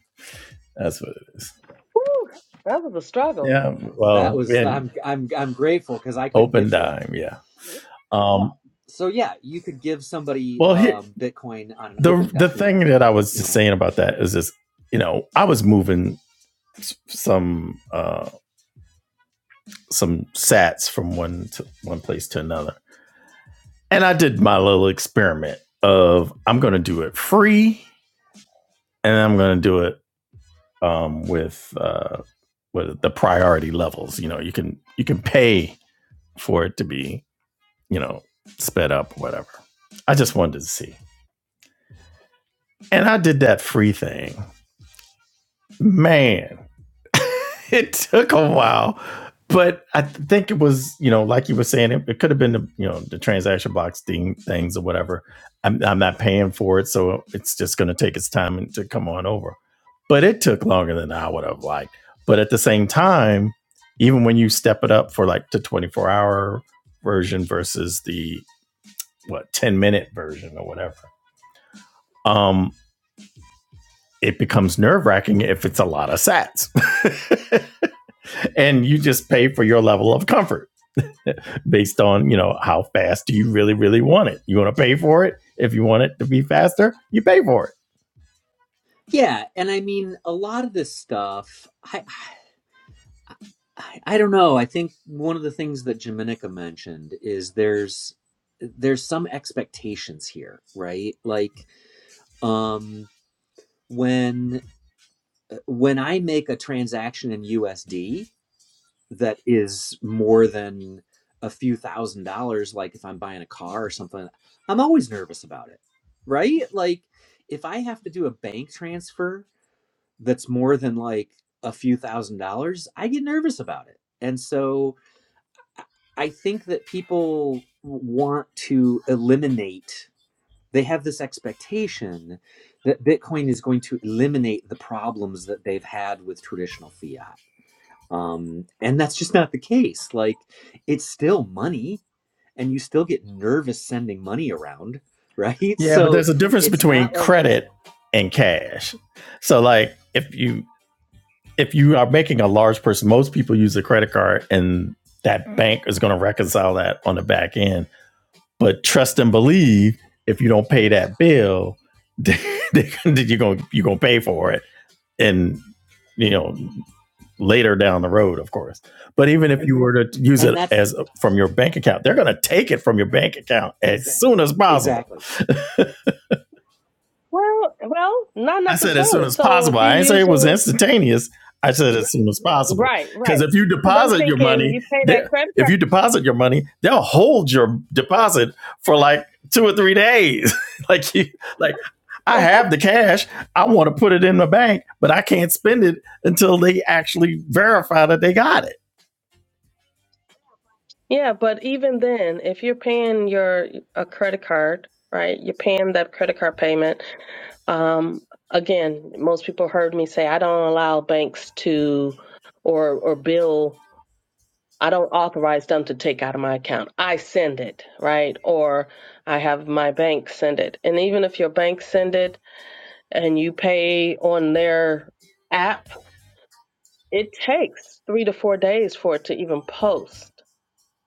Speaker 1: That's what it is.
Speaker 3: Whew, that was a struggle.
Speaker 1: Yeah.
Speaker 4: That
Speaker 1: Well,
Speaker 4: was
Speaker 1: and
Speaker 4: I'm I'm I'm grateful because I couldn't
Speaker 1: open
Speaker 4: get to it.
Speaker 1: dime. Yeah. Um.
Speaker 4: So yeah, you could give somebody
Speaker 1: Well, here
Speaker 4: um, Bitcoin on an
Speaker 1: the
Speaker 4: Open
Speaker 1: the
Speaker 4: Dime.
Speaker 1: thing that I was
Speaker 4: You
Speaker 1: just
Speaker 4: know.
Speaker 1: saying about that is this. You know, I was moving some uh some sats from one to one place to another, and I did my little experiment of I'm gonna do it free and I'm going to do it um, with uh, with the priority levels. You know, you can you can pay for it to be you know sped up or whatever. I just wanted to see, and I did that free thing, man. it took a while, but I think it was you know like you were saying it, it could have been the you know the transaction box thing things or whatever. I'm I'm not paying for it, so it's just going to take its time and- to come on over. But it took longer than I would have liked. But at the same time, even when you step it up for like the 24 hour version versus the what 10 minute version or whatever, um, it becomes nerve wracking if it's a lot of sats. and you just pay for your level of comfort based on you know how fast do you really really want it you want to pay for it if you want it to be faster you pay for it
Speaker 4: Yeah, and I mean a lot of this stuff. I I, I don't know. I think one of the things that Jaminica mentioned is there's there's some expectations here, right? Like um when when I make a transaction in USD that is more than a few thousand dollars, like if I'm buying a car or something, I'm always nervous about it, right? Like if I have to do a bank transfer that's more than like a few thousand dollars, I get nervous about it. And so I think that people want to eliminate, they have this expectation that Bitcoin is going to eliminate the problems that they've had with traditional fiat. Um, and that's just not the case. Like, it's still money, and you still get nervous sending money around, right?
Speaker 1: yeah but
Speaker 4: So
Speaker 1: there's a difference
Speaker 4: it's
Speaker 1: between
Speaker 4: not like it's,
Speaker 1: credit and cash so like if you if you are making a large person most people use a credit card and that bank is going to reconcile that on the back end But trust and believe, if you don't pay that bill, then you're gonna you're gonna pay for it, and you know later down the road, of course. But even if you were to use
Speaker 4: and
Speaker 1: it
Speaker 4: that's
Speaker 1: as a, from your bank account, they're gonna take it from your bank account as soon as possible.
Speaker 4: exactly.
Speaker 3: Well, well, not
Speaker 1: I said as soon
Speaker 3: necessarily.
Speaker 1: as
Speaker 3: So
Speaker 1: possible.
Speaker 3: if you're
Speaker 1: I didn't say it was
Speaker 3: using
Speaker 1: instantaneous. I said as soon as possible.
Speaker 3: right,
Speaker 1: Because
Speaker 3: right,
Speaker 1: if you
Speaker 3: because I'm
Speaker 1: deposit your
Speaker 3: thinking
Speaker 1: money,
Speaker 3: you pay that
Speaker 1: there
Speaker 3: credit
Speaker 1: if
Speaker 3: card.
Speaker 1: you deposit your money, they'll hold your deposit for like two or three days. like you like I have the cash. I want to put it in the bank, but I can't spend it until they actually verify that they got it.
Speaker 3: Yeah, but even then, if you're paying your a credit card, right? You're paying that credit card payment. Um, again, most people heard me say I don't allow banks to or or bill. I don't authorize them to take out of my account. I send it, right? Or I have my bank send it. And even if your bank send it and you pay on their app, it takes 3 to 4 days for it to even post.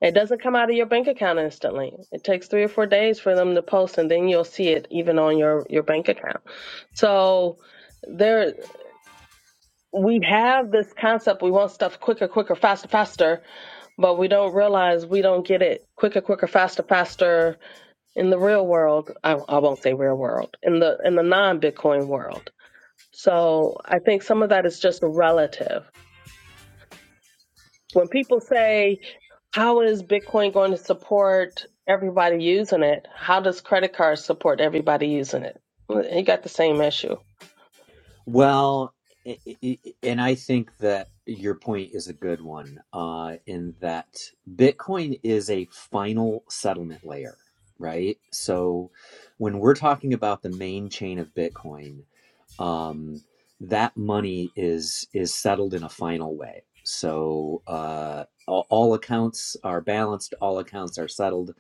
Speaker 3: It doesn't come out of your bank account instantly. It takes 3 or 4 days for them to post and then you'll see it even on your your bank account. So there we have this concept we want stuff quicker, quicker, faster, faster, but we don't realize we don't get it quicker, quicker, faster, faster in the real world. I, I won't say real world in the in the non Bitcoin world. So I think some of that is just relative. When people say, "How is Bitcoin going to support everybody using it?" How does credit cards support everybody using it? You got the same issue.
Speaker 4: Well, i i i- and I think that your point is a good one, uh, in that Bitcoin is a final settlement layer, right? So when we're talking about the main chain of Bitcoin, um, that money is is settled in a final way. So uh, all, all accounts are balanced, all accounts are settled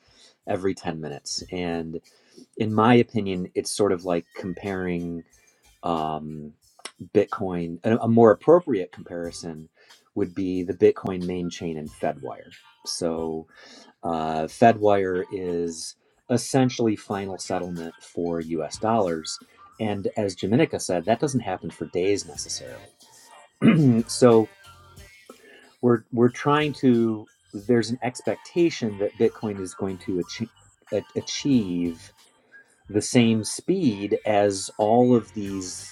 Speaker 4: every 10 minutes. And in my opinion, it's sort of like comparing um, Bitcoin. A, a more appropriate comparison would be the Bitcoin main chain and Fedwire. So uh, Fedwire is essentially final settlement for U.S. dollars, and as Jaminica said, that doesn't happen for days necessarily. so we're we're trying to. There's an expectation that Bitcoin is going to achieve, achieve the same speed as all of these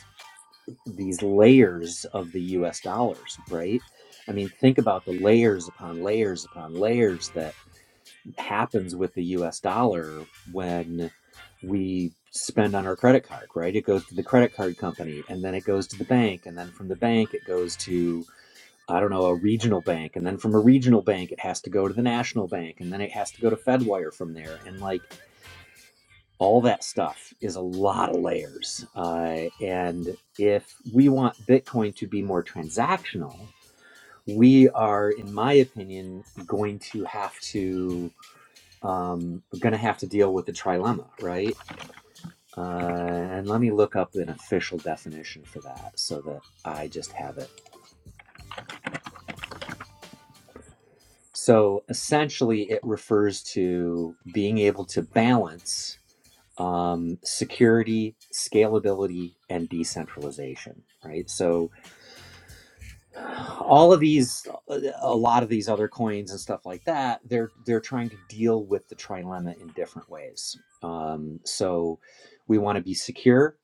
Speaker 4: these layers of the US dollars, right? I mean, think about the layers upon layers upon layers that happens with the US dollar when we spend on our credit card, right? It goes to the credit card company and then it goes to the bank and then from the bank it goes to I don't know, a regional bank and then from a regional bank it has to go to the national bank and then it has to go to Fedwire from there and like all that stuff is a lot of layers. Uh, and if we want Bitcoin to be more transactional, we are, in my opinion, going to have to um going to have to deal with the trilemma right uh and let me look up an official definition for that so that i just have it so essentially it refers to being able to balance um security scalability and decentralization right so all of these a lot of these other coins and stuff like that they're they're trying to deal with the trilemma in different ways um, so we want to be secure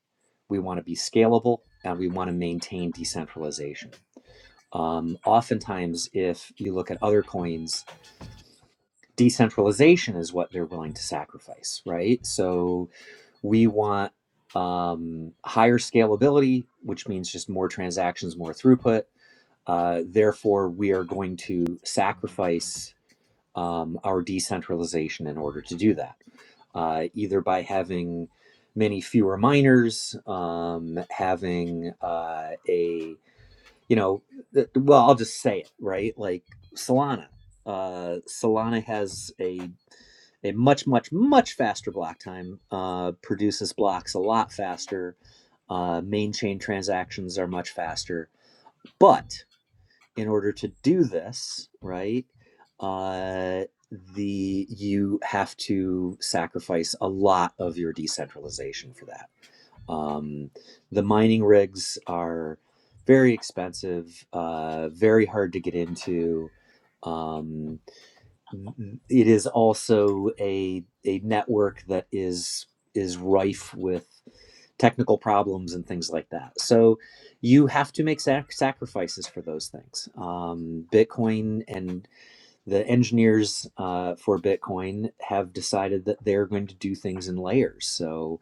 Speaker 4: we want to be scalable and we want to maintain decentralization um, oftentimes if you look at other coins decentralization is what they're willing to sacrifice right so we want um, higher scalability which means just more transactions more throughput uh, therefore, we are going to sacrifice um, our decentralization in order to do that, uh, either by having many fewer miners, um, having uh, a, you know, th- well, I'll just say it, right? Like Solana. Uh, Solana has a a much, much, much faster block time, uh, produces blocks a lot faster. Uh, main chain transactions are much faster. But in order to do this, right? Uh, the you have to sacrifice a lot of your decentralization for that. Um, the mining rigs are very expensive, uh, very hard to get into. Um, it is also a a network that is is rife with technical problems and things like that. So you have to make sac- sacrifices for those things. Um, Bitcoin and the engineers uh, for Bitcoin have decided that they're going to do things in layers. So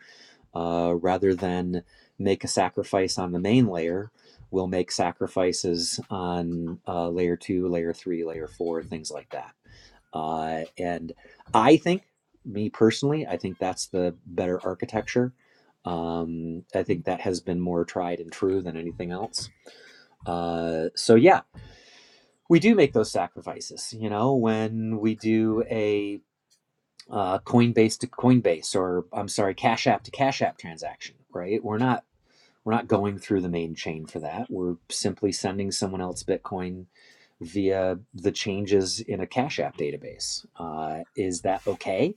Speaker 4: uh, rather than make a sacrifice on the main layer, we'll make sacrifices on uh, layer two, layer three, layer four, things like that. Uh, and I think, me personally, I think that's the better architecture. Um, I think that has been more tried and true than anything else. Uh, so, yeah, we do make those sacrifices. You know, when we do a uh, Coinbase to Coinbase, or I'm sorry, Cash App to Cash App transaction, right? We're not we're not going through the main chain for that. We're simply sending someone else Bitcoin via the changes in a Cash App database. Uh, is that okay?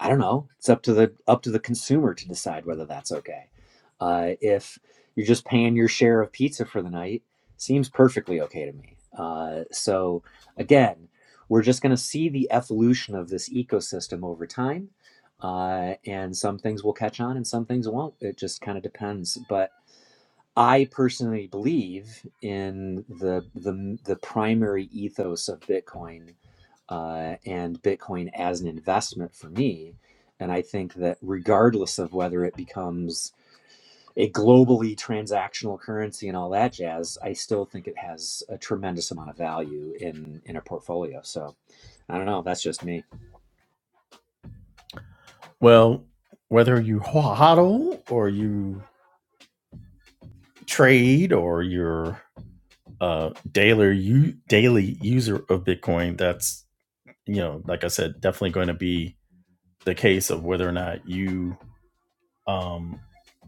Speaker 4: I don't know. It's up to the up to the consumer to decide whether that's okay. Uh, if you're just paying your share of pizza for the night, seems perfectly okay to me. Uh, so again, we're just going to see the evolution of this ecosystem over time, uh, and some things will catch on and some things won't. It just kind of depends, but I personally believe in the the the primary ethos of Bitcoin uh, and Bitcoin as an investment for me, and I think that regardless of whether it becomes a globally transactional currency and all that jazz, I still think it has a tremendous amount of value in in a portfolio. So I don't know. That's just me.
Speaker 1: Well, whether you hodl or you trade or you're a uh, daily u- daily user of Bitcoin, that's you know, like I said, definitely going to be the case of whether or not you um,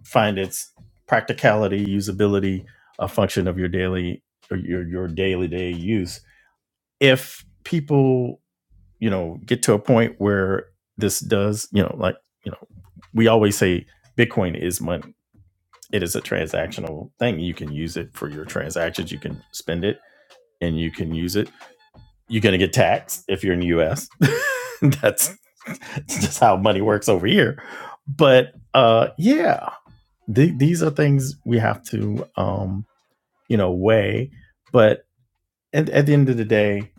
Speaker 1: find its practicality, usability, a function of your daily or your your daily day use. If people, you know, get to a point where this does, you know, like you know, we always say Bitcoin is money. It is a transactional thing. You can use it for your transactions. You can spend it and you can use it you're going to get taxed if you're in the US. that's, that's just how money works over here. But uh, yeah, th- these are things we have to, um, you know, weigh. But at, at the end of the day,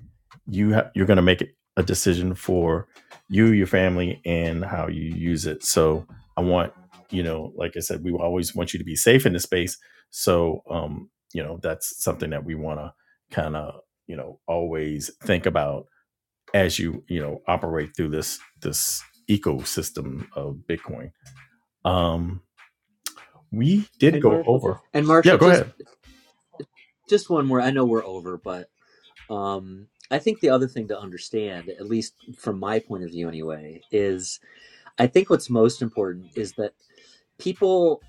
Speaker 1: you ha- you're going to make a decision for you, your family, and how you use it. So I want, you know, like I said, we always want you to be safe in the space. So, um, you know, that's something that we want to kind of, you know, always think about as you you know operate through this this ecosystem of Bitcoin. Um, we did Hey, go over.
Speaker 4: And Marshall,
Speaker 1: Yeah, go
Speaker 4: just
Speaker 1: ahead.
Speaker 4: just one more. I know we're over, but um, I think the other thing to understand, at least from my point of view anyway, is I think what's most important is that people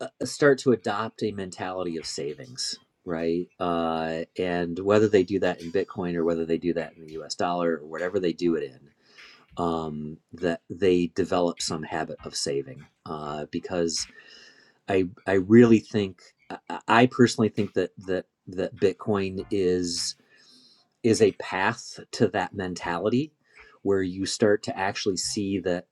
Speaker 4: uh, uh, start to adopt a mentality of savings, right? Uh, and whether they do that in Bitcoin or whether they do that in the U.S. dollar or whatever they do it in, um, that they develop some habit of saving. Uh, because I I really think I I personally think that that that Bitcoin is is a path to that mentality where you start to actually see that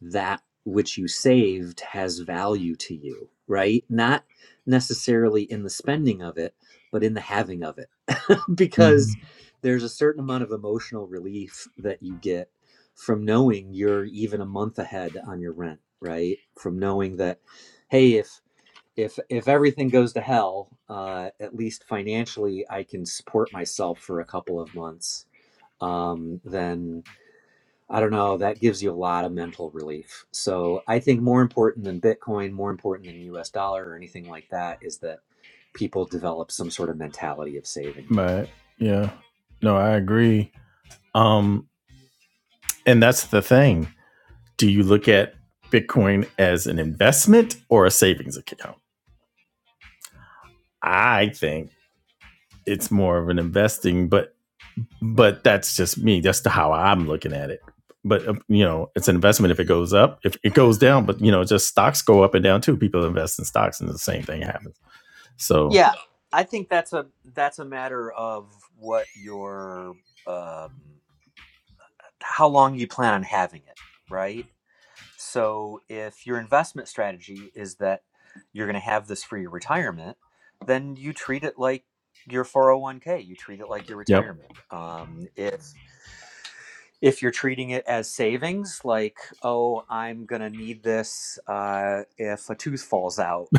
Speaker 4: that which you saved has value to you, right? Not necessarily in the spending of it, but in the having of it. because there's a certain amount of emotional relief that you get from knowing you're even a month ahead on your rent, right? From knowing that, hey, if if if everything goes to hell, uh, at least financially, I can support myself for a couple of months. Um, then I don't know. That gives you a lot of mental relief. So I think more important than Bitcoin, more important than U.S. dollar or anything like that, is that people develop some sort of mentality of saving.
Speaker 1: But yeah, no, I agree. Um, and that's the thing. Do you look at Bitcoin as an investment or a savings account? I think it's more of an investing, but but that's just me. That's the, how I'm looking at it. But uh, you know, it's an investment. If it goes up, if it goes down, but you know, just stocks go up and down too. People invest in stocks, and the same thing happens. So,
Speaker 4: Yeah, I think that's a that's a matter of what your um, how long you plan on having it, right? So if your investment strategy is that you're going to have this for your retirement, then you treat it like your 401k. You treat it like your
Speaker 1: yep,
Speaker 4: retirement. Um, if if you're treating it as savings, like, oh, I'm going to need this uh, if a tooth falls out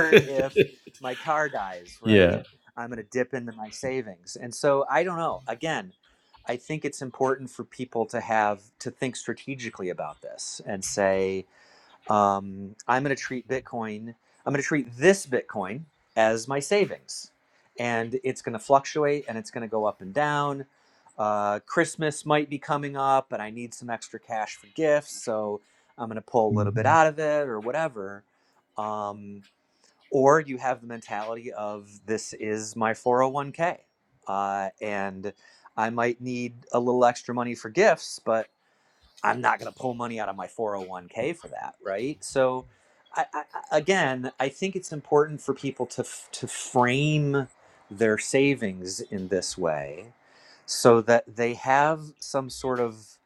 Speaker 4: if my car dies, right?
Speaker 1: yeah,
Speaker 4: I'm going to dip into my savings. And so I don't know. Again, I think it's important for people to have to think strategically about this and say, um, I'm going to treat Bitcoin, I'm going to treat this Bitcoin as my savings. And it's going to fluctuate and it's going to go up and down. Uh, Christmas might be coming up and I need some extra cash for gifts. So I'm going to pull a little bit out of it or whatever. Um, or you have the mentality of this is my 401k uh, and i might need a little extra money for gifts but I'm not going to pull money out of my 401k for that, right? So, I, I, again, I think it's important for people to f- to frame their savings in this way, so that they have some sort of,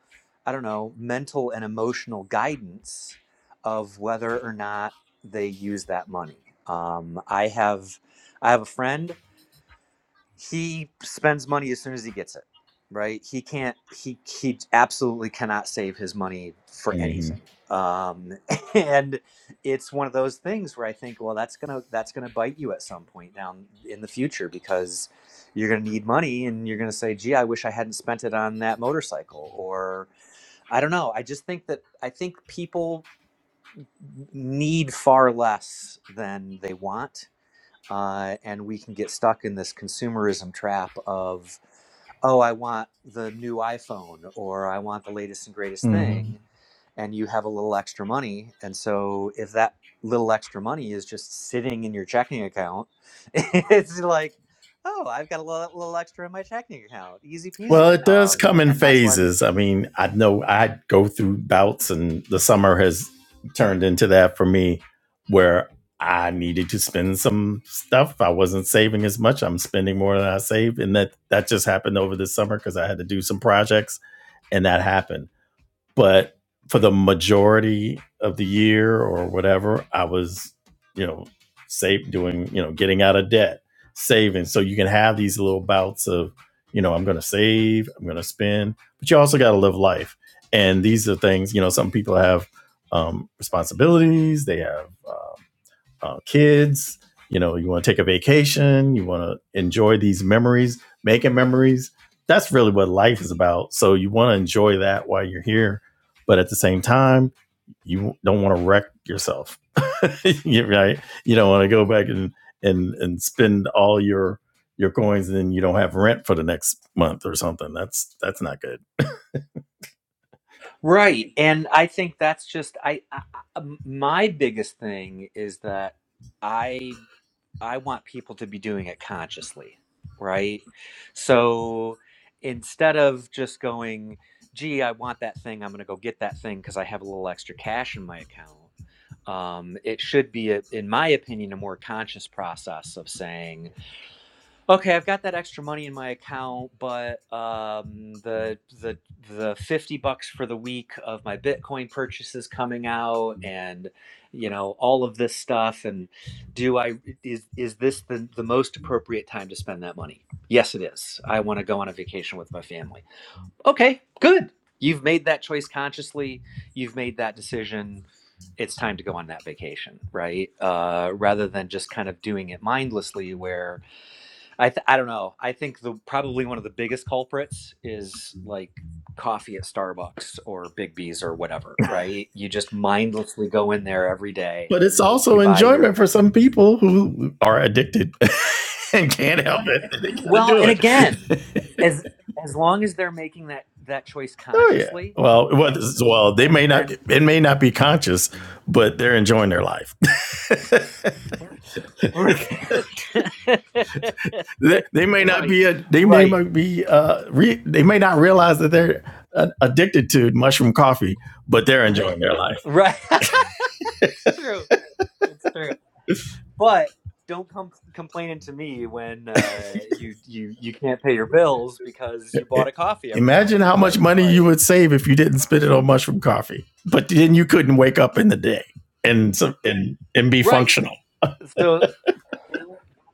Speaker 4: I don't know, mental and emotional guidance of whether or not they use that money. Um, I have, I have a friend he spends money as soon as he gets it right he can't he he absolutely cannot save his money for
Speaker 1: hmm
Speaker 4: anything um and it's one of those things where i think well that's gonna that's gonna bite you at some point down in the future because you're gonna need money and you're gonna say gee i wish i hadn't spent it on that motorcycle or i don't know i just think that i think people need far less than they want uh, and we can get stuck in this consumerism trap of oh i want the new iphone or i want the latest and greatest
Speaker 1: hmm
Speaker 4: thing and you have a little extra money and so if that little extra money is just sitting in your checking account it's like oh i've got a little, little extra in my checking account easy
Speaker 1: Well, it
Speaker 4: peasy
Speaker 1: does
Speaker 4: um,
Speaker 1: come in
Speaker 4: and that's why we
Speaker 1: phases. I mean, I know I go through bouts, and the summer has turned into that for me where I needed to spend some stuff. I wasn't saving as much. I'm spending more than I saved. And that, that just happened over the summer because I had to do some projects and that happened but for the majority of the year or whatever, I was, you know, save doing, you know, getting out of debt, saving. So you can have these little bouts of, you know, I'm going to save, I'm going to spend, but you also got to live life. And these are things, you know, some people have um, responsibilities, they have um, uh, kids. You know, you want to take a vacation. You want to enjoy these memories, making memories. That's really what life is about. So you want to enjoy that while you're here, but at the same time, you don't want to wreck yourself. You- right? You don't want to go back and and and spend all your your coins and then you don't have rent for the next month or something. That's that's not good.
Speaker 4: right and i think that's just I. I I- my biggest thing is that I. I want people to be doing it consciously, right? So instead of just going, gee, I want that thing, I'm going to go get that thing because I have a little extra cash in my account. Um, it should be, a, in my opinion, a more conscious process of saying, Okay, I've got that extra money in my account, but um, the the the fifty bucks for the week of my Bitcoin purchases coming out, and you know all of this stuff. And do I is is this the the most appropriate time to spend that money? Yes, it is. I want to go on a vacation with my family. Okay, good. You've made that choice consciously. You've made that decision. It's time to go on that vacation, right? Uh, rather than just kind of doing it mindlessly, where I th- I don't know. I think the probably one of the biggest culprits is like coffee at Starbucks or Big B's or whatever, right? You just mindlessly go in there every day.
Speaker 1: but it's
Speaker 4: You
Speaker 1: also
Speaker 4: buy
Speaker 1: enjoyment
Speaker 4: your
Speaker 1: for some people who are addicted and can't help it. They got to
Speaker 4: well,
Speaker 1: do
Speaker 4: and
Speaker 1: it.
Speaker 4: again, as as long as they're making that that choice
Speaker 1: oh yeah.
Speaker 4: consciously,
Speaker 1: Well, well, well, they
Speaker 4: eh,
Speaker 1: may not.
Speaker 4: then
Speaker 1: It may not be conscious, but they're enjoying their life.
Speaker 4: right,
Speaker 1: they, they may not Right. be a.
Speaker 4: right,
Speaker 1: They, they
Speaker 4: right.
Speaker 1: might be. Uh, re, they may not realize that they're uh, addicted to mushroom coffee, but they're enjoying their life.
Speaker 4: it's true. It's true. but don't come complaining to me when uh, you you you can't pay your bills because you bought a coffee every
Speaker 1: Imagine
Speaker 4: morning,
Speaker 1: how much
Speaker 4: right?
Speaker 1: money you
Speaker 4: Like,
Speaker 1: would save if you didn't spend it on mushroom coffee. But then you couldn't wake up in the day and so- and and be
Speaker 4: right.
Speaker 1: functional,
Speaker 4: So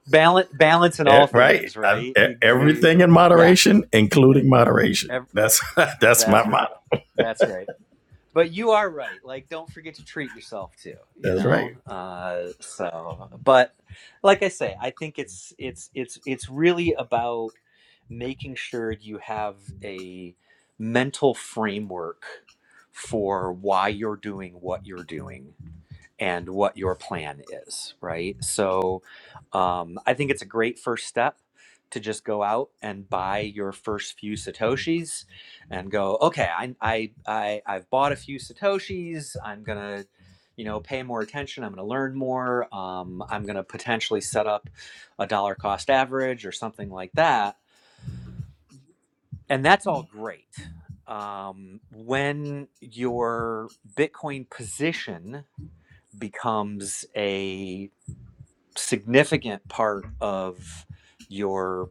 Speaker 4: balance balance in
Speaker 1: Eh,
Speaker 4: all
Speaker 1: right?
Speaker 4: things, right?
Speaker 1: e-
Speaker 4: You you
Speaker 1: everything in
Speaker 4: yeah.
Speaker 1: moderation, including moderation.
Speaker 4: ev-
Speaker 1: That's that's my
Speaker 4: that's right.
Speaker 1: motto.
Speaker 4: That's right. but you are right. Like, don't forget to treat yourself too. You
Speaker 1: That's right.
Speaker 4: know. Uh, so, but like I say, I think it's it's it's it's really about making sure you have a mental framework for why you're doing what you're doing and what your plan is, right? So um, I think it's a great first step to just go out and buy your first few satoshis and go okay I, I i i've bought a few satoshis i'm gonna you know pay more attention i'm gonna learn more um, i'm gonna potentially set up a dollar cost average or something like that and that's all great um, when your bitcoin position becomes a significant part of your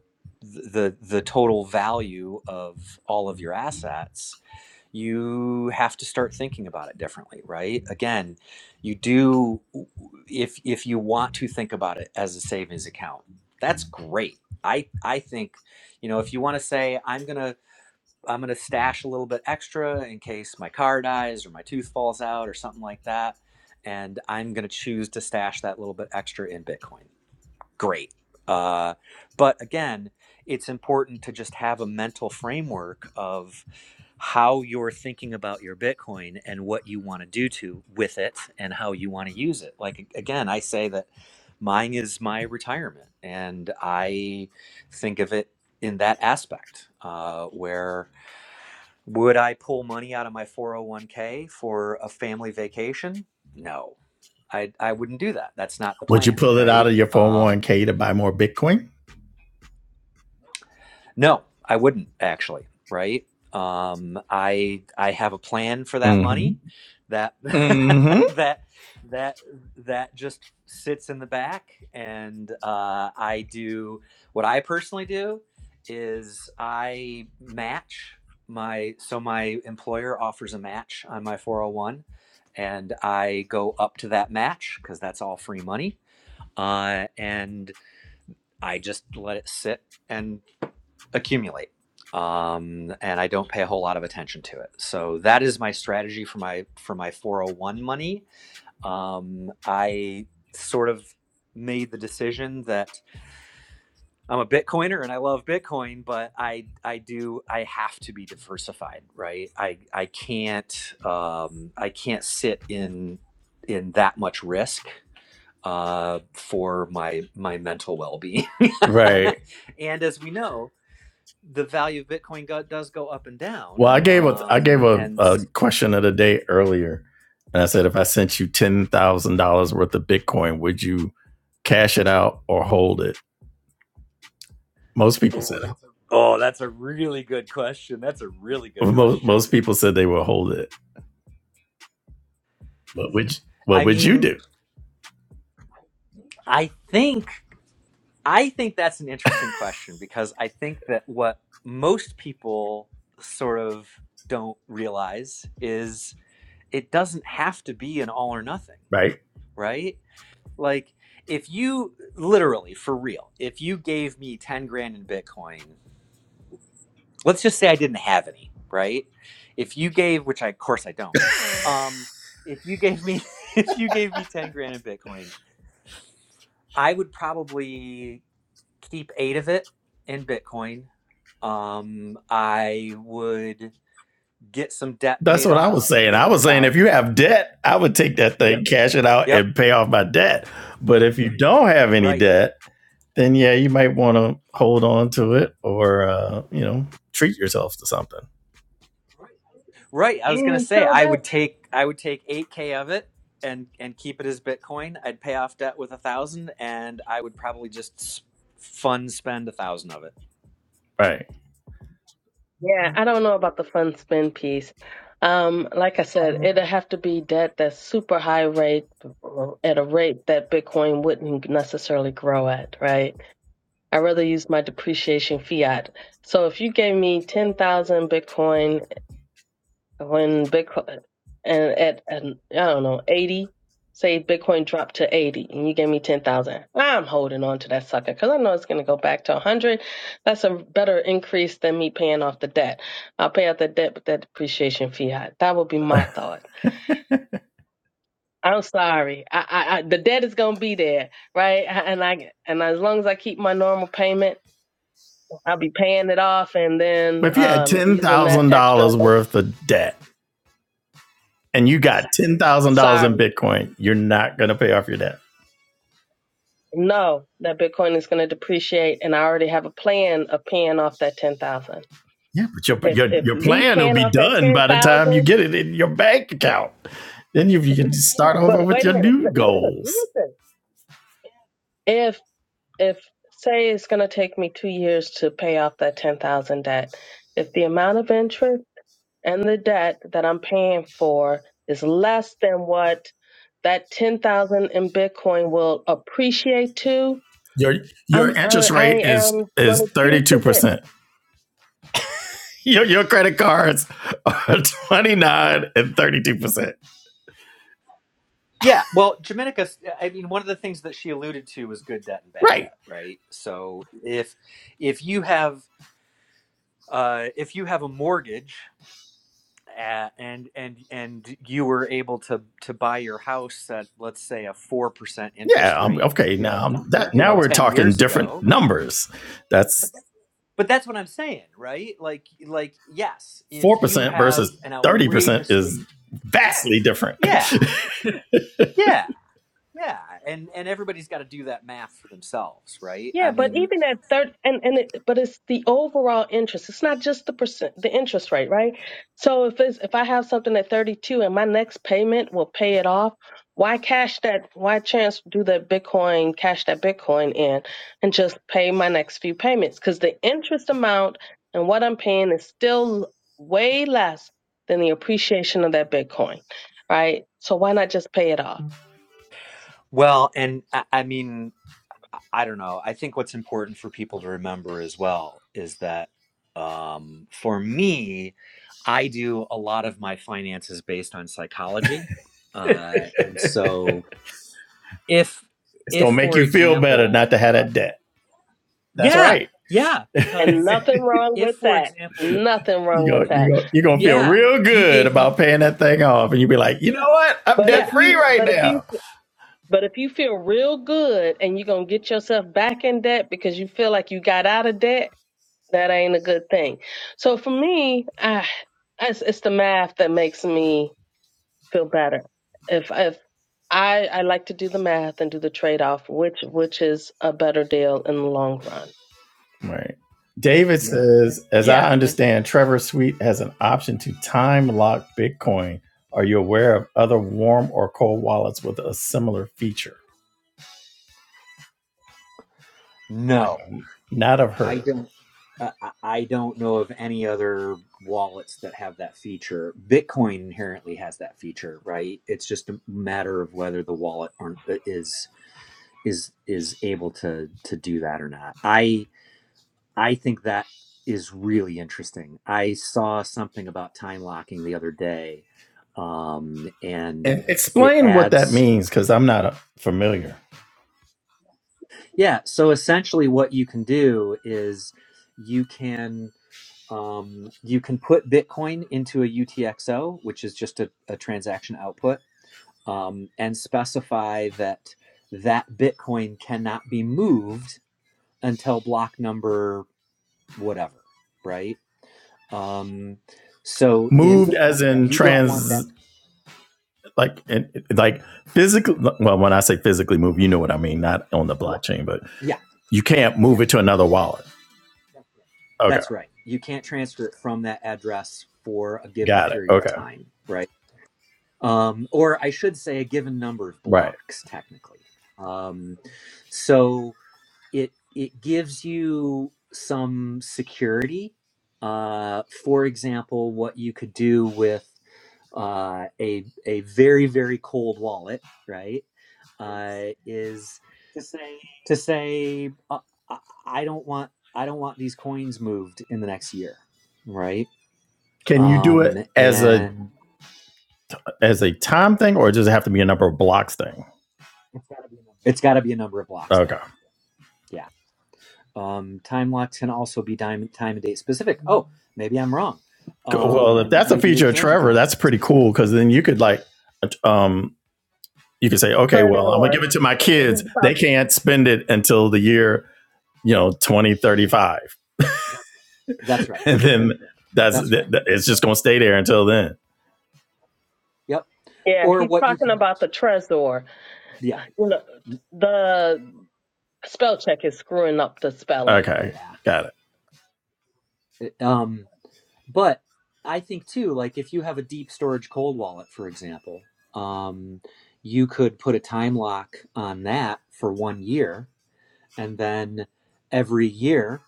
Speaker 4: the the total value of all of your assets you have to start thinking about it differently right again you do if if you want to think about it as a savings account that's great i i think you know if you want to say i'm going to i'm going to stash a little bit extra in case my car dies or my tooth falls out or something like that and i'm going to choose to stash that little bit extra in bitcoin great. Uh, but again, it's important to just have a mental framework of how you're thinking about your Bitcoin and what you want to do to with it and how you want to use it. Like again, I say that mine is my retirement, and I think of it in that aspect uh, where would I pull money out of my 401k for a family vacation? No. I, I wouldn't do that. That's not the
Speaker 1: Would you
Speaker 4: plan,
Speaker 1: pull it out
Speaker 4: right?
Speaker 1: of your
Speaker 4: Um,
Speaker 1: 401k to buy more Bitcoin?
Speaker 4: No, I wouldn't actually, right? Um, I I have a plan for that money that that that that just sits in the back and uh, I do what I personally do is I match my so my employer offers a match on my 401 and I go up to that match because that's all free money uh, and I just let it sit and accumulate um, and i don't pay a whole lot of attention to it so that is my strategy for my for my 401 money um, i sort of made the decision that i'm a bitcoiner and i love bitcoin but i i do i have to be diversified right i i can't um, i can't sit in in that much risk uh, for my my mental well-being
Speaker 1: Right.
Speaker 4: and as we know the value of Bitcoin go- does go up and down.
Speaker 1: Well, I gave a I
Speaker 4: Um,
Speaker 1: gave a,
Speaker 4: and
Speaker 1: a question of the day earlier, and I said if I sent you ten thousand dollars worth of Bitcoin, would you cash it out or hold it? Most people said
Speaker 4: Oh, that's a really good question. That's a really good
Speaker 1: most
Speaker 4: question.
Speaker 1: most people said they will hold it. What would you, what
Speaker 4: I
Speaker 1: would you
Speaker 4: mean,
Speaker 1: do?
Speaker 4: I think I think that's an interesting question because I think that what most people sort of don't realize is it doesn't have to be an all or nothing,
Speaker 1: Right?
Speaker 4: right? Like if you literally for real, if you gave me 10 grand in Bitcoin let's just say I didn't have any, right? If you gave, which I of course I don't, um, if you gave me if you gave me ten grand in Bitcoin, I would probably keep eight of it in Bitcoin. Um, I would get some debt
Speaker 1: That's
Speaker 4: paid
Speaker 1: what I was
Speaker 4: off
Speaker 1: saying. I
Speaker 4: with a
Speaker 1: was saying if
Speaker 4: thousand.
Speaker 1: you have debt, I would take that thing, cash it out,
Speaker 4: Yep,
Speaker 1: and pay off my debt. But if you don't have any
Speaker 4: right,
Speaker 1: debt, then yeah, you might want to hold on to it or uh, you know treat yourself to something.
Speaker 4: right. I was gonna
Speaker 3: And
Speaker 4: say
Speaker 3: so
Speaker 4: I would take I would take eight k of it and and keep it as Bitcoin. I'd pay off debt with a thousand, and I would probably just s- fun spend a thousand of it.
Speaker 1: Right.
Speaker 3: Yeah, I don't know about the fun spend piece. Um, like I said, it'd have to be debt that's super high rate at a rate that Bitcoin wouldn't necessarily grow at, right? I'd rather use my depreciation fiat. So if you gave me 10,000 Bitcoin when Bitcoin and at, at I don't know eighty, say Bitcoin dropped to eighty, and you gave me ten thousand. I'm holding on to that sucker because I know it's going to go back to a hundred. That's a better increase than me paying off the debt. I'll pay off the debt with that depreciation fiat. That would be my thought. I'm sorry. I, I, I the debt is going to be there, right? And I and as long as I keep my normal payment, I'll be paying it off, and then
Speaker 1: But if you had
Speaker 3: um
Speaker 1: ten
Speaker 3: using that
Speaker 1: thousand
Speaker 3: extra.
Speaker 1: dollars worth of debt and you got ten thousand dollars
Speaker 3: Sorry.
Speaker 1: in Bitcoin, you're not going to pay off your debt.
Speaker 3: No, that Bitcoin is going to depreciate, and I already have a plan of paying off that ten thousand.
Speaker 1: Yeah, but your
Speaker 3: If
Speaker 1: your
Speaker 3: if
Speaker 1: your
Speaker 3: me
Speaker 1: plan will
Speaker 3: paying
Speaker 1: be
Speaker 3: off that
Speaker 1: done
Speaker 3: ten
Speaker 1: by the time you
Speaker 3: thousand,
Speaker 1: get it in your bank account. Then you, you can start over
Speaker 3: but
Speaker 1: with
Speaker 3: wait a
Speaker 1: your
Speaker 3: minute, li-
Speaker 1: new
Speaker 3: listen,
Speaker 1: goals.
Speaker 3: listen. If if say it's going to take me two years to pay off that ten thousand debt, if the amount of interest and the debt that I'm paying for is less than what that ten thousand in Bitcoin will appreciate to,
Speaker 1: Your your
Speaker 3: I'm I,
Speaker 1: interest
Speaker 3: I
Speaker 1: rate is
Speaker 3: am going
Speaker 1: is
Speaker 3: to keep
Speaker 1: thirty two
Speaker 3: the bit.
Speaker 1: percent. Your your credit cards are twenty nine and thirty two percent.
Speaker 4: Yeah, well, Dominica, I mean, one of the things that she alluded to was good debt and bad
Speaker 1: Right.
Speaker 4: debt, right? So if if you have uh, if you have a mortgage at, and and and you were able to to buy your house at let's say a four percent
Speaker 1: Yeah.
Speaker 4: interest
Speaker 1: I'm,
Speaker 4: rate,
Speaker 1: okay. Now I'm- that
Speaker 4: you
Speaker 1: now
Speaker 4: know,
Speaker 1: we're
Speaker 4: ten
Speaker 1: talking
Speaker 4: years
Speaker 1: different
Speaker 4: ago.
Speaker 1: numbers. That's
Speaker 4: But that's what I'm saying, right? Like, like yes,
Speaker 1: four
Speaker 4: if you
Speaker 1: percent
Speaker 4: have
Speaker 1: versus
Speaker 4: an
Speaker 1: thirty percent is
Speaker 4: outrageously
Speaker 1: vastly different.
Speaker 4: yeah,
Speaker 1: it's
Speaker 4: yeah. Yeah, and and everybody's got to do that math for themselves, right?
Speaker 3: Yeah,
Speaker 4: I
Speaker 3: but
Speaker 4: mean,
Speaker 3: even at third, and and it, but it's the overall interest. It's not just the percent, the interest rate, right? So if it's if I have something at thirty two and my next payment will pay it off, why cash that? Why chance do that Bitcoin cash that Bitcoin in and just pay my next few payments? Because the interest amount and what I'm paying is still way less than the appreciation of that Bitcoin, right? So why not just pay it off?
Speaker 4: well, and I, I mean, I don't know. I think what's important for people to remember as well is that um, for me, I do a lot of my finances based on psychology, uh, and so if if
Speaker 1: gonna make
Speaker 4: for
Speaker 1: you feel better not
Speaker 4: example,
Speaker 1: to
Speaker 4: uh,
Speaker 1: have that debt. That's
Speaker 4: yeah,
Speaker 1: right.
Speaker 4: yeah,
Speaker 3: And
Speaker 4: because
Speaker 3: nothing wrong
Speaker 4: if
Speaker 3: with
Speaker 4: for
Speaker 3: that.
Speaker 4: example,
Speaker 3: Nothing
Speaker 1: you
Speaker 3: wrong
Speaker 1: go,
Speaker 3: with
Speaker 1: you
Speaker 3: that.
Speaker 1: go, you're gonna feel
Speaker 4: yeah,
Speaker 1: real
Speaker 4: if you
Speaker 1: good
Speaker 4: gave me,
Speaker 1: about paying that thing off, and you'll be like, you know what? I'm
Speaker 3: But if
Speaker 1: debt
Speaker 4: yeah,
Speaker 1: free
Speaker 3: you,
Speaker 1: right
Speaker 3: but if you,
Speaker 1: now.
Speaker 3: but if you feel real good and you're gonna get yourself back in debt because you feel like you got out of debt, that ain't a good thing. So for me, I, it's, it's the math that makes me feel better. If if I I like to do the math and do the trade off, which which is a better deal in the long run.
Speaker 1: Right. David says, as
Speaker 4: yeah,
Speaker 1: I
Speaker 4: and
Speaker 1: understand, Trevor Sweet has an option to time lock Bitcoin. Are you aware of other warm or cold wallets with a similar feature? I have
Speaker 4: no.
Speaker 1: not have
Speaker 4: I
Speaker 1: heard of it.
Speaker 4: don't. Uh, I I don't know of any other wallets that have that feature. Bitcoin inherently has that feature, right? It's just a matter of whether the wallet aren't, uh, is is is able to to do that or not. I I think that is really interesting. I saw something about time locking the other day, um, and
Speaker 1: And
Speaker 4: it
Speaker 1: explain what that
Speaker 4: adds
Speaker 1: means, because I'm not uh, familiar.
Speaker 4: yeah. So essentially, what you can do is you can Um, you can put Bitcoin into a UTXO, which is just a, a transaction output, um, and specify that that Bitcoin cannot be moved until block number whatever, right? Um, so
Speaker 1: Moved
Speaker 4: if
Speaker 1: as in
Speaker 4: you don't want
Speaker 1: trans
Speaker 4: that,
Speaker 1: like and like physically well when i say physically move you know what i mean not on the blockchain but
Speaker 4: yeah,
Speaker 1: you can't move
Speaker 4: yeah,
Speaker 1: it to another wallet okay
Speaker 4: that's right. You can't transfer it from that address for a given
Speaker 1: got it
Speaker 4: period of
Speaker 1: okay
Speaker 4: time, right? Um, or I should say, a given number of
Speaker 1: right
Speaker 4: blocks, technically. Um, so it it gives you some security. Uh, for example, what you could do with uh, a a very very cold wallet, right? Uh, is to say uh, I I don't want I don't want these coins moved in the next year, right?
Speaker 1: can you do
Speaker 4: Um,
Speaker 1: it as a
Speaker 4: and
Speaker 1: as a time thing or does it have to be a number of blocks thing
Speaker 4: it's got to be a number of blocks thing.
Speaker 1: okay
Speaker 4: Yeah Um, time locks can also be time, time and date specific. Oh, maybe I'm wrong.
Speaker 1: Cool. well if
Speaker 4: Um,
Speaker 1: that's a
Speaker 4: maybe they
Speaker 1: feature of
Speaker 4: can be
Speaker 1: trevor
Speaker 4: time and
Speaker 1: that's
Speaker 4: date
Speaker 1: pretty
Speaker 4: specific.
Speaker 1: cool because then you could like um you could say okay well i'm gonna
Speaker 3: Trezor,
Speaker 1: give it to my kids
Speaker 3: he's
Speaker 1: they
Speaker 3: talking.
Speaker 1: can't spend it until the year you know 2035
Speaker 4: That's right.
Speaker 1: and then that's
Speaker 4: That's right.
Speaker 1: it's just gonna stay there until then
Speaker 4: Yep.
Speaker 3: Yeah,
Speaker 4: Or
Speaker 3: he's
Speaker 4: what you
Speaker 3: talking
Speaker 4: could,
Speaker 3: about the Trezor.
Speaker 4: yeah,
Speaker 3: Uh, You know, the spell check is screwing up the spelling
Speaker 1: Okay,
Speaker 4: yeah.
Speaker 1: got it.
Speaker 4: It- um, but I think too, like if you have a deep storage cold wallet, for example, um, you could put a time lock on that for one year, and then every year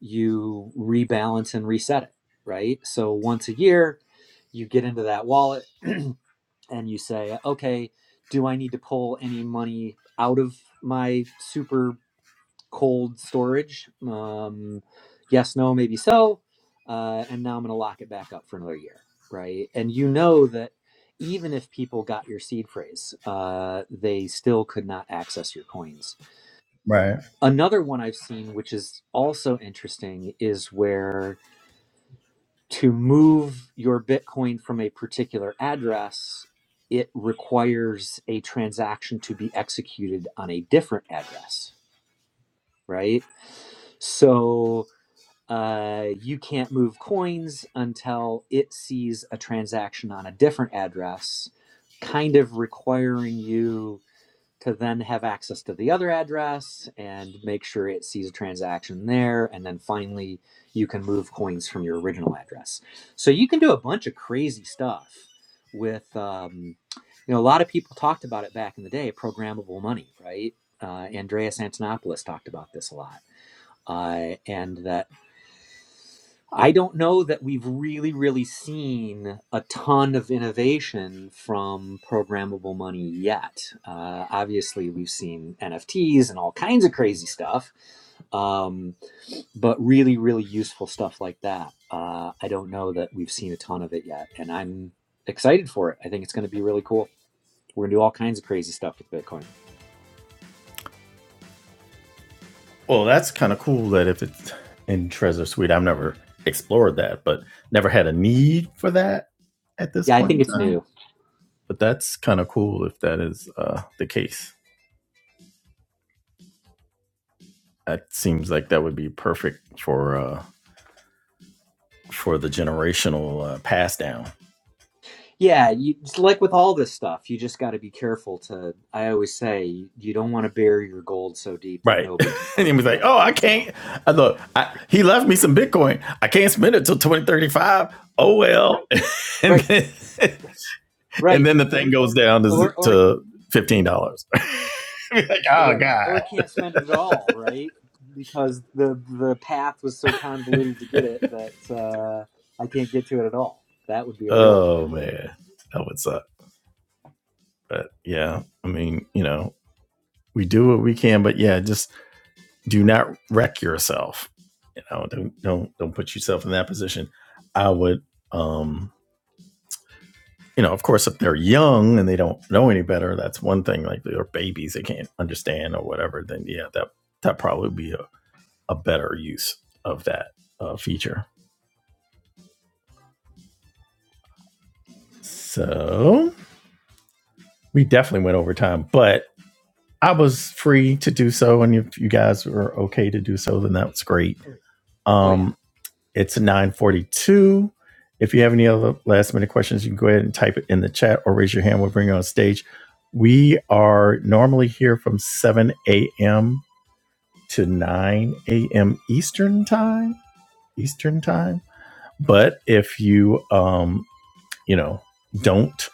Speaker 4: you rebalance and reset it, right? So once a year, you get into that wallet and you say, okay, do I need to pull any money out of my super cold storage? Um, yes, no, maybe so. Uh, and now I'm going to lock it back up for another year, right? And you know that even if people got your seed phrase, uh, they still could not access your coins. Another one I've seen, which is also interesting, is where to move your Bitcoin from a particular address, it requires a transaction to be executed on a different address, right? So uh, you can't move coins until it sees a transaction on a different address, kind of requiring you to then have access to the other address and make sure it sees a transaction there. And then finally, you can move coins from your original address. So you can do a bunch of crazy stuff with, um, you know, a lot of people talked about it back in the day programmable money, right? Uh, Andreas Antonopoulos talked about this a lot. Uh, and that I don't know that we've really, really seen a ton of innovation from programmable money yet. Uh, obviously, we've seen NFTs and all kinds of crazy stuff, um, but really, really useful stuff like that. Uh, I don't know that we've seen a ton of it yet, and I'm excited for it. I think it's going to be really cool. We're going to do all kinds of crazy stuff with Bitcoin.
Speaker 1: Well, that's kind of cool that if it's in Treasure Suite, I've never explored that, but never had a need for that at this
Speaker 4: Yeah, I
Speaker 1: point
Speaker 4: think
Speaker 1: in
Speaker 4: it's new.
Speaker 1: time. But that's kind of cool if that is uh, the case. That seems like that would be perfect for uh, for the generational uh, pass down.
Speaker 4: Yeah, you it's like with all this stuff, you just got to be careful to. I always say you don't want to bury your gold so deep that
Speaker 1: Right.
Speaker 4: nobody can
Speaker 1: and he
Speaker 4: find
Speaker 1: was
Speaker 4: it.
Speaker 1: like, "Oh,
Speaker 4: right?
Speaker 1: I
Speaker 4: So
Speaker 1: can't. I look. I, he left me some Bitcoin. I can't spend it till 2035. Oh well." and
Speaker 4: right,
Speaker 1: then, and
Speaker 4: right,
Speaker 1: then the thing goes down to
Speaker 4: or or
Speaker 1: to fifteen dollars. like, oh
Speaker 4: right, or
Speaker 1: god.
Speaker 4: can't spend it at all, right? Because the the path was so convoluted to get it that uh, I can't get to it at all. That would be a real bummer.
Speaker 1: Oh man, that would suck. But yeah, I mean, you know, we do what we can, but yeah, just do not wreck yourself. You know, don't don't don't put yourself in that position. I would um you know, of course, if they're young and they don't know any better, that's one thing. Like they're babies, they can't understand or whatever. Then yeah, that that probably would be a, a better use of that uh, feature. So we definitely went over time, but I was free to do so, and if you guys were okay to do so, then that's great.
Speaker 4: Oh yeah,
Speaker 1: Um, it's nine forty-two. If you have any other last minute questions, you can go ahead and type it in the chat or raise your hand. We'll bring you on stage. We are normally here from 7 a.m to 9 a.m. Eastern time. Eastern time. But if you, um, you know, don't,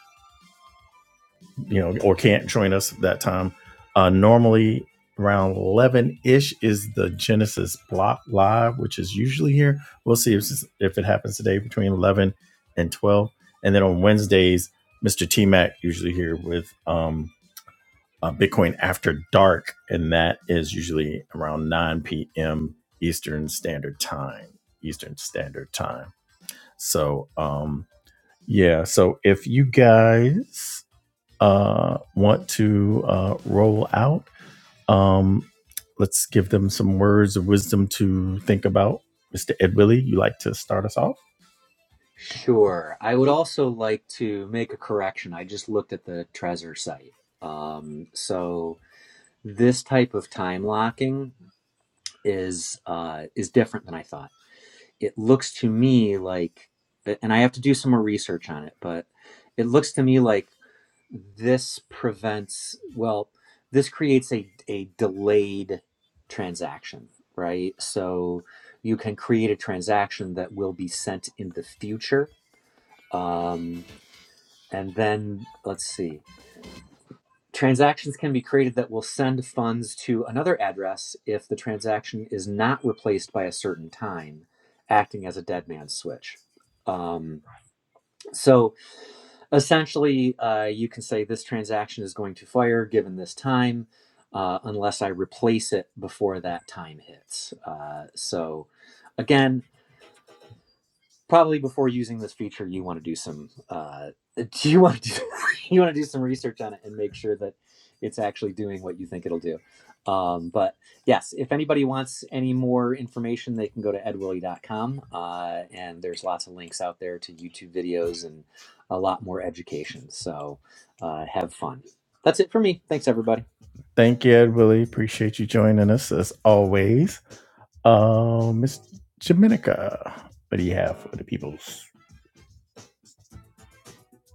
Speaker 1: you know, or can't join us at that time, uh, normally around 11 ish is the Genesis block live, which is usually here. We'll see if, if it happens today between 11 and 12. And then on Wednesdays, Mr. T Mac usually here with um. uh, Bitcoin after dark, and that is usually around 9 p.m. Eastern Standard Time. Eastern Standard Time. So, um, yeah. So if you guys uh, want to uh, roll out. Um, let's give them some words of wisdom to think about. Mr. Ed Willie, you like to start us off?
Speaker 4: sure. I would also like to make a correction. I just looked at the Trezor site, um, so this type of time locking. is uh, is different than I thought. It looks to me like, and I have to do some more research on it, but it looks to me like this prevents, well, this creates a, a delayed transaction, right? So you can create a transaction that will be sent in the future. Um, and then let's see. Transactions can be created that will send funds to another address if the transaction is not replaced by a certain time, acting as a dead man's switch. Um, so essentially, uh, you can say this transaction is going to fire given this time, uh, unless I replace it before that time hits. Uh, so again, probably before using this feature you want to do some uh, do you want to do, you want to do some research on it and make sure that it's actually doing what you think it'll do um, but yes if anybody wants any more information they can go to edwilly.com uh, and there's lots of links out there to youtube videos and a lot more education so uh, have fun that's it for me thanks everybody
Speaker 1: Thank you, Ed Willie. Appreciate you joining us as always. Uh, Miss Jaminica, what do you have for the peoples?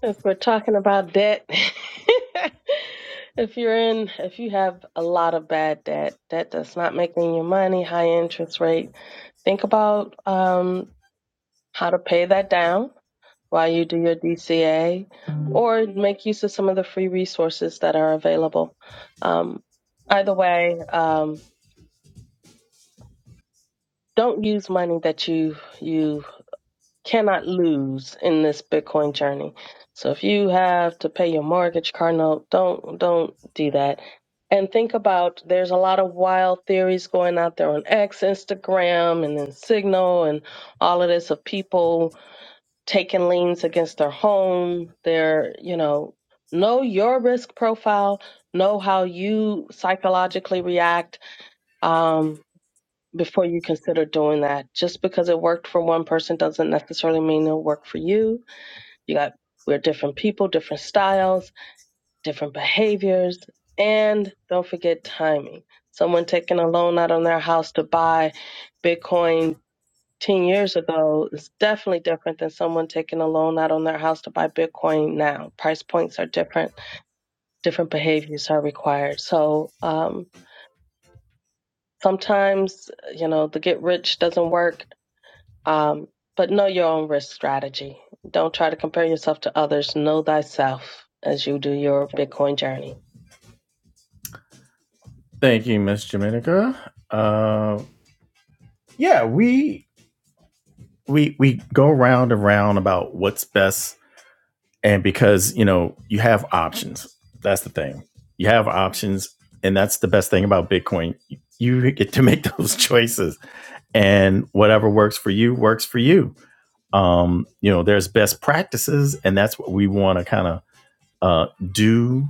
Speaker 3: If we're talking about debt, if you're in, if you have a lot of bad debt, debt that's not making you money, high interest rate, think about um, how to pay that down while you do your DCA or make use of some of the free resources that are available. Um, either way, um, don't use money that you you. cannot lose in this Bitcoin journey. So if you have to pay your mortgage, car note, don't don't do that. And think about there's a lot of wild theories going out there on X, Instagram, and then Signal and all of this of people taking liens against their home. They're, you know, know your risk profile, know how you psychologically react. Um before you consider doing that. Just because it worked for one person doesn't necessarily mean it'll work for you. You got we're different people, different styles, different behaviors, and don't forget timing. Someone taking a loan out on their house to buy Bitcoin 10 years ago is definitely different than someone taking a loan out on their house to buy Bitcoin now. Price points are different, different behaviors are required. So, um, sometimes, you know, the get rich doesn't work Um, but know your own risk strategy. Don't try to compare yourself to others. Know thyself as you do your Bitcoin journey.
Speaker 1: Thank you, Miss Jamenica. Uh, yeah, we we we go round and round about what's best, and because you know you have options. That's the thing. You have options, and that's the best thing about Bitcoin. You get to make those choices, and whatever works for you works for you. Um, you know, there's best practices, and that's what we want to kind of uh, do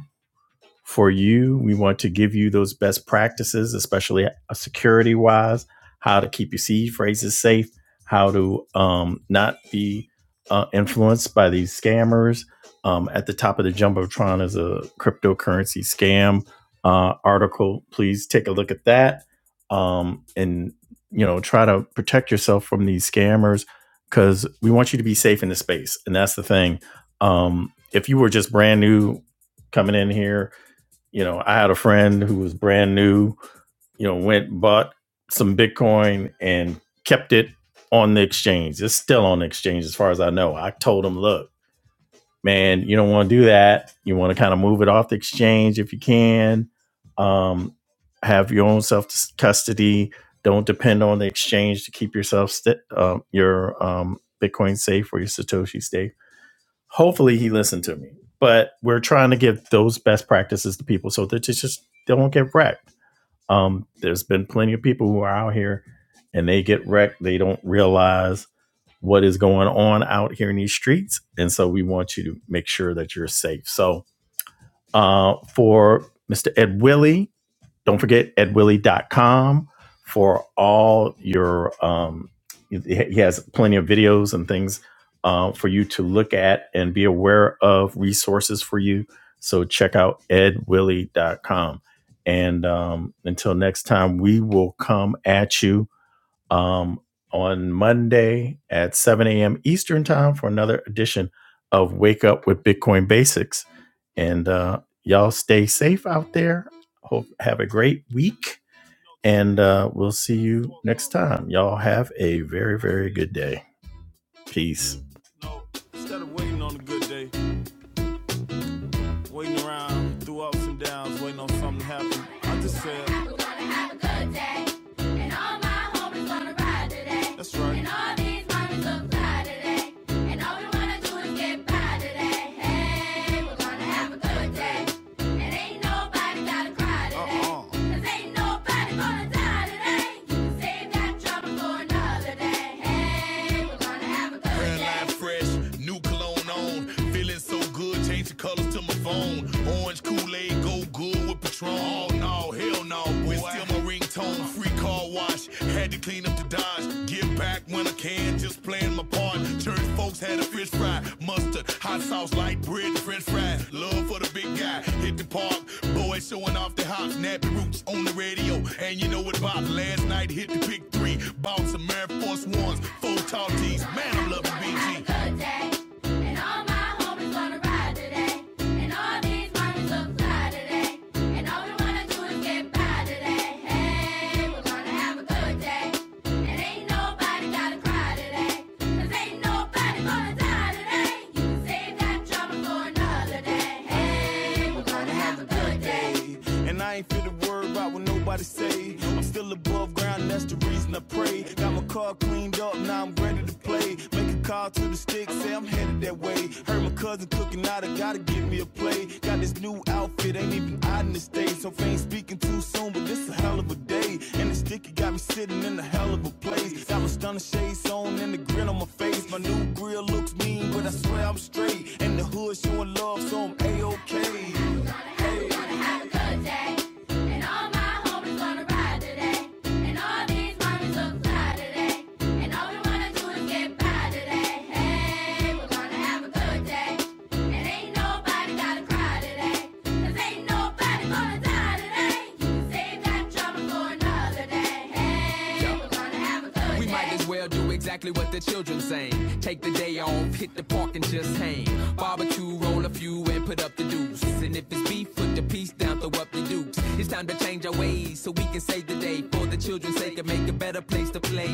Speaker 1: for you. We want to give you those best practices, especially security wise, how to keep your seed phrases safe, how to um, not be uh, influenced by these scammers. Um, at the top of the Jumbotron is a cryptocurrency scam uh, article. Please take a look at that um, and you know try to protect yourself from these scammers because we want you to be safe in the space, and that's the thing. Um, if you were just brand new coming in here you know, I had a friend who was brand new, you know, went bought some Bitcoin and kept it on the exchange. It's still on the exchange as far as I know. I told him, look, man, you don't want to do that. You want to kind of move it off the exchange if you can. Um, have your own self custody. Don't depend on the exchange to keep yourself st- uh, your um, Bitcoin safe or your Satoshi safe hopefully he listened to me. But we're trying to give those best practices to people so that they just don't get wrecked. Um, there's been plenty of people who are out here and they get wrecked. They don't realize what is going on out here in these streets. And so we want you to make sure that you're safe. So uh, for Mr. Ed Willie, don't forget ed willie dot com for all your, um, he has plenty of videos and things uh, for you to look at and be aware of resources for you. So check out ed willie dot com, And um, until next time, we will come at you um, on Monday at 7 a.m. Eastern Time for another edition of Wake Up with Bitcoin Basics. And uh, y'all stay safe out there. Hope have a great week, and uh, we'll see you next time. Y'all have a very very good day. Peace. Waiting around through ups and downs, waiting on something to happen. I just said, We're gonna have a good day. And all my homies gonna ride today. that's right. And all these mommies look fly today. And all we wanna do is get by today. Hey, we're gonna have a good day. And ain't nobody gotta cry today. Uh-uh. 'Cause ain't nobody gonna die today. You can save that trouble for another day. Hey, we're gonna have a good day. Red day. fresh, new cologne on. Feeling so good, change the colors to my phone. Orange Kool-Aid, go good with Patron. Oh no, hell no, boy. It's still my ringtone, free car wash. Had to clean up the Dodge. Give back when I can, just playing my part. Church folks had a fish fry, mustard, hot sauce, light bread, french fries. Love for the big guy, hit the park. Boys showing off their hop, nappy roots on the radio. And you know what about last night hit the big three. Bought some Air Force Ones, four tall tees. Man, I'm loving BG. Hey, we're gonna have a good day. And ain't no nobody gotta cry today. 'Cause ain't nobody gonna die today. You save that drama for another day. Hey, we're gonna have a good day. And I ain't feel the word about what nobody say. I'm still above ground, that's the reason I pray. Got my car cleaned up, now I'm ready to play. Make a call to the stick, say I'm headed that way. Heard my cousin cooking out, I gotta give me a play. Got this new outfit, ain't even out in the States. Hope I ain't speaking too soon, but this a hell of a day. And the sticky got me sitting in a hell of a place. Got my stunner shades on and the grin on my face. My new grill looks mean, but I swear I'm straight. And the hood showing love, so I'm A-OK. We're gonna have, we're gonna have a good day. And all my homies gonna ride today. And all these mommies look fly today. And all we wanna do is get by today. Hey, we're gonna have a good day exactly what the children saying. Take the day off, hit the park and just hang. Barbecue, roll a few and put up the deuce. And if it's beef, put the piece down, throw up the dukes. It's time to change our ways so we can save the day for the children's sake and make a better place to play.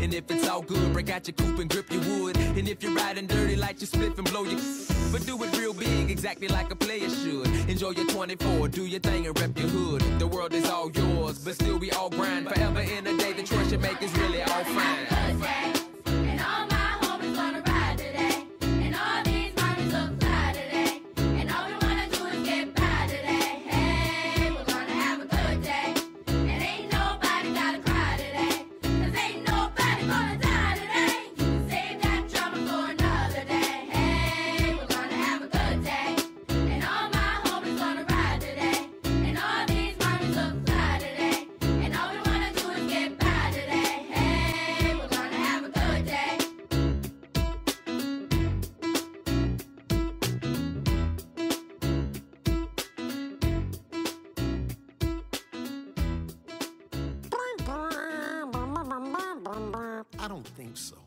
Speaker 1: And if it's all good, break out your coupe and grip your wood. And if you're riding dirty, light your spliff and blow your. But do it real big, exactly like a player should. Enjoy your 24, do your thing and rep your hood. The world is all yours, but still we all grind. Forever in a day, the choice you make is really all fine. And all my homies gonna ride today. And all these mommies look fly today. Hey, Hey, Hey, I don't think so.